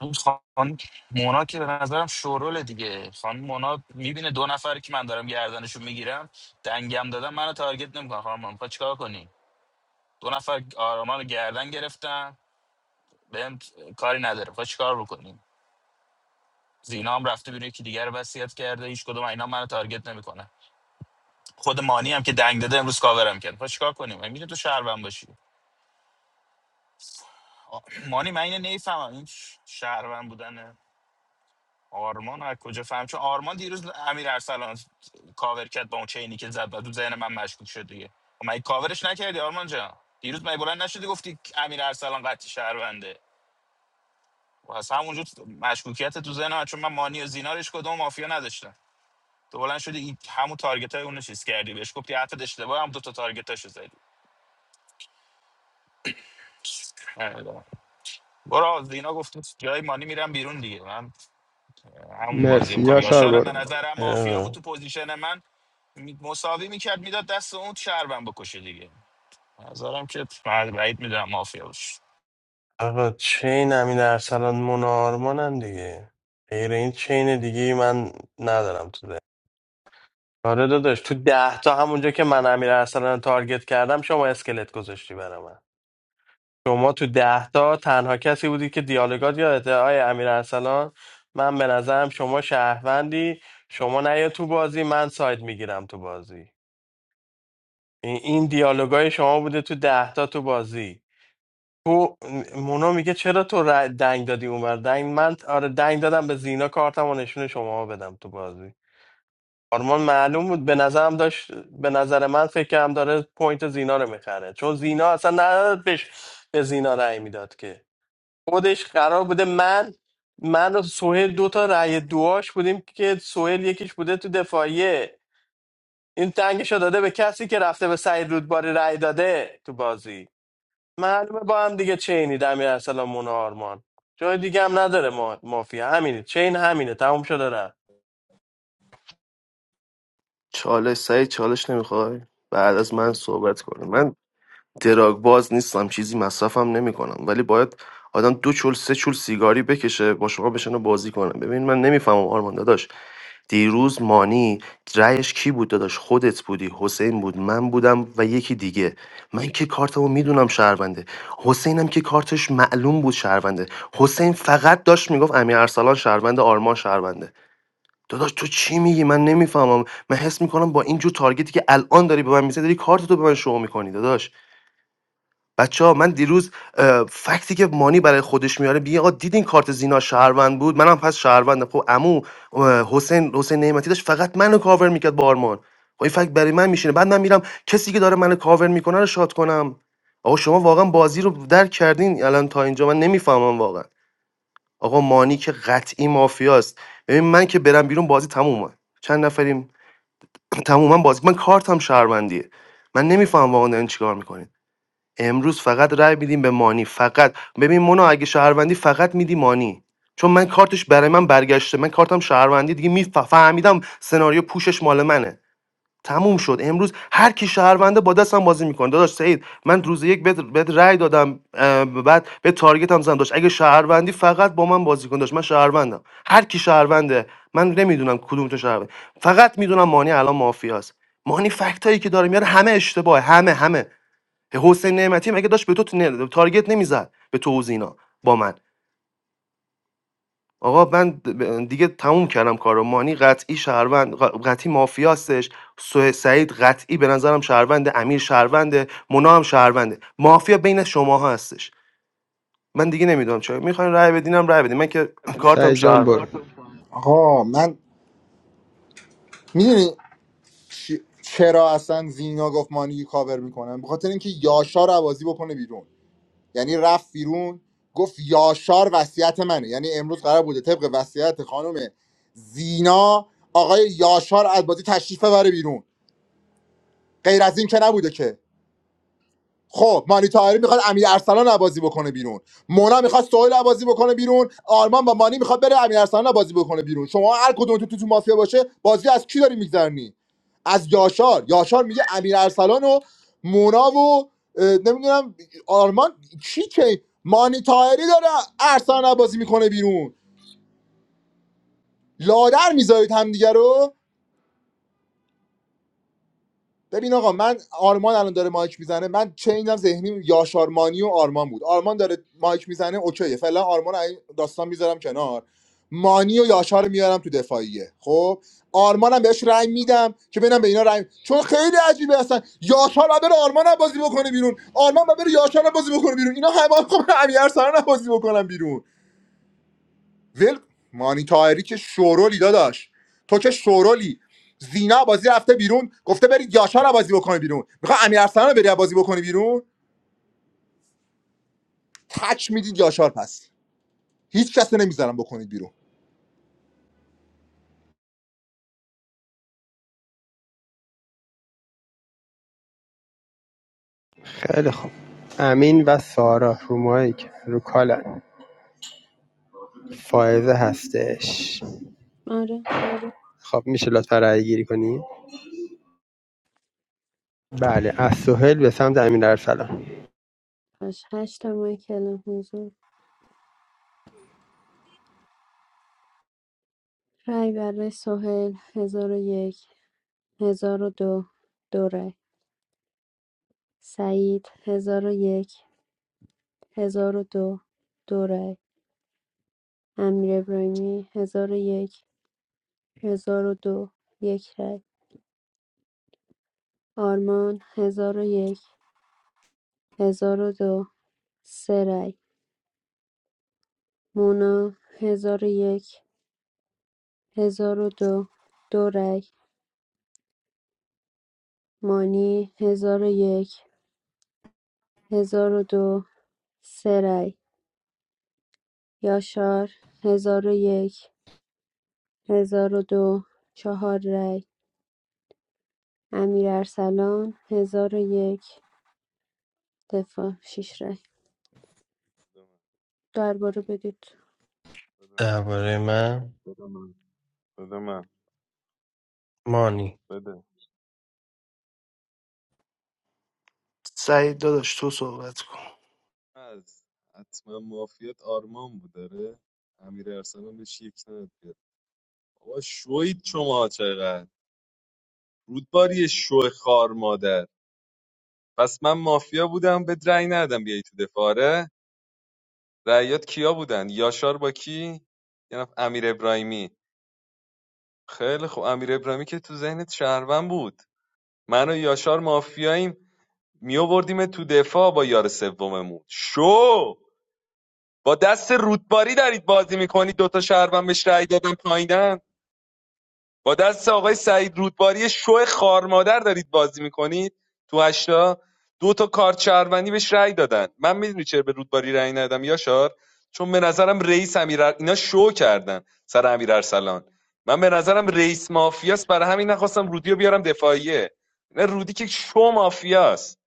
[SPEAKER 15] اون خان مونا که به نظرم شوروله دیگه خان مونا میبینه دو نفر که من دارم گردنشون میگیرم دنگم دادم منو تارگت نمیکنه خانم مونا میخوای چیکار کنی دو نفر آرامان رو گردن گرفتن بهم کاری نداره میخوای چیکار بکنی زینا هم رفته بیرون یکی دیگر رو وصیت کرده هیچ کدوم اینا منو تارگت نمیکنه خود مانی هم که دنگ داده امروز کاورم کرد میخوای چیکار کنیم میگه تو شهروند باشی آ، مانی من اینو نمیفهمم این شهروند بودن آرمان از کجا فهم چون آرمان دیروز امیر ارسلان کاور کرد با اون چینی که زد و تو ذهن من مشکوک شد دیگه خب من کاورش نکردی آرمان جان دیروز من بلند نشدی گفتی که امیر ارسلان قطعی شهرونده و از همونجا تو- مشکوکیت تو ذهن من چون من مانی و زینارش کدوم مافیا نداشتم تو بلند شدی این- همون تارگت های اونو چیز کردی بهش گفتی حتی اشتباه هم دو تا تارگت هاشو زدی نمی‌دونم. برو زینا گفت جای مانی میرم بیرون دیگه من همون بازی
[SPEAKER 16] مرسی
[SPEAKER 15] میکنم
[SPEAKER 16] یاشار
[SPEAKER 15] یاشارم به
[SPEAKER 16] برو
[SPEAKER 15] نظرم مافیا بود
[SPEAKER 6] اه.
[SPEAKER 15] تو پوزیشن من می- مساوی میکرد میداد دست اون شهربن بکشه دیگه نظرم که بعد بعید میدونم مافیا باشه
[SPEAKER 6] آقا چین امین ارسلان منارمانن دیگه غیر این چین دیگه ای من ندارم تو ده آره داداش تو ده تا همونجا که من امیر ارسلان رو تارگت کردم شما اسکلت گذاشتی برام شما تو ده تا تنها کسی بودی که دیالوگات یادته آقای امیر ارسلان من به نظرم شما شهروندی شما نیا تو بازی من ساید میگیرم تو بازی این این دیالوگای شما بوده تو ده تا تو بازی تو مونا میگه چرا تو ر- دنگ دادی اونور دنگ من آره دنگ دادم به زینا کارتم و نشون شما بدم تو بازی آرمان معلوم بود به نظرم داشت به نظر من فکر کردم داره پوینت زینا رو میخره چون زینا اصلا نداد بهش به زینا رأی میداد که خودش قرار بوده من من و سهیل دو تا رأی دعاش بودیم که سهیل یکیش بوده تو دفاعیه این تنگش رو داده به کسی که رفته به سعید رودباری رأی داده تو بازی معلومه با هم دیگه چینی دمیر ارسلان مونا آرمان جای دیگه هم نداره ما مافیا همینه چین همینه تموم شده رفت
[SPEAKER 13] چالش سعید چالش نمیخوای بعد از من صحبت کن من دراگ باز نیستم چیزی مصرفم نمیکنم ولی باید آدم دو چول سه چول سیگاری بکشه با شما بشن بازی کنه ببین من نمیفهمم آرمان داداش دیروز مانی رأیش کی بود داداش خودت بودی حسین بود من بودم و یکی دیگه من که کارتمو میدونم شهرونده حسینم که کارتش معلوم بود شهرونده حسین فقط داشت میگفت امیر ارسلان شهرونده آرمان شهرونده داداش تو چی میگی من نمیفهمم من حس میکنم با این جور تارگتی که الان داری به من میزنی داری کارتتو به من شو میکنی داداش بچه ها من دیروز اه، فکتی که مانی برای خودش میاره میگه آقا دیدین کارت زینا شهروند بود منم پس شهروندم خب عمو اه، حسین حسین نعمتی داشت فقط منو کاور میکرد با آرمان خب این فکت برای من میشینه بعد من میرم کسی که داره منو کاور میکنه رو شاد کنم آقا شما واقعا بازی رو درک کردین الان تا اینجا من نمیفهمم واقعا آقا مانی که قطعی مافیاست ببین من که برم بیرون بازی تمومه چند نفریم تموما بازی من کارتم شهروندیه من نمیفهمم واقعا دارین چیکار میکنین امروز فقط رای میدیم به مانی فقط ببین مونا اگه شهروندی فقط میدی مانی چون من کارتش برای من برگشته من کارتم شهروندی دیگه می فهمیدم سناریو پوشش مال منه تموم شد امروز هر کی شهرونده با دستم بازی میکنه داداش سعید من روز یک بهت بهت رأی دادم اه، بعد به تارگت هم زدم داشت اگه شهروندی فقط با من بازی کن داشت من شهروندم هر کی شهرونده من نمیدونم کدوم تو شهرونده فقط میدونم مانی الان مافیاست مانی فکتایی که داره میاره همه اشتباهه همه همه حسین نعمتی مگه داشت به تو نه- تارگت نمیزد به تو و زینا با من آقا من دیگه تموم کردم کارو مانی قطعی شهروند ق- قطعی مافیاستش سه- سعید قطعی به نظرم شهرونده امیر شهرونده مونا هم شهرونده مافیا بین شماها هستش من دیگه نمیدونم چرا میخواین رأی بدینم رأی بدین من که کارتم
[SPEAKER 16] سعی جان
[SPEAKER 13] شهروند
[SPEAKER 16] برو
[SPEAKER 1] آقا من میدونی چ- چرا اصلا زینا گفت مانی کاور میکنم بخاطر اینکه یاشار عوازی بکنه بیرون یعنی رفت بیرون گفت یاشار وصیت منه یعنی امروز قرار بوده طبق وصیت خانم زینا آقای یاشار از بازی تشریف ببره بیرون غیر از این که نبوده که خب مانی تاهری میخواد امیر ارسلان رو بازی بکنه بیرون مونا میخواد سهیل رو بازی بکنه بیرون آرمان با مانی میخواد بره امیر ارسلان رو بازی بکنه بیرون شما هر کدوم تو تو, تو مافیا باشه بازی از کی داری میگذرنی از یاشار یاشار میگه امیر ارسلان و مونا و اه، نمیدونم آرمان کی که مانی تاهری داره ارسلان رو بازی میکنه بیرون لادر میذارید همدیگه رو ببین آقا من آرمان الان داره مایک میزنه من چینم ذهنی یاشارمانی و آرمان بود آرمان داره مایک میزنه اوکیه فعلا آرمان رو این داستان میذارم کنار مانی و یاشار رو میارم تو دفاعیه خب آرمانم بهش رأی میدم که ببینم به اینا رأی چون خیلی عجیبه اصلا یاشار بعد بره آرمان رو بازی بکنه بیرون آرمان بعد بره یاشار رو بازی بکنه بیرون اینا همه رو خب امیرسان رو بازی بکنم بیرون ول مانی تاهری که شورولی داداش تو که شورولی زینا بازی رفته بیرون گفته برید یاشار بازی بکنه بیرون میخوای امیر ارسلان رو بری بازی بکنی بیرون تک میدید یاشار پس هیچ کس نمیذارم بکنید بیرون
[SPEAKER 16] خیلی خوب امین و سارا رو مایک رو کالن فائزه هستش
[SPEAKER 17] آره
[SPEAKER 16] خب میشه لطفا رأی گیری کنی بله از سهل به سمت امین ارسلان
[SPEAKER 17] باش هشت تا ماه حضور رای برای سهیل هزار و یک هزار و دو دو رای سعید هزار و یک هزار و دو دو رای امیر ابراهیمی هزار و یک هزار و دو یک رای آرمان هزار و یک هزار و دو سه رای مونا هزار و یک هزار و دو دو رای مانی هزار و یک هزار و دو سه رای یاشار هزار و یک هزار و دو چهار رای امیر ارسلان هزار و یک دفاع شیش رای درباره بدید
[SPEAKER 11] بده من
[SPEAKER 6] درباره من
[SPEAKER 11] بده من بده من
[SPEAKER 6] مانی
[SPEAKER 11] بده
[SPEAKER 13] سعید داداش تو صحبت کن
[SPEAKER 11] از حتما مافیات آرمان بود داره امیر ارسلان بهش یک نداد بیاد بابا شوید شما چقدر رودباری شو خار مادر پس من مافیا بودم به رأی ندادم بیای تو دفاره رأیات کیا بودن یاشار با کی یه نفر امیر ابراهیمی خیلی خوب امیر ابراهیمی که تو ذهنت شهروند بود من و یاشار مافیاییم میووردیم تو دفاع با یار سوممون شو با دست رودباری دارید بازی میکنید دوتا شهروند بهش رأی دادن پایینن با دست آقای سعید رودباری شو خارمادر دارید بازی میکنید تو هشتا دو تا کارت شهروندی بهش رأی دادن من میدونی چرا به رودباری رأی ندادم یاشار چون به نظرم رئیس امیر اینا شو کردن سر امیر ارسلان من به نظرم رئیس مافیاست برای همین نخواستم رودی رو بیارم دفاعیه نه رودی که شو مافیاست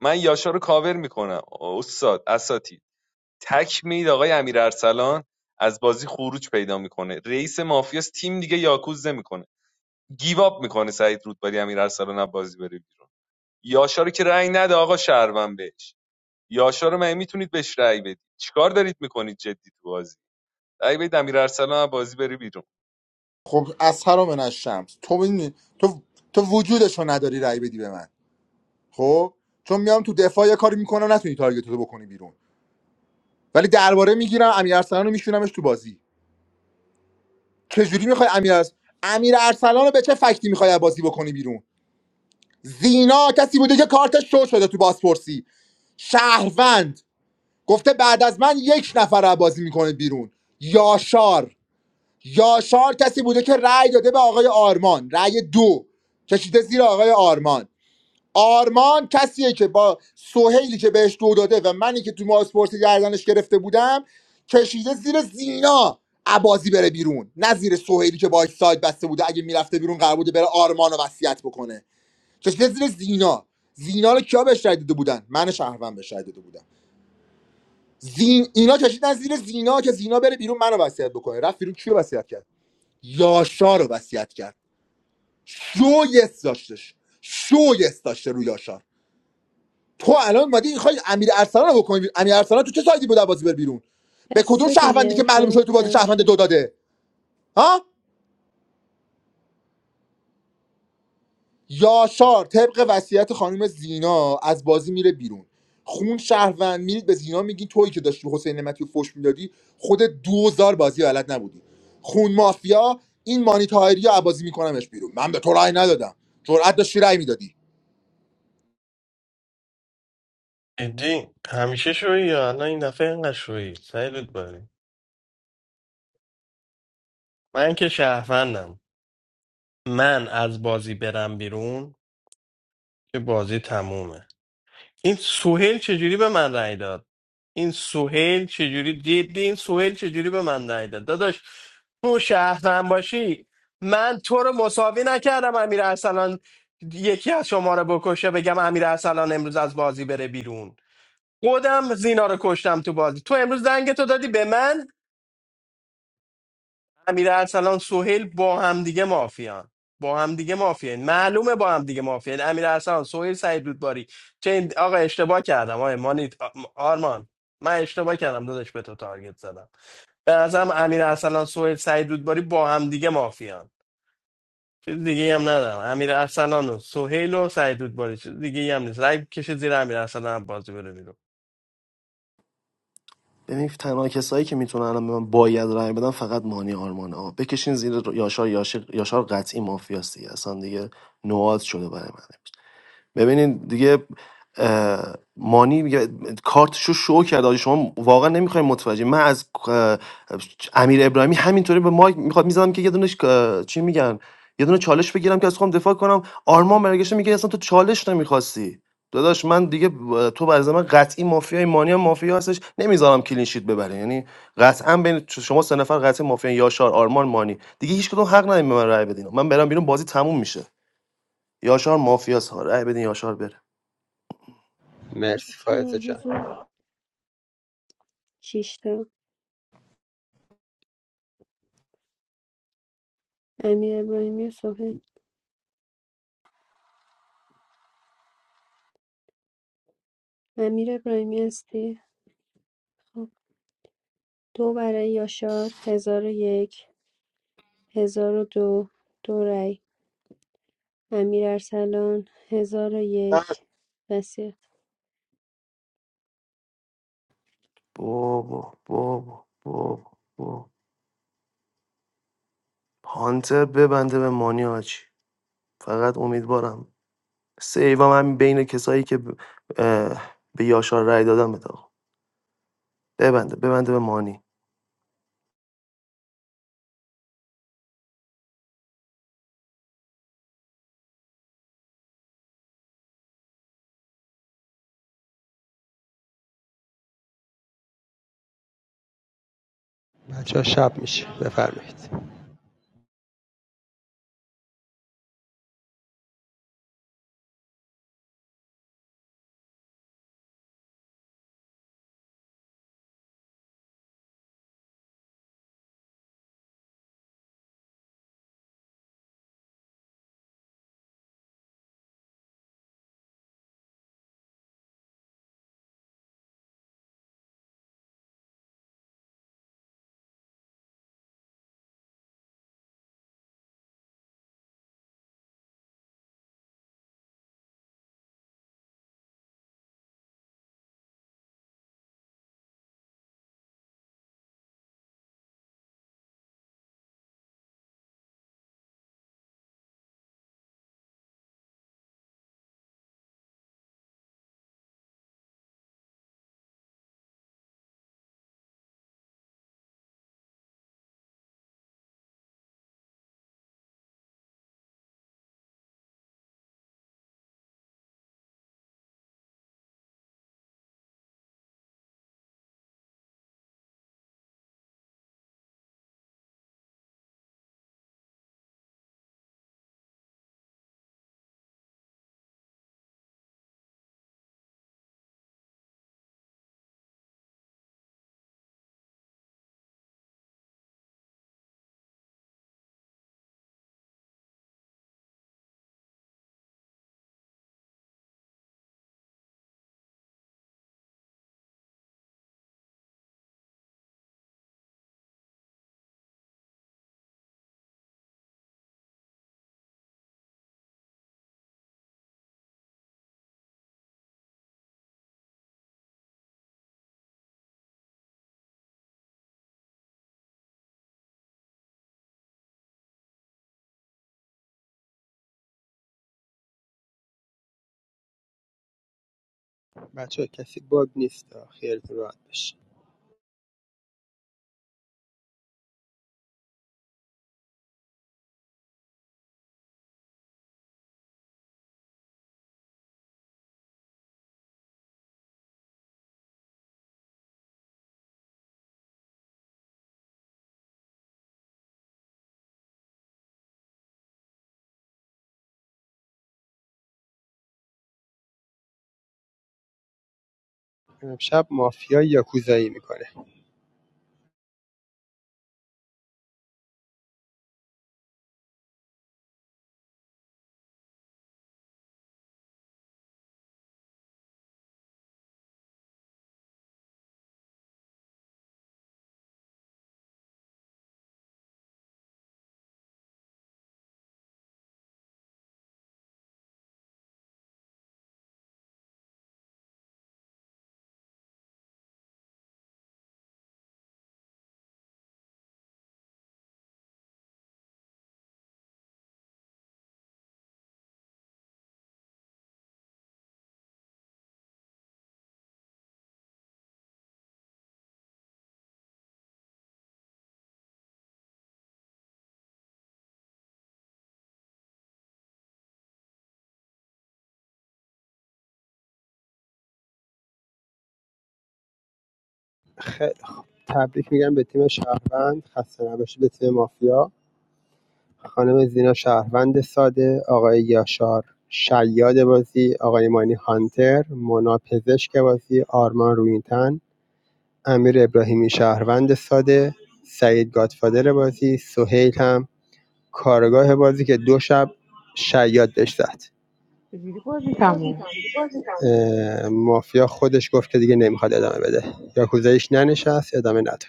[SPEAKER 11] من یاشار رو کاور میکنم استاد اساتی. تک میید آقای امیرارسلان از بازی خروج پیدا میکنه رئیس مافیاس تیم دیگه یاکوز نمیکنه گیواب میکنه سعید رودباری امیرارسلان از بازی بره بیرون یاشا که رأی نده آقا شهروند بهش یاشا رو مگه میتونید بهش رأی بدید چیکار دارید میکنید جدی تو بازی رأی بدید امیرارسلان از بازی بره بیرون
[SPEAKER 1] خب از هر من از شمس تو می- تو تو وجودشو نداری رأی بدی به من خب چون میام تو دفاع یه کاری میکنم نتونی تارگت رو بکنی بیرون ولی درباره میگیرم امیر ارسلان رو میشونمش تو بازی چجوری میخوای امیر ارس- امیر ارسلان رو به چه فکتی میخوای بازی بکنی بیرون زینا کسی بوده که کارتش شو شده تو بازپرسی شهروند گفته بعد از من یک نفر رو بازی میکنه بیرون یاشار یاشار کسی بوده که رأی داده به آقای آرمان رأی دو کشیده زیر آقای آرمان آرمان کسیه که با سهیلی که بهش دو داده و منی که تو بازپرسی گردنش گرفته بودم کشیده زیر زینا عبازی بره بیرون نه زیر سهیلی که باش ساید بسته بوده اگه میرفته بیرون قرار بوده بره آرمان رو وصیت بکنه کشیده زیر زینا زینا رو کیا بهش رای داده بودن من شهروند بهش رای داده بودم زین اینا کشیدن زیر زینا که زینا بره بیرون منو وصیت بکنه رفت بیرون کیو وصیت کرد یاشا رو وصیت کرد شو یس داشتش شو یس داشته رو یاشار تو الان مادی میخوای امیر ارسلان رو بکنی بیرون. امیر ارسلان تو چه سایدی بود بازی بر بیرون به کدوم
[SPEAKER 17] بسته
[SPEAKER 1] شهروندی که
[SPEAKER 17] دیگه
[SPEAKER 1] معلوم
[SPEAKER 17] تایم
[SPEAKER 1] شده تو بازی
[SPEAKER 17] تم
[SPEAKER 1] شهروند
[SPEAKER 17] شد
[SPEAKER 1] دو داده ها یاشار طبق وصیت خانم زینا از بازی میره بیرون خون شهروند میرید به زینا میگی تویی که داشتی حسین نعمتی رو فش میدادی خود دوزار بازی بلد نبودی خون مافیا این مانیتاری رو بازی میکنمش بیرون من به تو رأی ندادم جرأت داشتی رأی میدادی
[SPEAKER 6] ادی همیشه شوی یا الان این دفعه اینقدر شوی سعید رودباری من که شهروندم من از بازی برم بیرون که بازی تمومه این سوهل چجوری به من رأی داد این سوهل چجوری جدی این سوهل چجوری به من رأی داد داداش تو شهرم باشی من تو رو مساوی نکردم امیر ارسلان یکی از شما رو بکشه بگم امیر ارسلان امروز از بازی بره بیرون خودم زینا رو کشتم تو بازی تو امروز دنگ تو دادی به من امیر ارسلان سهیل با همدیگه مافیان با همدیگه مافیان معلومه با همدیگه مافیان امیر ارسلان سهیل سعید رودباری چه این آقا اشتباه کردم آقا مانید آرمان من اشتباه کردم داداش به تو تارگت زدم به نظرم امیر ارسلان سهیل سعید رودباری با همدیگه مافیان چیز دیگه هم ندارم امیر ارسلان و سهیل و سعید رودباری چیز دیگه هم نیست رای کشید زیر امیر ارسلان هم بازی بره بیرون
[SPEAKER 13] ببین تنها کسایی که میتونن الان به من باید رای بدن فقط مانی آرمانه ها بکشین زیر رو- یاشار یاشق- یاشار قطعی مافیاست اصلا دیگه نواد شده برای من ببینین دیگه اه، مانی میگه- کارتش رو شو کرد آجی شما واقعا نمیخوایم متوجه من از اه، امیر ابراهیمی همینطوری به مایک میخواد میزدم که یه دونش اه، چی میگن یه دونه چالش بگیرم که از خودم دفاع کنم آرمان برگشته میگه اصلا تو چالش نمیخواستی داداش من دیگه اه، تو برای من قطعی مافیای مانی هم مافیا هستش نمیذارم کلین شیت ببره یعنی قطعا بین شما سه نفر قطعی مافیا یاشار آرمان مانی دیگه هیچ کدوم حق نداریم به من رأی بدین من برم بیرون بازی تموم میشه یاشار مافیاس ها رأی بدین یاشار بره
[SPEAKER 16] مرسی فائزه
[SPEAKER 17] کلم
[SPEAKER 16] جان
[SPEAKER 17] حضور شیش تا امیر ابراهیمی و صبح امیر ابراهیمی هستی خب دو برای یاشار، هزار و یک، هزار و دو، دو رای امیر ارسلان، هزار و یک،
[SPEAKER 5] بس.
[SPEAKER 17] وصیت
[SPEAKER 13] بابا بابا بابا بابا هانتر ببنده به مانی هاچی فقط امیدوارم سیوام همین بین کسایی که ب- اه، به یاشار رای دادم بده آقا. ببنده ببنده به مانی
[SPEAKER 16] بچه شب میشه بفرمایید بچه‌ها کسی باگ نیست خیالتون راحت باشه امشب مافیا یاکوزایی میکنه خیلی تبریک میگم به تیم شهروند خسته نباشید به تیم مافیا خانم زینا شهروند ساده آقای یاشار شیاد بازی آقای مانی هانتر مونا پزشک بازی آرمان روینتن امیر ابراهیمی شهروند ساده سعید گادفادر بازی سهیل هم کارگاه بازی که دو شب شیاد بهش زد
[SPEAKER 12] چجوری بازی تموم
[SPEAKER 16] مافیا خودش گفت که دیگه نمیخواد ادامه بده یاکوزایش ننشست ادامه نداد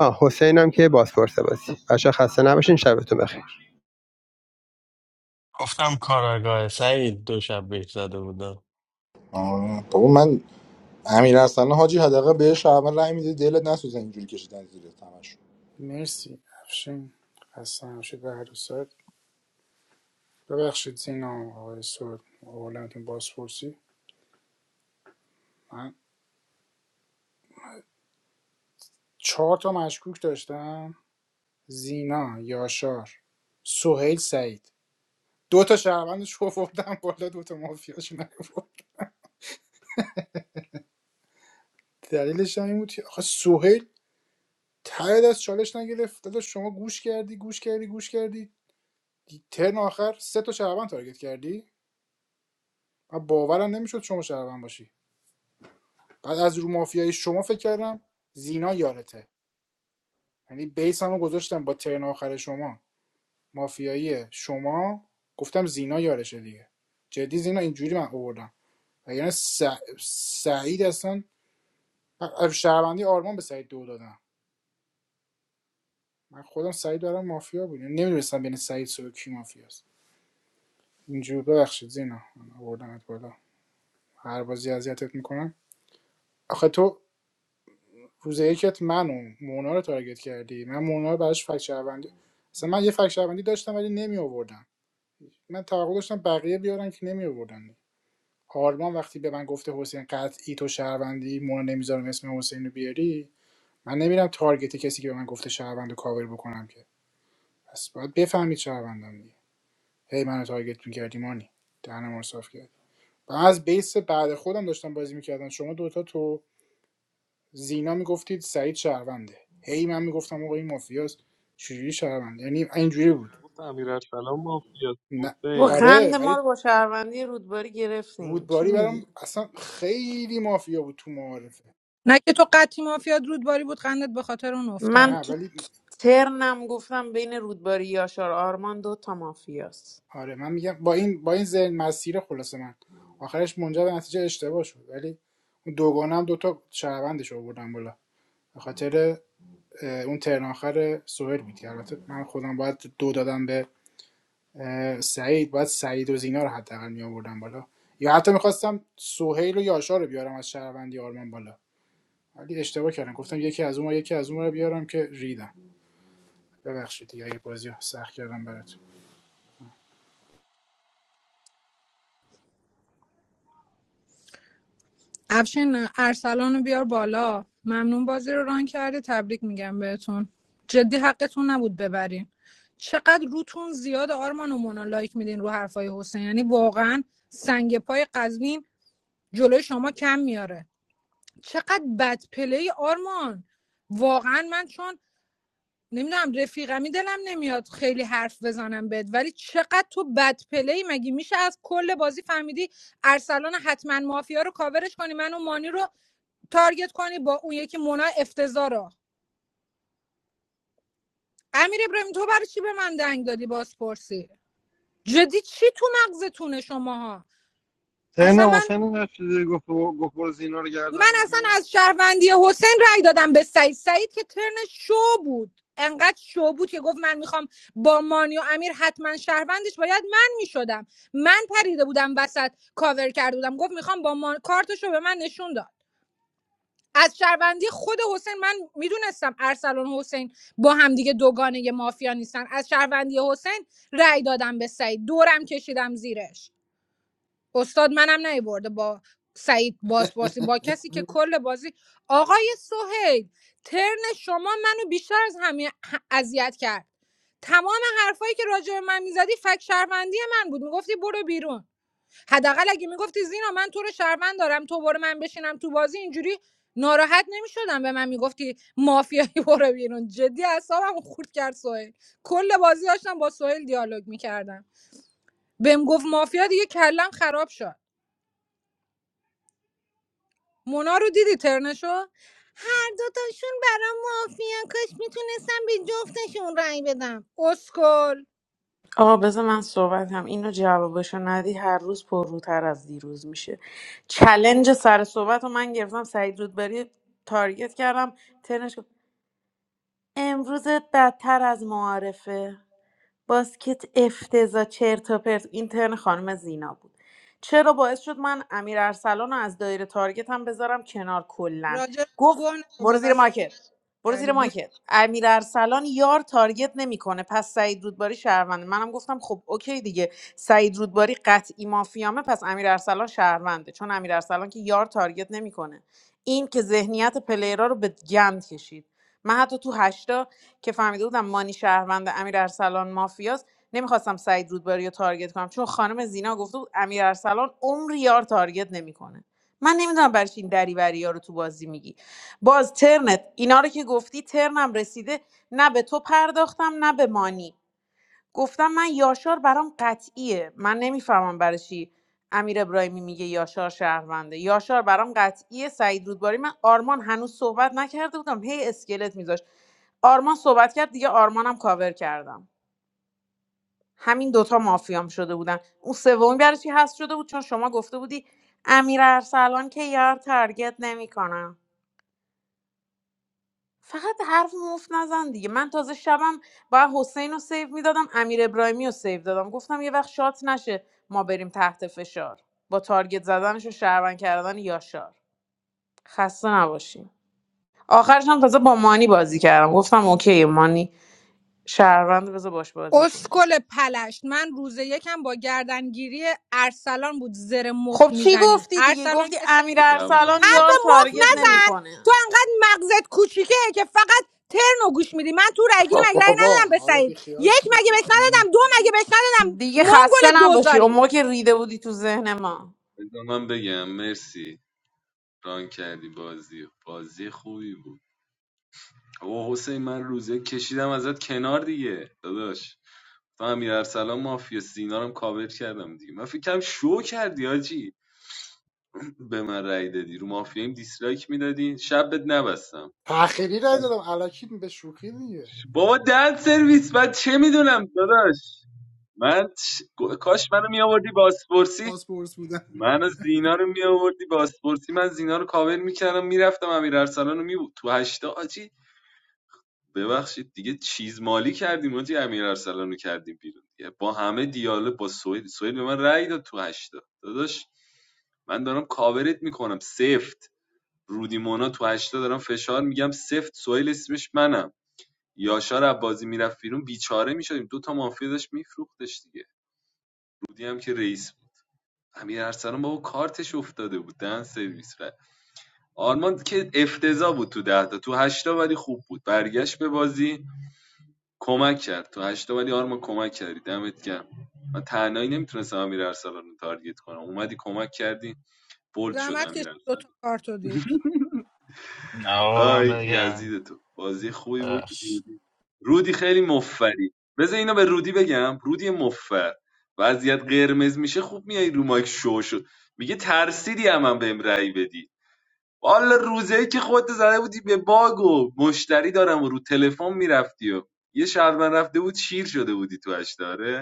[SPEAKER 16] ها حسین هم که بازپرس بازی بچه خسته نباشین شبتون بخیر
[SPEAKER 6] گفتم کاراگاه سعید دو شب بهش زده بودم
[SPEAKER 1] آه، بابا من امیر حسن حاجی حداقل بهش اول رای میده دلت نسوزه اینجوری کشیدن زیر تمش
[SPEAKER 2] مرسی افشین خسته نباشید به هر دو سایت ببخشید زینا آقای سود اولتون بازپرسی من چهار تا مشکوک داشتم زینا یاشار سهیل سعید دو تا شهروندش آوردم بالا دو تا مافیاش نیاورد دلیلش هم این بود که آخه سهیل ته از چالش نگرفت دادا شما گوش کردی گوش کردی گوش کردی ترن آخر سه تا شهروند تارگت کردی من باورم نمیشد شما شهروند باشی بعد از رو مافیای شما فکر کردم زینا یارته یعنی بیس هم گذاشتم با ترن آخر شما مافیایی شما گفتم زینا یارشه دیگه جدی زینا اینجوری من آوردم یعنی س... سعید اصلا من شهروندی آرمان به سعید دو دادم من خودم سعید دارم مافیا بود یعنی نمیدونستم بین سعید سو کی مافیاست اینجوری ببخشید زینا من آوردمت بالا هر بازی اذیتت میکنم آخه تو روز یکت من مونا رو تارگت کردی من مونا رو براش فک شهروندی مثلا من یه فک شهروندی داشتم ولی نمی آوردم من توقع داشتم بقیه بیارن که نمی آوردن آرمان وقتی به من گفته حسین قطعی تو شهروندی مونا نمیذارم اسم حسین رو بیاری من نمیرم تارگت کسی که به من گفته شهروند کاور بکنم که پس باید بفهمید شهروندم دیگه هی منو تارگت میکردی مانی دهنم رو صاف کرد من از بیس بعد خودم داشتم بازی میکردم شما دوتا تو زینا میگفتید سعید شهرونده هی من میگفتم آقا این مافیاست چجوری شهرونده یعنی اینجوری بود
[SPEAKER 11] گفت امیر ارسلان مافیاست
[SPEAKER 2] نه
[SPEAKER 12] و
[SPEAKER 11] حسین
[SPEAKER 12] خند
[SPEAKER 2] آره
[SPEAKER 12] ما
[SPEAKER 2] ولی
[SPEAKER 12] رو با شهروندی رودباری گرفتین چی
[SPEAKER 2] رودباری برام
[SPEAKER 12] میگی
[SPEAKER 2] اصلا خیلی مافیا بود تو معارفه
[SPEAKER 4] نه که تو قطعی مافیاد رودباری بود قندت به خاطر اون افتاد
[SPEAKER 12] من
[SPEAKER 2] نه
[SPEAKER 12] تو
[SPEAKER 2] ولی
[SPEAKER 12] ترنم گفتم بین رودباری یاشار آرمان دو تا مافیاست
[SPEAKER 2] آره من میگم با این با این ذهن مسیر خلاصه من آخرش منجر به نتیجه اشتباه شد ولی اون دوگانه هم دوتا شهروندش آوردم بالا به خاطر اه، اون ترن آخر سوهل بود البته من خودم باید دو دادم به سعید باید سعید و زینا رو حداقل می آوردم بالا یا حتی میخواستم سهیل و یاشار رو بیارم از شهروندی آرمان بالا ولی اشتباه کردم گفتم یکی از اون و یکی از اونها رو بیارم که ریدم ببخشید دیگه اگه بازی سخت کردم براتون
[SPEAKER 4] افشین ارسلان رو بیار بالا ممنون بازی رو ران کردی تبریک میگم بهتون جدی حقتون نبود ببرین چقدر روتون زیاد آرمان و مونا لایک میدین رو حرفای حسین یعنی واقعا سنگ پای قزوین جلوی شما کم میاره چقدر بد پلی آرمان واقعا من چون نمیدونم رفیقمی دلم نمیاد خیلی حرف بزنم بهت ولی چقدر تو بد پلی مگه میشه از کل بازی فهمیدی ارسلان حتما مافیا رو کاورش کنی من و مانی رو تارگت کنی با اون یکی مونا افتضاح رو امیر ابراهیم تو برای چی به من دنگ دادی بازپرسی جدی چی تو مغزتونه شماها
[SPEAKER 5] تن
[SPEAKER 4] اصلا من
[SPEAKER 5] حسین نشده گفت گفت برو زینا رو
[SPEAKER 4] من
[SPEAKER 5] گردن
[SPEAKER 4] اصلا
[SPEAKER 5] بگیر
[SPEAKER 4] از شهروندی حسین رای دادم به سعید سعید که ترن شو بود انقدر شو بود که گفت من میخوام با مانی و امیر حتما شهروندش باید من میشدم من پریده بودم وسط کاور کرده بودم گفت میخوام با مان... کارتشو رو به من نشون داد از شهروندی خود حسین من میدونستم ارسلان حسین با همدیگه دوگانه مافیا نیستن از شهروندی حسین رای دادم به سعید دورم کشیدم زیرش استاد منم نیورده با سعید بازپرسی با کسی که کل بازی آقای سهیل ترن شما منو بیشتر از همه ه- اذیت کرد تمام حرفایی که راجع به من میزدی فک شهروندی من بود میگفتی برو بیرون حداقل اگه میگفتی زینا من تو رو شهروند دارم تو برو من بشینم تو بازی اینجوری ناراحت نمیشدم به من میگفتی مافیایی برو بیرون جدی اعصابم خورد کرد سهیل کل بازی داشتم با سهیل دیالوگ میکردم بهم گفت مافیا دیگه کلم خراب شد مونا رو دیدی ترنشو هر دوتاشون برام معافیان کاش میتونستم به جفتشون رأی بدم اسکل
[SPEAKER 12] آقا بذار من صحبت هم اینو جوابشو ندی هر روز پرروتر از دیروز میشه چلنج سر صحبت رو من گرفتم سعید رودباری تارگت کردم ترنش گفت امروزت بدتر از معارفه باسکت افتضاح چرت و پرت اینترن خانم زینا بود چرا باعث شد من امیر ارسلان رو از دایره تارگت هم بذارم کنار کلا
[SPEAKER 4] راجع به
[SPEAKER 12] گفت
[SPEAKER 4] گوه رو
[SPEAKER 12] برو
[SPEAKER 4] با
[SPEAKER 12] زیر
[SPEAKER 4] وسیله
[SPEAKER 12] ماکت برو
[SPEAKER 4] کردی
[SPEAKER 12] زیر
[SPEAKER 4] گو-
[SPEAKER 12] ماکت امیر ارسلان یار تارگت نمیکنه پس سعید رودباری شهرونده منم گفتم خب اوکی دیگه سعید رودباری قطعی مافیامه پس امیر ارسلان شهرونده چون امیر ارسلان که یار تارگت نمیکنه این که ذهنیت پلیرا رو به گند کشید من حتی تو هشتا که فهمیده بودم مانی شهروند امیر ارسلان مافیاست نمیخواستم سعید رودباری رو تارگت کنم چون خانم زینا گفته بود امیر ارسلان عمر یار تارگت نمیکنه من نمیدونم برای چی این دریوری ها رو تو بازی میگی باز ترنت اینا رو که گفتی ترنم رسیده نه به تو پرداختم نه به مانی گفتم من یاشار برام قطعیه من نمیفهمم برای چی امیر ابراهیمی میگه یاشار شهرونده یاشار برام قطعیه سعید رودباری من آرمان هنوز صحبت نکرده بودم هی اسکلت میذاشت آرمان صحبت کرد دیگه آرمانم کاور کردم همین دوتا مافیام شده بودن اون سومی برای چی هست شده بود چون شما گفته بودی امیر ارسلان که یار تارگت نمیکنم فقط حرف مفت نزن دیگه من تازه شبم با حسین رو سیو میدادم امیر ابراهیمی رو سیو دادم گفتم یه وقت شات نشه ما بریم تحت فشار با تارگت زدنش و شهروند کردن یاشار خسته نباشیم آخرش هم تازه با مانی بازی کردم گفتم اوکی مانی شهروند بذار باش بازی کنیم
[SPEAKER 4] اسکل پلشت من روز یکم با گردنگیری ارسلان بود زر مف
[SPEAKER 12] خب چی
[SPEAKER 4] میزنی
[SPEAKER 12] گفتی دیگه
[SPEAKER 4] ارسلان
[SPEAKER 12] گفتی
[SPEAKER 4] که س...
[SPEAKER 12] امیر
[SPEAKER 11] به دعوا
[SPEAKER 12] ارسلان
[SPEAKER 4] حرف
[SPEAKER 12] یار
[SPEAKER 4] مف
[SPEAKER 12] تارگت
[SPEAKER 11] بگم
[SPEAKER 4] نزن
[SPEAKER 12] نمیکنه
[SPEAKER 4] تو انقدر مغزت کوچیکه که فقط ترنو گوش میدی من تو رای گیری مگه رای
[SPEAKER 2] بابا
[SPEAKER 4] ندادم به
[SPEAKER 2] حالا بی
[SPEAKER 4] سعید
[SPEAKER 2] خیال
[SPEAKER 4] یک
[SPEAKER 2] شید
[SPEAKER 4] مگه بهش ندادم دو مگه بهش ندادم
[SPEAKER 12] دیگه خسته
[SPEAKER 4] منگل
[SPEAKER 12] نباشی اون
[SPEAKER 4] دوزاری
[SPEAKER 12] موقع که ریده بودی تو ذهن ما
[SPEAKER 11] بذار بگم. مرسی ران کردی بازی بازی خوبی بود او حسین من روزه کشیدم ازت کنار دیگه داداش من امیر ارسلان مافیا سینا هم کاور کردم دیگه من فکرم شو کردی آجی به من رأی دادی رو مافیایم دیسلایک میدادی شبت نبستم
[SPEAKER 2] تأخیری رای دادم الکی به شوخی دیگه
[SPEAKER 11] بابا دن سرویس من چه میدونم داداش من چ- کاش منو میآوردی باسپورسی
[SPEAKER 2] پاسپورت بودم
[SPEAKER 11] منو زینا رو میآوردی باسپورسی من زینا رو کاور میکردم میرفتم امیر ارسلان رو می تو هشتا آجی ببخشید دیگه چیز مالی کردیم و دیگه امیر ارسلان رو کردیم بیرون دیگه با همه دیالوگ با سوئیل سوئیل به من رأی داد تو هشتا داداش من دارم کاورت میکنم سفت رودی تو هشتا دارم فشار میگم سفت سوئیل اسمش منم یاشار عبازی میرفت بیرون بیچاره میشدیم دو تا مافیا داشت میفروختش دیگه رودی هم که رئیس بود امیر ارسلان بابا کارتش افتاده بود دهن سرویس رفت. آرمان که افتضاح بود تو ده تا تو هشتا ولی خوب بود برگشت به بازی کمک کرد تو هشتا ولی آرما کمک کردی دمت گرم من تنهایی نمیتونستم امیر ارسلان رو تارگت کنم اومدی کمک کردی بولد شد
[SPEAKER 4] زحمت
[SPEAKER 11] امیر
[SPEAKER 4] کشید
[SPEAKER 11] ارسلان
[SPEAKER 4] دوتا کارتو دید
[SPEAKER 15] نه آقا من
[SPEAKER 11] آی
[SPEAKER 15] بگم
[SPEAKER 11] یزید تو بازی خوبی بود
[SPEAKER 15] ببخش.
[SPEAKER 11] رودی رودی خیلی مفری بذار اینو به رودی بگم رودی مفر وضعیت قرمز میشه خوب میای رو مایک شو شد میگه ترسیدی هم, هم بهم رأی بدی والا روزی که خودت زده بودی به باگ و مشتری دارم و رو تلفن میرفتی و یه شهر من رفته بود شیر شده بودی تو اشتاره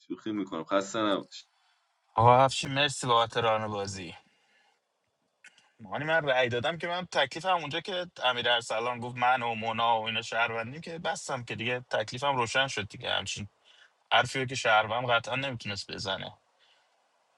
[SPEAKER 11] شوخی میکنم خسته نباش
[SPEAKER 15] آقا افشین مرسی بابت ران بازی مانی من رأی دادم که من تکلیفم اونجا که امیر ارسلان گفت من و مونا و اینا شهروندیم که بستم که دیگه تکلیفم روشن شد دیگه همچین حرفی رو که شهروند قطعا نمیتونست بزنه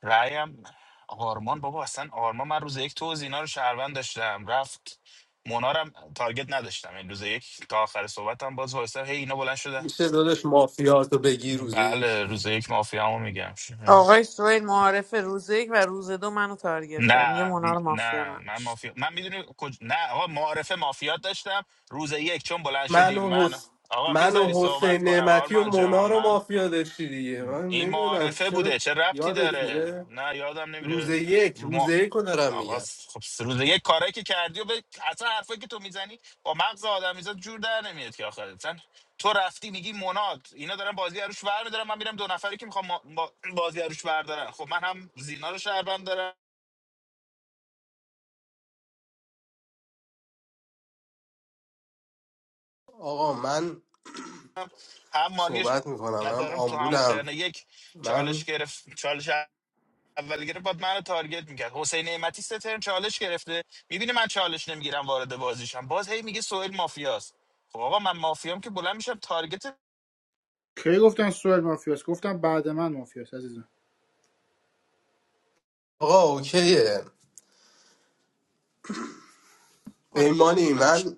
[SPEAKER 15] رأیم آرمان بابا اصلا آرمان من روز یک تو اینا رو شهروند داشتم رفت مونا رو هم تارگت نداشتم این روز یک تا آخر صحبتم باز وایسر هی اینا بلند شده
[SPEAKER 18] میشه دادش مافیاتو بگی روزه یک
[SPEAKER 15] بله روز یک مافیا همو میگم
[SPEAKER 12] آقای سوئیل معارف روز یک و روز دو منو تارگت کرد میگه
[SPEAKER 15] نه
[SPEAKER 12] مونا
[SPEAKER 15] م-
[SPEAKER 12] رو مافیا
[SPEAKER 15] نه من
[SPEAKER 12] نداشت
[SPEAKER 15] مافیا من میدونی کج... نه آقا معارفه مافیات داشتم روز یک چون بلند
[SPEAKER 18] من
[SPEAKER 15] شدیم
[SPEAKER 18] و
[SPEAKER 15] من
[SPEAKER 18] حس...
[SPEAKER 15] آقا
[SPEAKER 18] من و
[SPEAKER 15] میذاری صحبت
[SPEAKER 18] حسین
[SPEAKER 15] کنم
[SPEAKER 18] نعمتی و
[SPEAKER 15] آرمان
[SPEAKER 18] مونا
[SPEAKER 15] جان
[SPEAKER 18] رو
[SPEAKER 15] من
[SPEAKER 18] مافیا داشتی دیگه من
[SPEAKER 15] این
[SPEAKER 18] نمیدونم
[SPEAKER 15] معارفه
[SPEAKER 18] چرا
[SPEAKER 15] بوده چه ربطی
[SPEAKER 18] یادت
[SPEAKER 15] داره
[SPEAKER 18] میره
[SPEAKER 15] نه یادم
[SPEAKER 18] روز
[SPEAKER 15] نمیره
[SPEAKER 18] یک روز
[SPEAKER 15] ما
[SPEAKER 18] یک رو دارم
[SPEAKER 15] آقا
[SPEAKER 18] میگم
[SPEAKER 15] س- خب س- روز یک کاری که کردی و به... اصلا حرفایی که تو میزنی با مغز آدمیزاد جور در نمیاد که آخر اصلا تو رفتی میگی مناد اینا دارن بازی عروش ور میدارن من میرم دو نفری که میخوام با بازی عروش بردارن خب من هم زینا رو شهروند دارم
[SPEAKER 18] آقا من
[SPEAKER 15] هم مانی رو ش-
[SPEAKER 18] صحبت میکنم منم
[SPEAKER 15] نظرم تو همون
[SPEAKER 18] آمبولم
[SPEAKER 15] ترن یک چالش
[SPEAKER 18] من
[SPEAKER 15] گرفت چالش اول گره باید منو تارگت میکرد حسین نعمتی سترن چالش گرفته میبینه من چالش نمیگیرم وارد بازیشم باز هی میگه سوئیل مافیاست خب آقا من مافیام که بلند میشم تارگت
[SPEAKER 2] کی گفتم سوئیل مافیاس گفتم بعد من مافیاس عزیزم
[SPEAKER 18] آقا اوکیه
[SPEAKER 15] کنم
[SPEAKER 18] پیمانی
[SPEAKER 15] یه
[SPEAKER 18] من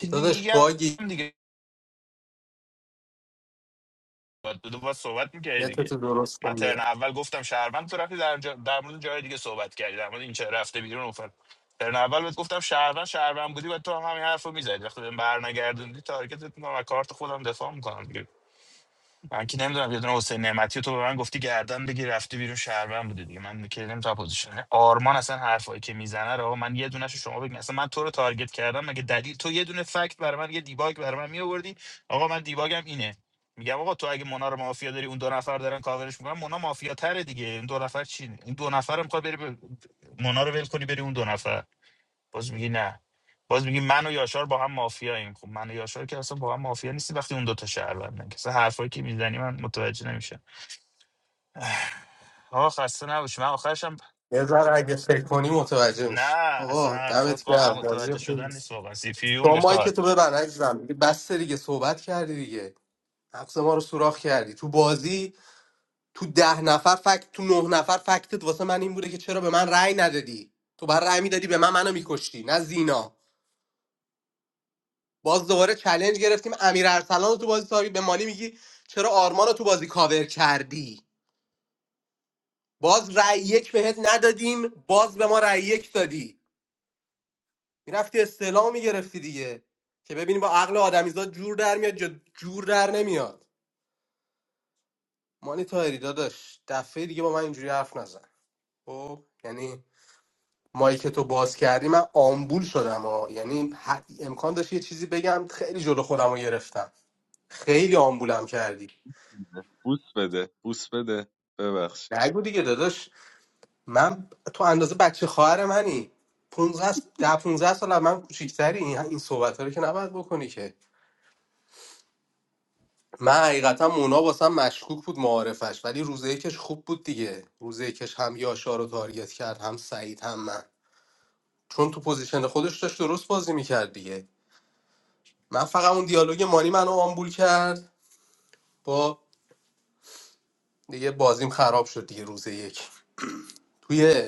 [SPEAKER 15] چیزی
[SPEAKER 18] داداش
[SPEAKER 15] میگم
[SPEAKER 18] باگی
[SPEAKER 15] دیگه باید دو باید صحبت میکردی دیگه
[SPEAKER 18] نتتو درست
[SPEAKER 15] من
[SPEAKER 18] کن
[SPEAKER 15] ترن
[SPEAKER 18] دیگه
[SPEAKER 15] اول گفتم شهروند تو رفتی در, جا... در مورد جای دیگه صحبت کردی در مورد این چه رفته بیرون اوفر ترن اول بهت گفتم شهروند شهروند بودی و تو هم همین حرفو میزدی وقتی بهم برنگردوندی تارگتت میکنم و کارت خودم دفاع میکنم من که نمیدونم یه دونه حسین نعمتی رو تو به من گفتی گردن بگی رفتی بیرون شهروند بودی دیگه من که نمیدونم پوزیشن یعنی آرمان اصلا حرفایی که میزنه رو آقا من یه دونه شما بگین اصلا من تو رو تارگت کردم مگه دلیل تو یه دونه فکت برای من یه دیباگ برای من میآوردی آقا من دیباگم اینه میگم آقا تو اگه مونا رو مافیا داری اون دو نفر دارن کاورش میکنن مونا مافیا تره دیگه این دو نفر چی این دو نفر میخواد بری به- مونا رو ول کنی بری اون دو نفر باز میگی نه باز میگی من و یاشار با هم مافیاییم خب من و یاشار که اصلا با هم مافیا نیستی وقتی اون دوتا شهروندن که اصلا حرفایی که میزنی من متوجه نمیشم آه خسته نباشی من آخرشم
[SPEAKER 18] یه ذره اگه فکر کنی متوجه
[SPEAKER 15] نه
[SPEAKER 18] میشی
[SPEAKER 15] اصلا
[SPEAKER 18] آقا
[SPEAKER 15] حرفات
[SPEAKER 18] دمت
[SPEAKER 15] قابل
[SPEAKER 18] گرم بازی
[SPEAKER 15] متوجه
[SPEAKER 18] خوب
[SPEAKER 15] شدن نیست واقعا سی پی یو
[SPEAKER 18] شما که
[SPEAKER 15] میخواد
[SPEAKER 18] تو ببر عزیزم دیگه بس دیگه صحبت کردی دیگه نفس ما رو سوراخ کردی تو بازی تو ده نفر فکت تو نه نفر فکتت واسه من این بوده که چرا به من رأی ندادی تو بر رأی میدادی به من منو میکشتی نه زینا باز دوباره چلنج گرفتیم امیر ارسلان رو تو بازی تاری به مالی میگی چرا آرمان رو تو بازی کاور کردی باز رأی یک بهت ندادیم باز به ما رأی یک دادی میرفتی استعلام میگرفتی دیگه که ببینی با عقل آدمیزاد جور در میاد یا جور در نمیاد مانی تایری داداش دفعه دیگه با من اینجوری حرف نزن خب یعنی مایک تو باز کردی من آمبول شدم ها یعنی ح- امکان داشت یه چیزی بگم خیلی جلو خودم رو گرفتم خیلی آمبولم کردی
[SPEAKER 11] بوس بده بوس بده ببخش
[SPEAKER 18] نگو دیگه داداش من تو اندازه بچه خواهر منی 15 ده 15 سال از من کوچیک‌تری این این صحبت رو که نباید بکنی که من حقیقتا مونا واسم مشکوک بود معارفش ولی روز یکش خوب بود دیگه روز یکش هم یاشا رو تارگت کرد هم سعید هم من چون تو پوزیشن خودش داشت درست بازی میکرد دیگه من فقط اون دیالوگ مانی منو آمبول کرد با دیگه بازیم خراب شد دیگه روز یک توی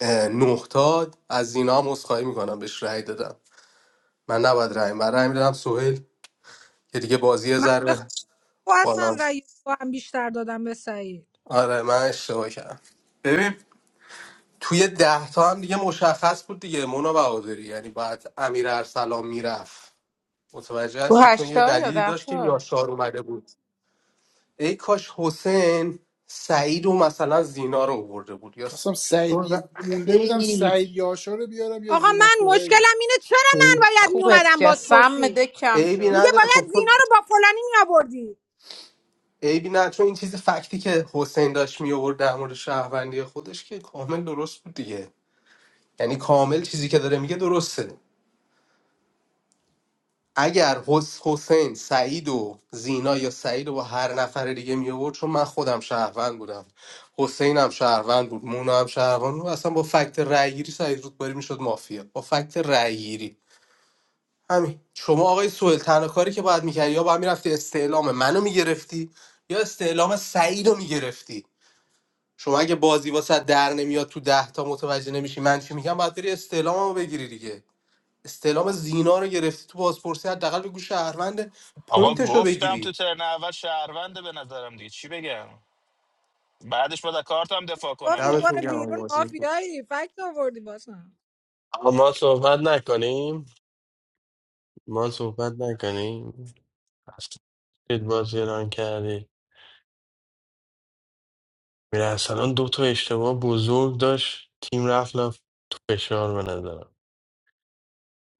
[SPEAKER 18] اه، نه تا از زینا هم عذرخواهی میکنم بهش رأی دادم من نباید رأی من رأی میدادم سهیل که دیگه بازی یه
[SPEAKER 4] من به خوب
[SPEAKER 18] ذره
[SPEAKER 4] اصلا رأی
[SPEAKER 18] بالانس
[SPEAKER 4] دو هم بیشتر دادم به سعید
[SPEAKER 18] آره من اشتباه کردم ببین توی ده تا هم دیگه مشخص بود دیگه مونا بهادری یعنی باید امیر ارسلان میرفت متوجه
[SPEAKER 12] تو
[SPEAKER 18] هستی چون یه
[SPEAKER 12] هشتا یا
[SPEAKER 18] دلیلی داشت که
[SPEAKER 12] دهتا
[SPEAKER 18] یاشار اومده بود ای کاش حسین سعید و مثلا زینا رو آورده بود یا س-
[SPEAKER 2] خواستم
[SPEAKER 18] چون
[SPEAKER 2] سعید مونده بودم
[SPEAKER 18] خیلی
[SPEAKER 2] سعید یاشا رو بیارم یا
[SPEAKER 4] آقا
[SPEAKER 2] زینا
[SPEAKER 4] من
[SPEAKER 2] سوهیل
[SPEAKER 4] مشکلم اینه چرا من باید
[SPEAKER 12] خوبت
[SPEAKER 4] میومدم
[SPEAKER 12] کرد سم
[SPEAKER 4] بازپرسی
[SPEAKER 12] دک کم
[SPEAKER 18] عیبی
[SPEAKER 12] شد
[SPEAKER 4] میگه
[SPEAKER 18] نداره خب
[SPEAKER 4] باید
[SPEAKER 18] تو
[SPEAKER 4] زینا رو با فلانی میآوردی
[SPEAKER 18] عیبی نه چون این چیز فکتی که حسین داشت می آورد در مورد شهروندی خودش که کامل درست بود دیگه یعنی کامل چیزی که داره میگه درسته اگر حس حسین سعید و زینا یا سعید و با هر نفر دیگه می آورد چون من خودم شهروند بودم حسین هم شهروند بود مونا هم شهروند بود اصلا با فکت رأیگیری سعید رودباری میشد مافیا با فکت رأیگیری همین شما آقای سوهل تنها کاری که باید میکردی یا باید میرفتی استعلام منو میگرفتی یا استعلام سعید رو میگرفتی شما اگه بازی واسه در نمیاد تو ده تا متوجه نمیشی من چی میگم باید بری استعلاممو بگیری دیگه استعلام زینا رو گرفتی تو بازپرسی حداقل بگو شهروند
[SPEAKER 15] آقا
[SPEAKER 18] پوینتش رو
[SPEAKER 15] گفتم تو
[SPEAKER 18] بگیری
[SPEAKER 15] ترن اول شهرونده به نظرم دیگه چی بگم بعدش باید از کارتم دفاع
[SPEAKER 4] گفت
[SPEAKER 15] کنم دیگه
[SPEAKER 18] دمتون
[SPEAKER 4] دیوار
[SPEAKER 18] گرم آقا
[SPEAKER 4] بیرون
[SPEAKER 18] بازی
[SPEAKER 4] مافیایی فکت آوردی باسم
[SPEAKER 6] اما صحبت نکنیم ما صحبت نکنیم دید بازی ران کردی میره اصلا دو تا اشتباه بزرگ داشت تیم رفت لف تو فشار به نظرم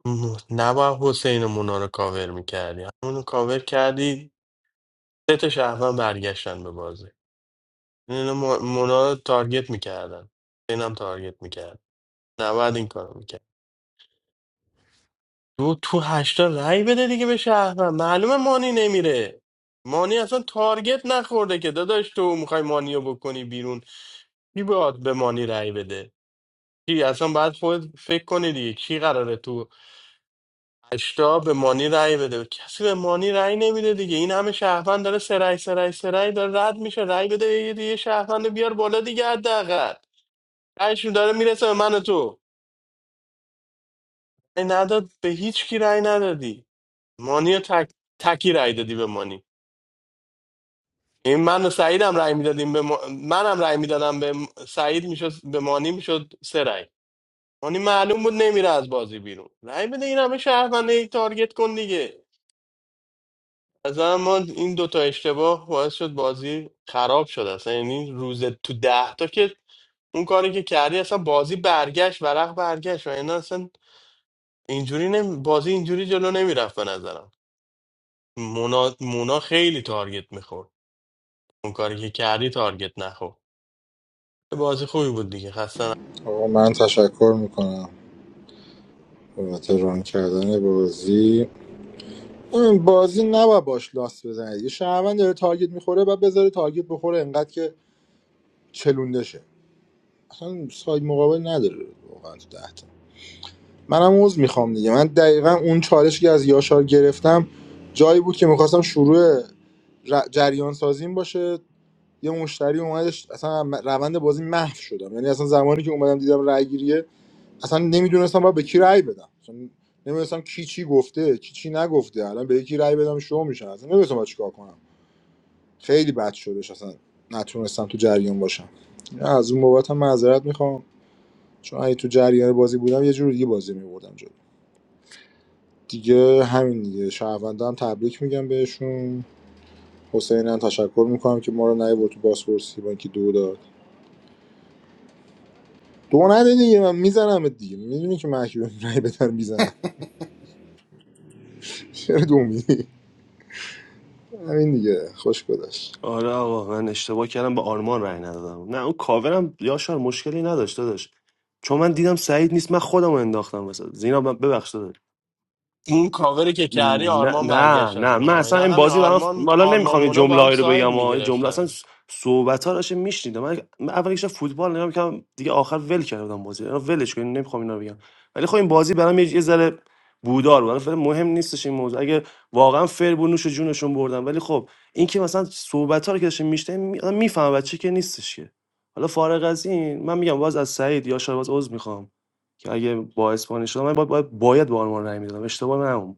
[SPEAKER 6] م- نباید حسین و مونا رو کاور میکردی همونو کاور کردی سه تا شهروند برگشتن به بازی اینو م- مونا رو تارگت میکردن حسین هم تارگت میکرد نباید این کارو میکرد تو تو هشتا رأی بده دیگه به شهروند معلومه مانی نمیره مانی اصلا تارگت نخورده که داداش تو میخوای مانی رو بکنی بیرون کی باید به مانی رأی بده کی اصلا باید خود فکر کنی دیگه کی قراره تو هشتا به مانی رأی بده کسی به مانی رأی نمیده دیگه این همه شهروند داره سرای سرای سرای داره رد میشه رأی بده یه دیگه شهروند رو بیار بالا دیگه حداقل رأیشون داره میرسه به من و تو رأی نداد به هیچ کی رأی ندادی مانی رو تک تکی رأی دادی به مانی این من و سعیدم رأی میدادیم به ما... منم رأی میدادم به سعید میشد به مانی میشد سرای یعنی معلوم بود نمیره از بازی بیرون رأی بده این همه شهروند هی تارگت کن دیگه از ما این دوتا اشتباه باعث شد بازی خراب شد اصلا یعنی روز تو ده تا که اون کاری که کردی اصلا بازی برگشت ورق برگشت و اینا اصلا اینجوری نمی... بازی اینجوری جلو نمیرفت به نظرم مونا, مونا خیلی تارگت میخورد اون کاری که کردی تارگت نخورد بازی خوبی بود دیگه خسته نباش.
[SPEAKER 1] آقا من تشکر میکنم بابت ران کردن بازی این بازی نباید باش لاس بزنید یه شهروند داره تارگت میخوره و بذاره تارگت بخوره انقدر که چلونده شه اصلا ساید مقابل نداره واقعا تو ده تا منم عذر میخوام دیگه من دقیقا اون چالشی که از یاشار گرفتم جایی بود که میخواستم شروع ر- جریان سازیم باشه یه مشتری اومدش اصلا روند بازی محو شدم یعنی اصلا زمانی که اومدم دیدم رای گیریه اصلا نمیدونستم باید به کی رای بدم اصلا نمیدونستم کی چی گفته کی چی نگفته الان به یکی رای بدم شو میشن اصلا نمیدونستم باید چیکار کنم خیلی بد شدش اصلا نتونستم تو جریان باشم از اون بابت هم معذرت میخوام چون اگه تو جریان بازی بودم یه جور دیگه بازی میبردم جلو دیگه همین دیگه شهروندان هم تبریک میگم بهشون حسین هم تشکر میکنم که ما رو نیورد تو بازپرسی با اینکه دو داد دو نده دیگه من میزنم دیگه میدونی که محکی رای بدن میزنم چرا دو میدی همین دیگه خوش گذشت
[SPEAKER 13] آره آقا من اشتباه کردم به آرمان رای ندادم نه اون کاورم یاشار مشکلی نداشت داشت چون من دیدم سعید نیست من خودم رو انداختم وسط زینا من- ببخش داداش.
[SPEAKER 6] اون کاوری که کردی
[SPEAKER 13] نه
[SPEAKER 6] آرمان
[SPEAKER 13] نه
[SPEAKER 6] برگشت از
[SPEAKER 13] نه من
[SPEAKER 6] مونا و
[SPEAKER 13] اصلا
[SPEAKER 6] اینا
[SPEAKER 13] این
[SPEAKER 6] همین
[SPEAKER 13] بازی برام
[SPEAKER 6] آرمان
[SPEAKER 13] حالا
[SPEAKER 6] آرمان
[SPEAKER 13] نمیخوام یه
[SPEAKER 6] مونا با هم
[SPEAKER 13] جمله رو
[SPEAKER 6] ساید
[SPEAKER 13] بگم و یه جمله
[SPEAKER 6] میگرفتن
[SPEAKER 13] اصلا صحبت ها داشتم میشنیدم من, من اول که فوتبال نگاه میکردم دیگه آخر ول کرده بودم بازی رو ولش کنین نمیخوام اینا رو بگم ولی خب این بازی برام یه یه ذره بودار بود فعلا مهم نیستش این موضوع اگه واقعا فر بود نوش جونشون بردن ولی خب این که مثلا صحبت ها رو که داشتم میشنیدم میفهمم بچه که نیستش که حالا فارغ از این من میگم باز از سعید یا شاید باز عذر میخوام که اگه با اسپانیش شدم من باید باید, باید به آلمان رای میدادم اشتباه من اون بود.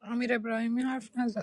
[SPEAKER 4] امیر ابراهیمی حرف نزد